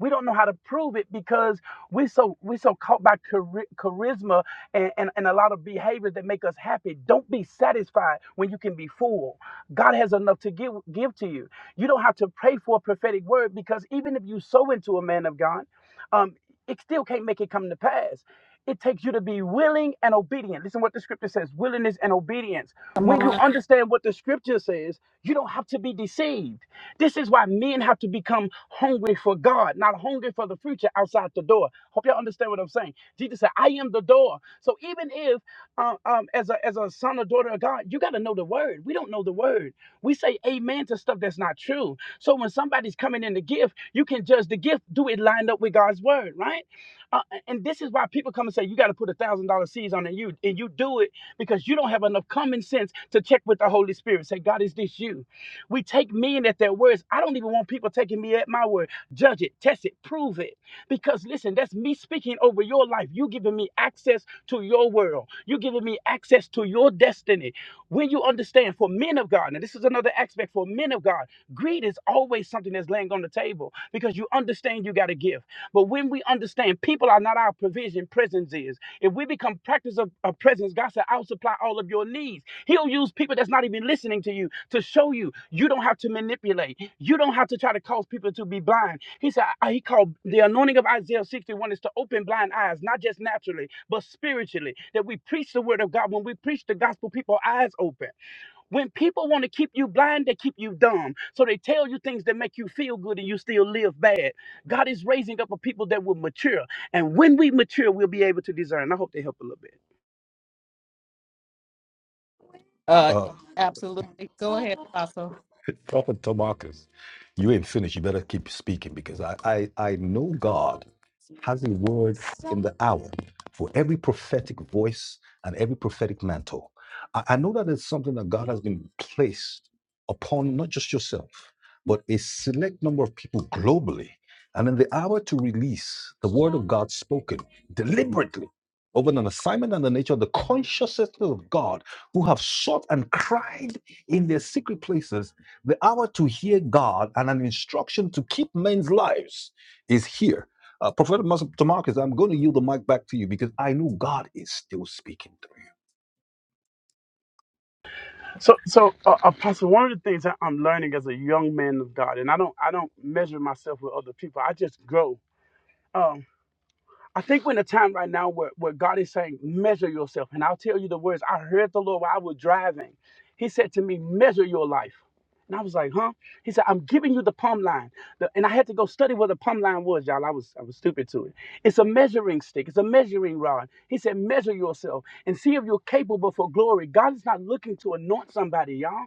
We don't know how to prove it because we're so we're so caught by chari- charisma and, and, and a lot of behaviors that make us happy. Don't be satisfied when you can be full. God has enough to give give to you. You don't have to pray for a prophetic word because even if you sow into a man of God um, it still can't make it come to pass. It takes you to be willing and obedient. Listen what the scripture says willingness and obedience. When you understand what the scripture says, you don't have to be deceived. This is why men have to become hungry for God, not hungry for the future outside the at the door. Hope y'all understand what I'm saying. Jesus said, I am the door. So even if, uh, um, as a, as a son or daughter of God, you got to know the word. We don't know the word. We say amen to stuff that's not true. So when somebody's coming in the gift, you can judge the gift. Do it lined up with God's word, right? Uh, and this is why people come and say, you got to put a thousand dollar seeds on it. And You, and you do it because you don't have enough common sense to check with the Holy Spirit. Say, God, is this you? We take men at their words. I don't even want people taking me at my word. Judge it, test it, prove it. Because listen, that's me speaking over your life. You giving me access to your world. You giving me access to your destiny. When you understand, for men of God, and this is another aspect for men of God, greed is always something that's laying on the table because you understand you got to give. But when we understand people are not our provision, presence is. If we become become practice of, of presence, God said, I'll supply all of your needs. He'll use people that's not even listening to you to show you. You don't have to manipulate. You don't have to try to cause people to be blind. He said, I- He called the anointing of Isaiah 61 is to open blind eyes, not just naturally, but spiritually. That we preach the word of God. When we preach the gospel, people's eyes open. When people want to keep you blind, they keep you dumb. So they tell you things that make you feel good and you still live bad. God is raising up a people that will mature. And when we mature, we'll be able to discern. I hope they help a little bit. Uh, Uh, absolutely. Go ahead, Apostle. Prophet Tomarcus, you ain't finished. You better keep speaking because I, I, I know God has a word in the hour for every prophetic voice and every prophetic mantle. I, I know that it's something that God has been placed upon not just yourself, but a select number of people globally. And in the hour to release the word of God spoken deliberately over an assignment and the nature of the consciousness of God who have sought and cried in their secret places, the hour to hear God and an instruction to keep men's lives is here. Uh, Prophet Mas- I'm going to yield the mic back to you because I know God is still speaking to So, so uh, Apostle, one of the things that I'm learning as a young man of God, and I don't, I don't measure myself with other people. I just grow. Um, I think we're in a time right now where, where God is saying, measure yourself. And I'll tell you the words. I heard the Lord while I was driving. He said to me, measure your life. And I was like, huh? He said, I'm giving you the plumb line. The- and I had to go study what the plumb line was, y'all. I was I was stupid to it. It's a measuring stick, it's a measuring rod. He said, measure yourself and see if you're capable for glory. God is not looking to anoint somebody, y'all.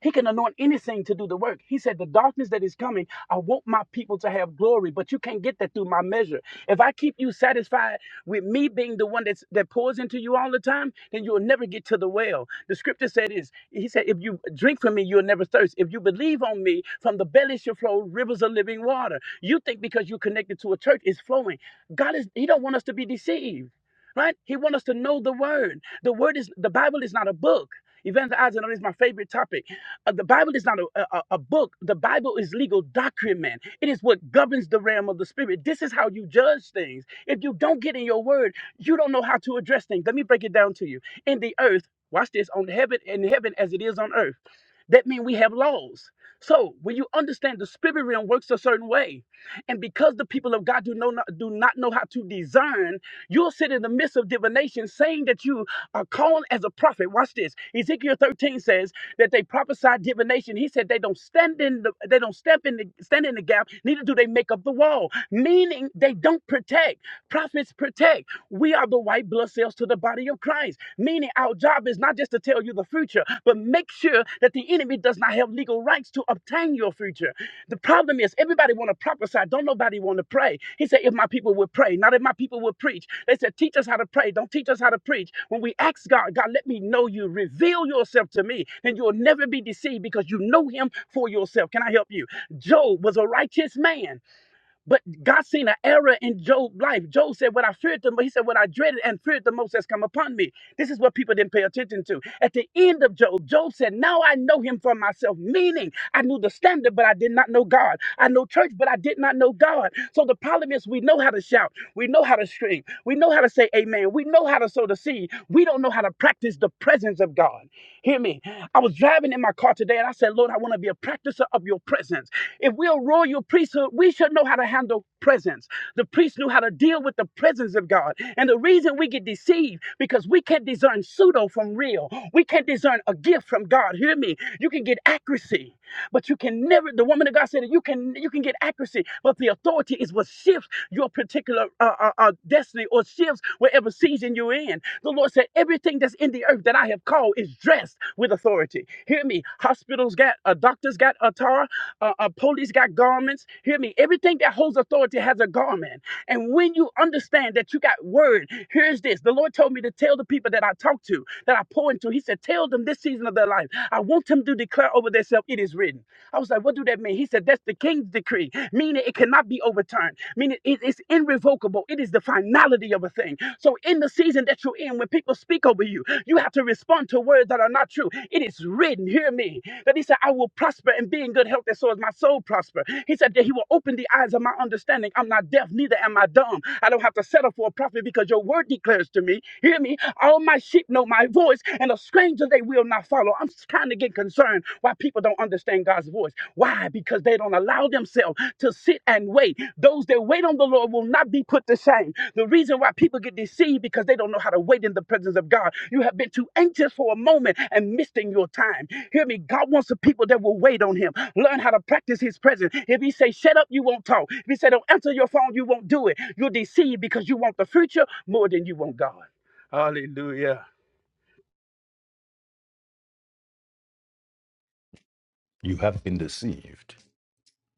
He can anoint anything to do the work. He said, The darkness that is coming, I want my people to have glory, but you can't get that through my measure. If I keep you satisfied with me being the one that's, that pours into you all the time, then you'll never get to the well. The scripture said is, he said, if you drink from me, you'll never thirst. If you believe on me, from the belly shall flow rivers of living water. You think because you're connected to a church, it's flowing. God is, he don't want us to be deceived. Right? He wants us to know the word. The word is the Bible is not a book. Evangelizing is my favorite topic uh, the Bible is not a, a, a book. The Bible is legal document. It is what governs the realm of the spirit. This is how you judge things. If you don't get in your word, you don't know how to address things. Let me break it down to you. In the earth, watch this, on heaven, in heaven as it is on earth. That means we have laws. So when you understand the spirit realm works a certain way, and because the people of God do know not, do not know how to discern, You'll sit in the midst of divination saying that you are called as a prophet. Watch this. Ezekiel 13 says that they prophesied divination. He said they don't stand in the they don't step in the stand in the gap, neither do they make up the wall. Meaning they don't protect. Prophets protect. We are the white blood cells to the body of Christ. Meaning our job is not just to tell you the future, but make sure that the enemy does not have legal rights to obtain your future. The problem is everybody want to prophesy, don't nobody want to pray. He said, if my people would pray, not if my people would preach. They said, teach us how to pray, don't teach us how to preach. When we ask God, God, let me know you, reveal yourself to me, then you'll never be deceived because you know him for yourself. Can I help you? Job was a righteous man. But God seen an error in Job's life. Job said, What I feared the most, he said, What I dreaded and feared the most has come upon me. This is what people didn't pay attention to. At the end of Job, Job said, Now I know him for myself, meaning I knew the standard, but I did not know God. I know church, but I did not know God. So the problem is, we know how to shout, we know how to scream, we know how to say amen, we know how to sow the seed me, we don't know how to practice the presence of God. Hear me. I was driving in my car today and I said, Lord, I want to be a practicer of your presence. If we're a royal priesthood, we should know how to handle presence. The priest knew how to deal with the presence of God. And the reason we get deceived, because we can't discern pseudo from real. We can't discern a gift from God. Hear me. You can get accuracy authority, but you can never. The woman of God said that you can you can get accuracy, but the authority is what shifts your particular uh, uh, uh, destiny or shifts whatever season you're in. The Lord said, everything that's in the earth that I have called is dressed with authority. Hear me. Hospitals got uh, doctors got attire, uh, uh, police got garments. Hear me. Everything that holds authority has a garment. And when you understand that you got word, here's this. The Lord told me to tell the people that I talk to, that I pour into. He said, Tell them this season of their life. I want them to declare over themselves, it is written. I was like, What do that mean? He said, That's the king's decree, meaning it cannot be overturned, meaning it is irrevocable. It is the finality of a thing. So in the season that you're in, when people speak over you, you have to respond to to words that are not true. It is written, hear me, that he said, I will prosper and be in good health, and so is my soul prosper. He said that he will open the eyes of my understanding. I'm not deaf, neither am I dumb. I don't have to settle for a prophet because your word declares to me, hear me, all my sheep know my voice, and a stranger they will not follow. I'm kind of getting concerned why people don't understand God's voice. Why? Because they don't allow themselves themselves to sit and wait. Those that wait on the Lord will not be put to shame. The reason why people get deceived because they don't know how to wait in the presence of God. You have been too anxious for a moment and missing your time. Hear me. God wants the people that will wait on Him. Learn how to practice His presence. If He say shut up, you won't talk. If He say don't answer your phone, you won't do it. You're deceived because you want the future more than you want God. Hallelujah. you. You have been deceived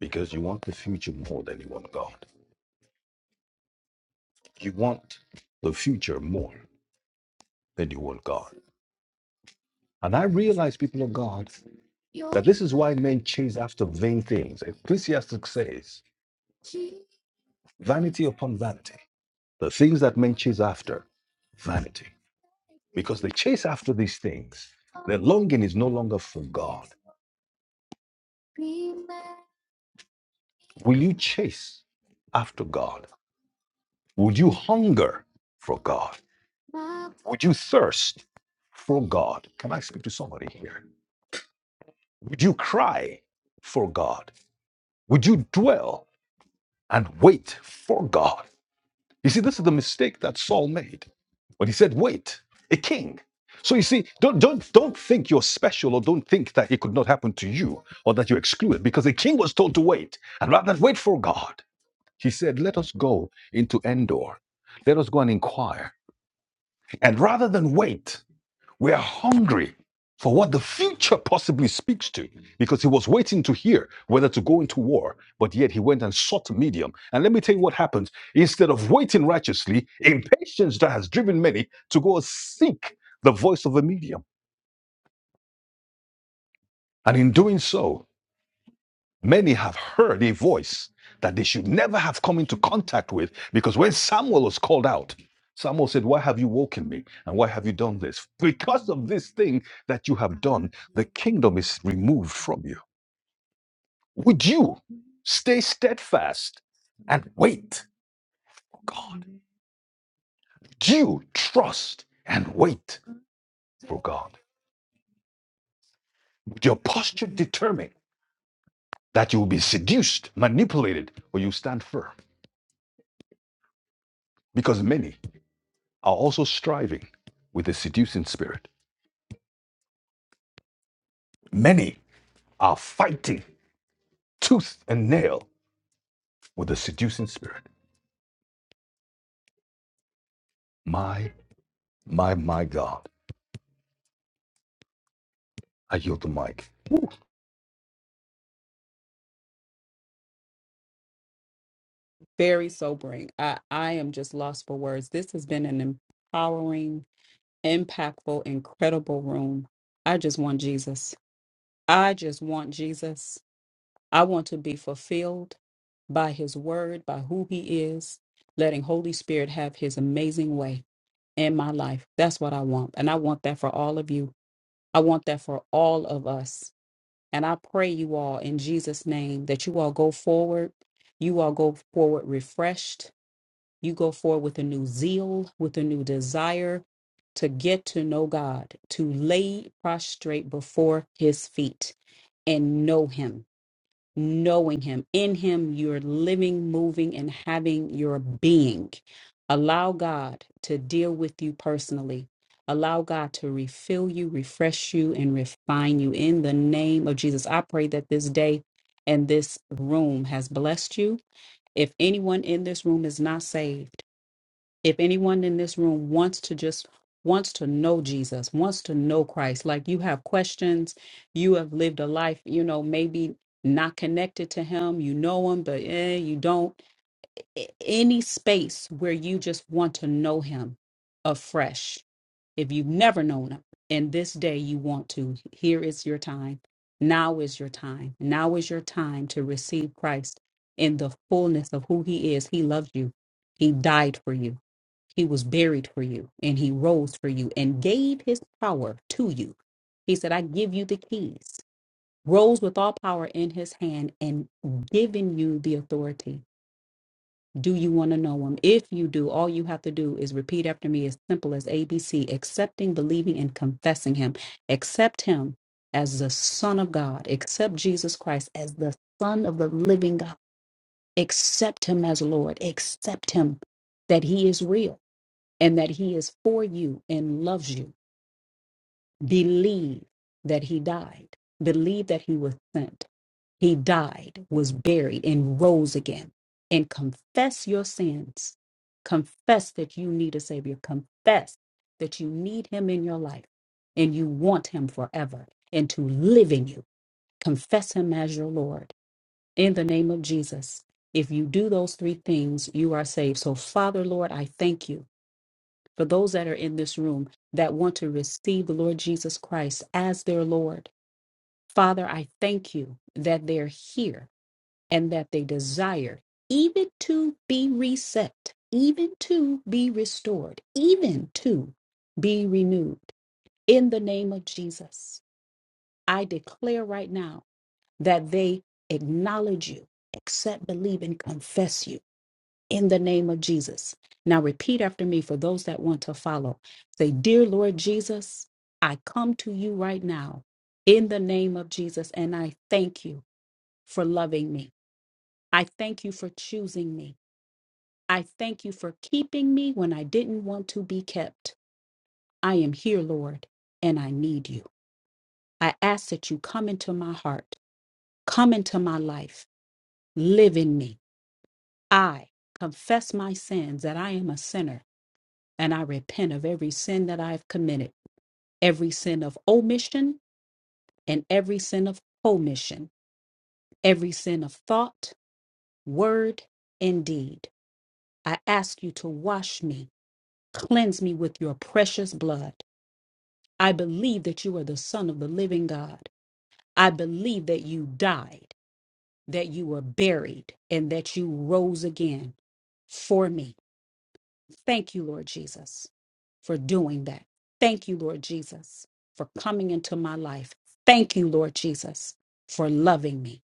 because you want the future more than you want God. You want the future more than you want God. And I realize, people of God, that this is why men chase after vain things. Ecclesiastes says, vanity upon vanity. The things that men chase after, vanity. Because they chase after these things, their longing is no longer for God. Will you chase after God? Would you hunger for God? Would you thirst for God? Can I speak to somebody here? Would you cry for God? Would you dwell and wait for God? You see, this is the mistake that Saul made. But he said, wait, a king. So you see, don't don't don't think you're special or don't think that it could not happen to you or that you're excluded, because a king was told to wait. And rather than wait for God, he said, Let us go into Endor. Let us go and inquire. And rather than wait, we are hungry for what the future possibly speaks to because he was waiting to hear whether to go into war, but yet he went and sought a medium. And let me tell you what happens. Instead of waiting righteously, impatience that has driven many to go seek the voice of a medium. And in doing so, Many have heard a voice that they should never have come into contact with because when Samuel was called out, Samuel said, Why have you woken me? And why have you done this? Because of this thing that you have done, the kingdom is removed from you. Would you stay steadfast and wait for God? Would you trust and wait for God? Would your posture determine that you will be seduced, manipulated, or you stand firm? Because many are also striving with a seducing spirit. Many are fighting tooth and nail with a seducing spirit. My, my, my God. I yield the mic. Woo. very sobering. I, I am just lost for words. This has been an empowering, impactful, incredible room. I just want Jesus. I just want Jesus. I want to be fulfilled by his word, by who he is, letting Holy Spirit have his amazing way in my life. That's what I want. And I want that for all of you. I want that for all of us. And I pray you all in Jesus' name that you all go forward. You all go forward refreshed. You go forward with a new zeal, with a new desire to get to know God, to lay prostrate before his feet and know him knowing Him. In Him, you're living, moving, and having your being. Allow God to deal with you personally. Allow God to refill you, refresh you, and refine you in the name of Jesus. I pray that this day and this room has blessed you. If anyone in this room is not saved, if anyone in this room wants to just wants to know Jesus, wants to know Christ, like you have questions, you have lived a life, you know, maybe not connected to him, you know him, but eh, you don't. A- Any space where you just want to know him afresh. If you've never known him and this day you want to, here is your time. Now is your time. Now is your time to receive Christ in the fullness of who he is. He loves you. He died for you. He was buried for you and he rose for you and gave his power to you. He said, I give you the keys, rose with all power in his hand and giving you the authority. Do you want to know him? If you do, all you have to do is repeat after me as simple as ABC accepting, believing, and confessing him. Accept him as the Son of God. Accept Jesus Christ as the Son of the living God. Accept him as Lord. Accept him that he is real and that he is for you and loves you. Believe that he died. Believe that he was sent. He died, was buried, and rose again. And confess your sins. Confess that you need a Savior. Confess that you need him in your life and you want him forever and to live in you. Confess him as your Lord in the name of Jesus. If you do those three things, you are saved. So, Father, Lord, I thank you for those that are in this room that want to receive the Lord Jesus Christ as their Lord. Father, I thank you that they're here and that they desire even to be reset, even to be restored, even to be renewed. In the name of Jesus, I declare right now that they acknowledge you, accept, believe, and confess you in the name of Jesus. Now, repeat after me for those that want to follow. Say, Dear Lord Jesus, I come to you right now in the name of Jesus, and I thank you for loving me. I thank you for choosing me. I thank you for keeping me when I didn't want to be kept. I am here, Lord, and I need you. I ask that you come into my heart, come into my life, live in me. I confess my sins that I am a sinner and I repent of every sin that I've committed, every sin of omission and every sin of commission, every sin of thought, word, and deed. I ask you to wash me, cleanse me with your precious blood. I believe that you are the Son of the living God. I believe that you died, that you were buried, and that you rose again for me. Thank you, Lord Jesus, for doing that. Thank you, Lord Jesus, for coming into my life. Thank you, Lord Jesus, for loving me.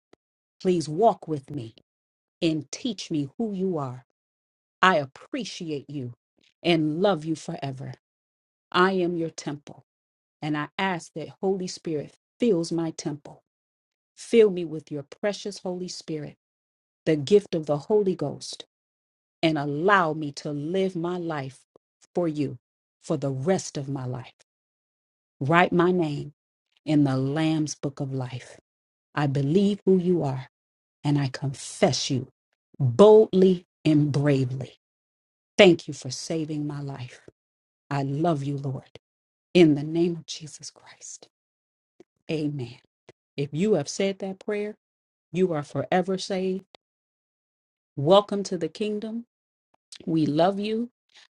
Please walk with me and teach me who you are. I appreciate you and love you forever. I am your temple, and I ask that Holy Spirit fills my temple. Fill me with your precious Holy Spirit, the gift of the Holy Ghost, and allow me to live my life for you for the rest of my life. Write my name in the Lamb's book of life. I believe who you are, and I confess you boldly and bravely. Thank you for saving my life. I love you, Lord. In the name of Jesus Christ. Amen. If you have said that prayer, you are forever saved. Welcome to the kingdom. We love you.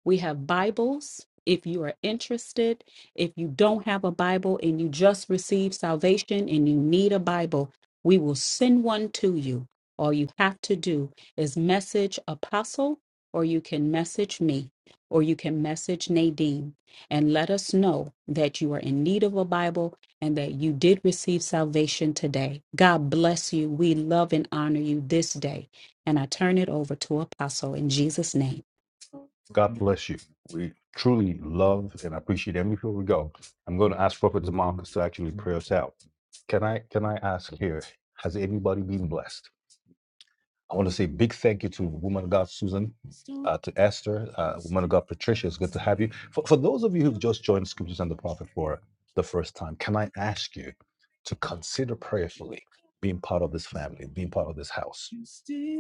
We have Bibles. If you are interested, if you don't have a Bible and you just received salvation and you need a Bible, we will send one to you. All you have to do is message Apostle, or you can message me, or you can message Nadine and let us know that you are in need of a Bible and that you did receive salvation today. God bless you. We love and honor you this day. And I turn it over to Apostle in Jesus' name. God bless you. We truly love and appreciate every Before we go, I'm going to ask Prophet Marcus to actually pray us out. Can I can I ask here, has anybody been blessed? I want to say big thank you to woman of God Susan, uh, to Esther, uh, woman of God Patricia. It's good to have you. For, for those of you who've just joined Scriptures and the Prophet for the first time, can I ask you to consider prayerfully being part of this family, being part of this house?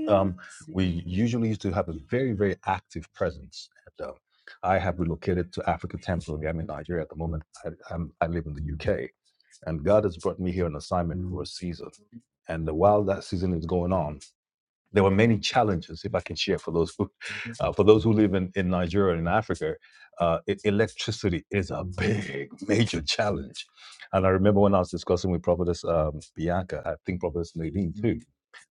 Um, we usually used to have a very, very active presence. And, um, I have relocated to Africa temporarily. I'm in Nigeria at the moment. I, I'm, I live in the UK. And God has brought me here on assignment for a season. And while that season is going on, there were many challenges, if I can share for those who, uh, for those who live in, in Nigeria and in Africa, uh, e- electricity is a big, major challenge. And I remember when I was discussing with Prophetess um, Bianca, I think Prophetess Nadine too,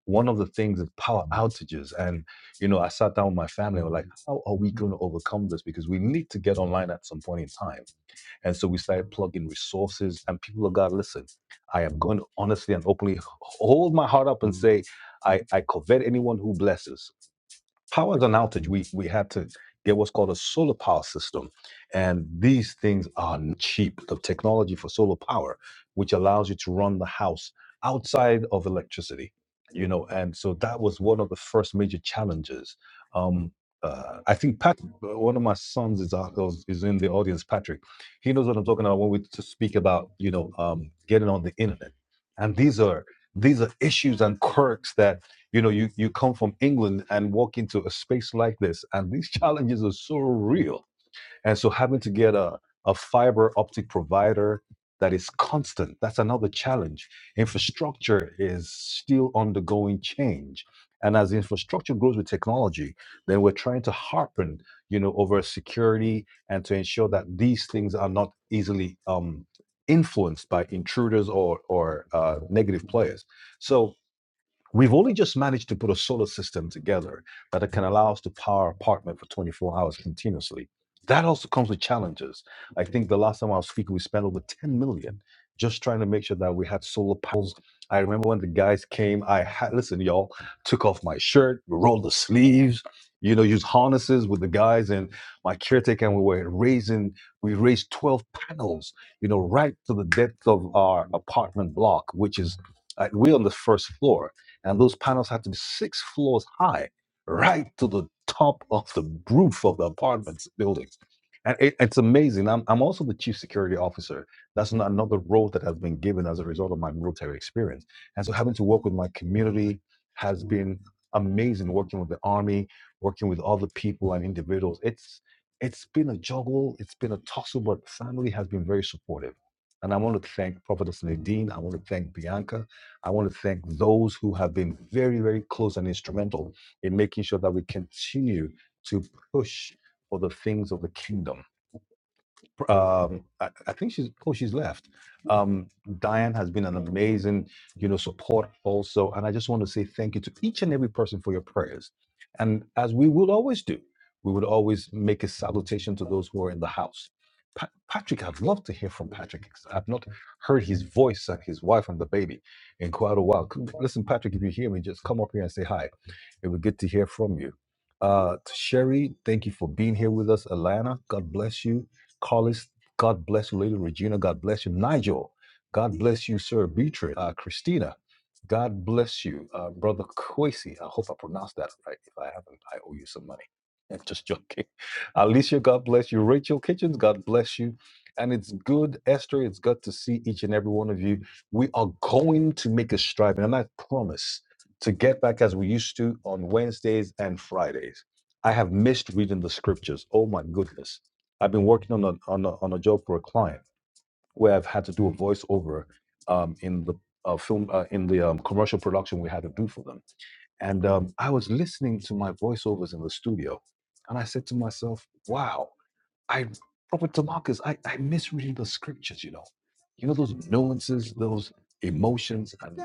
one of the things is power outages. And, you know, I sat down with my family and was like, how are we going to overcome this? Because we need to get online at some point in time. And so we started plugging resources. And people of God, listen, I am going to honestly and openly hold my heart up and say, I, I covet anyone who blesses power is an outage. We we had to get what's called a solar power system, and these things are n- cheap. The technology for solar power, which allows you to run the house outside of electricity, you know, and so that was one of the first major challenges. Um, uh, I think Pat, one of my sons is out, is is in the audience. Patrick, he knows what I'm talking about when we to speak about you know um, getting on the internet, and these are these are issues and quirks that you know, you, you come from England and walk into a space like this, and these challenges are so real. And so having to get a, a fiber optic provider that is constant, that's another challenge. Infrastructure is still undergoing change. And as infrastructure grows with technology, then we're trying to harpen, you know, over security and to ensure that these things are not easily um, influenced by intruders or or uh, negative players. So We've only just managed to put a solar system together that can allow us to power our apartment for 24 hours continuously. That also comes with challenges. I think the last time I was speaking, we spent over 10 million just trying to make sure that we had solar panels. I remember when the guys came, I had, listen, y'all, took off my shirt, rolled the sleeves, you know, used harnesses with the guys and my caretaker, and we were raising, we raised 12 panels, you know, right to the depth of our apartment block, which is, uh, we're on the first floor and those panels had to be six floors high, right to the top of the roof of the apartment buildings. And it, it's amazing. I'm, I'm also the chief security officer. That's not another role that has been given as a result of my military experience. And so having to work with my community has been amazing working with the army, working with other people and individuals. It's it's been a juggle, it's been a tussle, but family has been very supportive. And I want to thank Prophetess Nadine. I want to thank Bianca. I want to thank those who have been very, very close and instrumental in making sure that we continue to push for the things of the kingdom um, I, I think she's oh she's left. Um, Diane has been an amazing you know support also, and I just want to say thank you to each and every person for your prayers. And as we will always do, we would always make a salutation to those who are in the house. Pa- Patrick, I'd love to hear from Patrick. I've not heard his voice and his wife and the baby in quite a while. C- Listen, Patrick, if you hear me, just come up here and say hi. It would be good to hear from you. Uh, to Sherry, thank you for being here with us. Alana, God bless you. Carlos, God bless you. Lady Regina, God bless you. Nigel, God bless you, sir. Beatrice, uh, Christina, God bless you. Uh, Brother Kwesi, I hope I pronounced that right. If I haven't, I owe you some money. I'm just joking. Alicia, God bless you. Rachel Kitchens, God bless you. And it's good, Esther, it's good to see each and every one of you. We are going to make a strive, and I promise to get back as we used to on Wednesdays and Fridays. I have missed reading the scriptures. Oh my goodness. I've been working on a, on a, on a job for a client where I've had to do a voiceover um, in the uh, film uh, in the um, commercial production we had to do for them. And um, I was listening to my voiceovers in the studio, and I said to myself, "Wow, I Prophet Tamakis, I, I misread the scriptures. You know, you know those nuances, those emotions. and."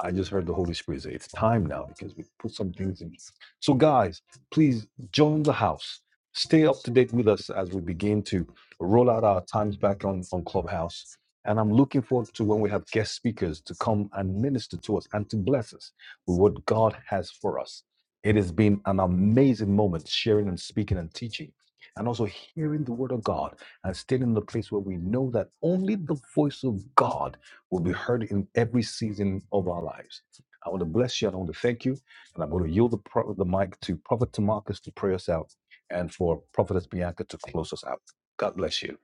I just heard the Holy Spirit say it's time now because we put some things in. So, guys, please join the house. Stay up to date with us as we begin to roll out our times back on, on Clubhouse. And I'm looking forward to when we have guest speakers to come and minister to us and to bless us with what God has for us. It has been an amazing moment sharing and speaking and teaching, and also hearing the word of God and staying in the place where we know that only the voice of God will be heard in every season of our lives. I want to bless you. I want to thank you. And I'm going to yield the, pro- the mic to Prophet Tamarcus to pray us out and for Prophetess Bianca to close us out. God bless you.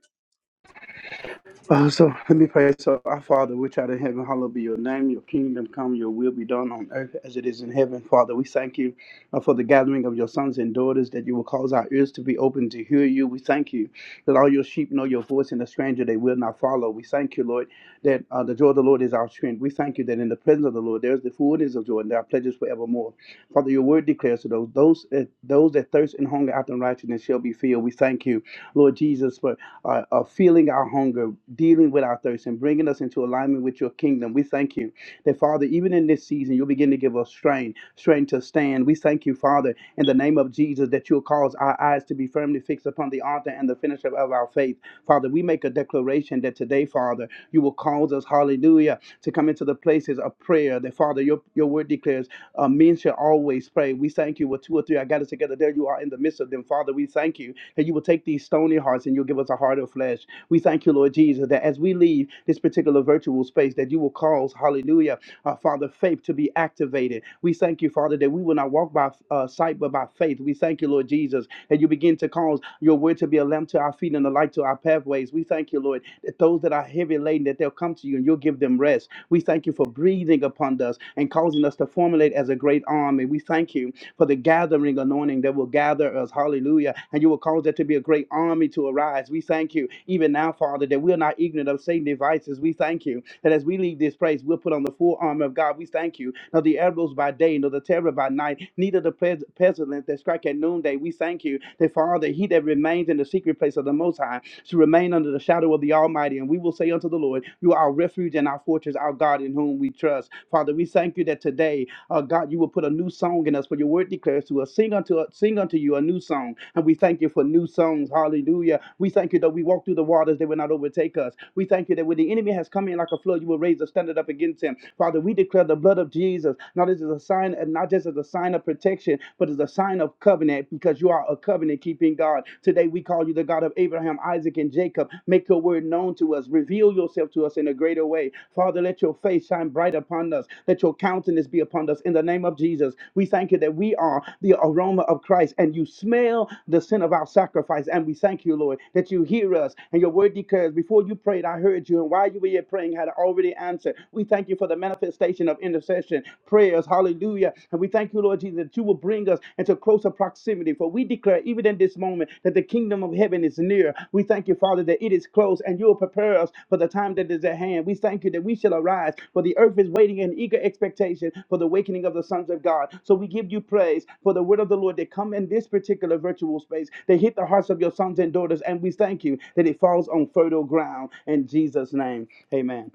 Uh, so let me pray. So, our Father, which art in heaven, hallowed be your name. Your kingdom come, your will be done on earth as it is in heaven. Father, we thank you uh, for the gathering of your sons and daughters that you will cause our ears to be open to hear you. We thank you that all your sheep know your voice and the stranger they will not follow. We thank you, Lord, that uh, the joy of the Lord is our strength. We thank you that in the presence of the Lord there is the fullness of joy and there are pledges forevermore. Father, your word declares to those those that, those that thirst and hunger after righteousness shall be filled. We thank you Lord Jesus, for uh, uh, feeling our hunger, dealing with our thirst, and bringing us into alignment with your kingdom. We thank you that, Father, even in this season, you'll begin to give us strength, strength to stand. We thank you, Father, in the name of Jesus, that you'll cause our eyes to be firmly fixed upon the altar and the finisher of our faith. Father, we make a declaration that today, Father, you will cause us, hallelujah, to come into the places of prayer. That, Father, your, your word declares. Uh, men should always pray. We thank you with two or three. I got it together. There you are in the midst of them. Father, we thank you that you will take these stony hearts and you'll give us a heart of flesh. We thank you, Lord Jesus, that as we leave this particular virtual space, that you will cause, hallelujah, uh, Father, faith to be activated. We thank you, Father, that we will not walk by uh, sight but by faith. We thank you, Lord Jesus, that you begin to cause your word to be a lamp to our feet and a light to our pathways. We thank you, Lord, that those that are heavy laden, that they'll come to you and you'll give them rest. We thank you for breathing upon us and causing us to formulate as a great army. We thank you for the gathering anointing that will gather us. Hallelujah. And you will cause there to be a great army to arise. We thank you even now, Father, that we're not ignorant of Satan's devices. We thank you that as we leave this place, we'll put on the full armor of God. We thank you. Not the arrows by day, nor the terror by night, neither the pes- pestilence that strike at noonday. We thank you that, Father, he that remains in the secret place of the Most High to remain under the shadow of the Almighty. And we will say unto the Lord, You are our refuge and our fortress, our God in whom we trust. Father, we thank you that today uh, God, you will put a new song in us. For your word declares to us, sing unto us, sing unto you a new song. And we thank you for new songs. Hallelujah. We thank you that we walk through the waters, they will not overtake us. We thank you that when the enemy has come in like a flood, you will raise a standard up against him. Father, we declare the blood of Jesus. Now this is a sign, and not just as a sign of protection, but as a sign of covenant, because you are a covenant keeping God. Today we call you the God of Abraham, Isaac, and Jacob. Make your way word known to us. Reveal yourself to us in a greater way. Father, let your face shine bright upon us. Let your countenance be upon us in the name of Jesus. We thank you that we are the aroma of Christ and you smell the sin of our sacrifice. And we thank you, Lord, that you hear us. And your word declares, before you prayed, I heard you. And while you were yet praying, had already answered. We thank you for the manifestation of intercession, prayers. Hallelujah. And we thank you, Lord Jesus, that you will bring bring us into closer proximity. For we declare, even in this moment, that the kingdom of heaven is near. We thank you, Father, that it is close and you will prepare us for the time that is at hand. We thank you that we shall arise, for the earth is waiting in eager expectation for the awakening of the sons of God. So we give you praise for the word of the Lord that come in this particular virtual space, that hit the hearts of your sons and daughters. And we thank you that it falls on fertile ground. In Jesus' name, amen.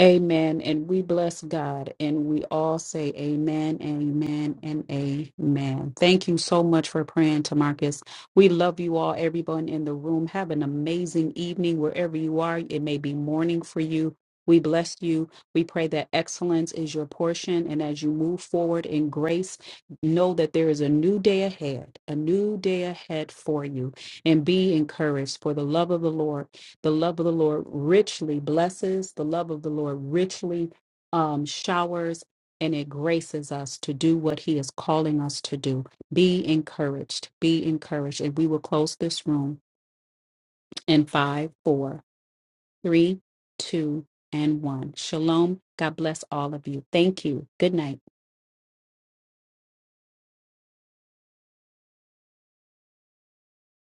Amen. And we bless God and we all say amen, amen, and amen. Thank you so much for praying, Tamarcus. We love you all, everyone in the room. Have an amazing evening wherever you are. It may be morning for you. We bless you. We pray that excellence is your portion. And as you move forward in grace, know that there is a new day ahead, a new day ahead for you. And be encouraged, for the love of the Lord the love of the Lord richly blesses, the love of the Lord richly um, showers, and it graces us to do what He is calling us to do. Be encouraged, be encouraged. And we will close this room in five, four, three, two, and one. Shalom. God bless all of you. Thank you. Good night.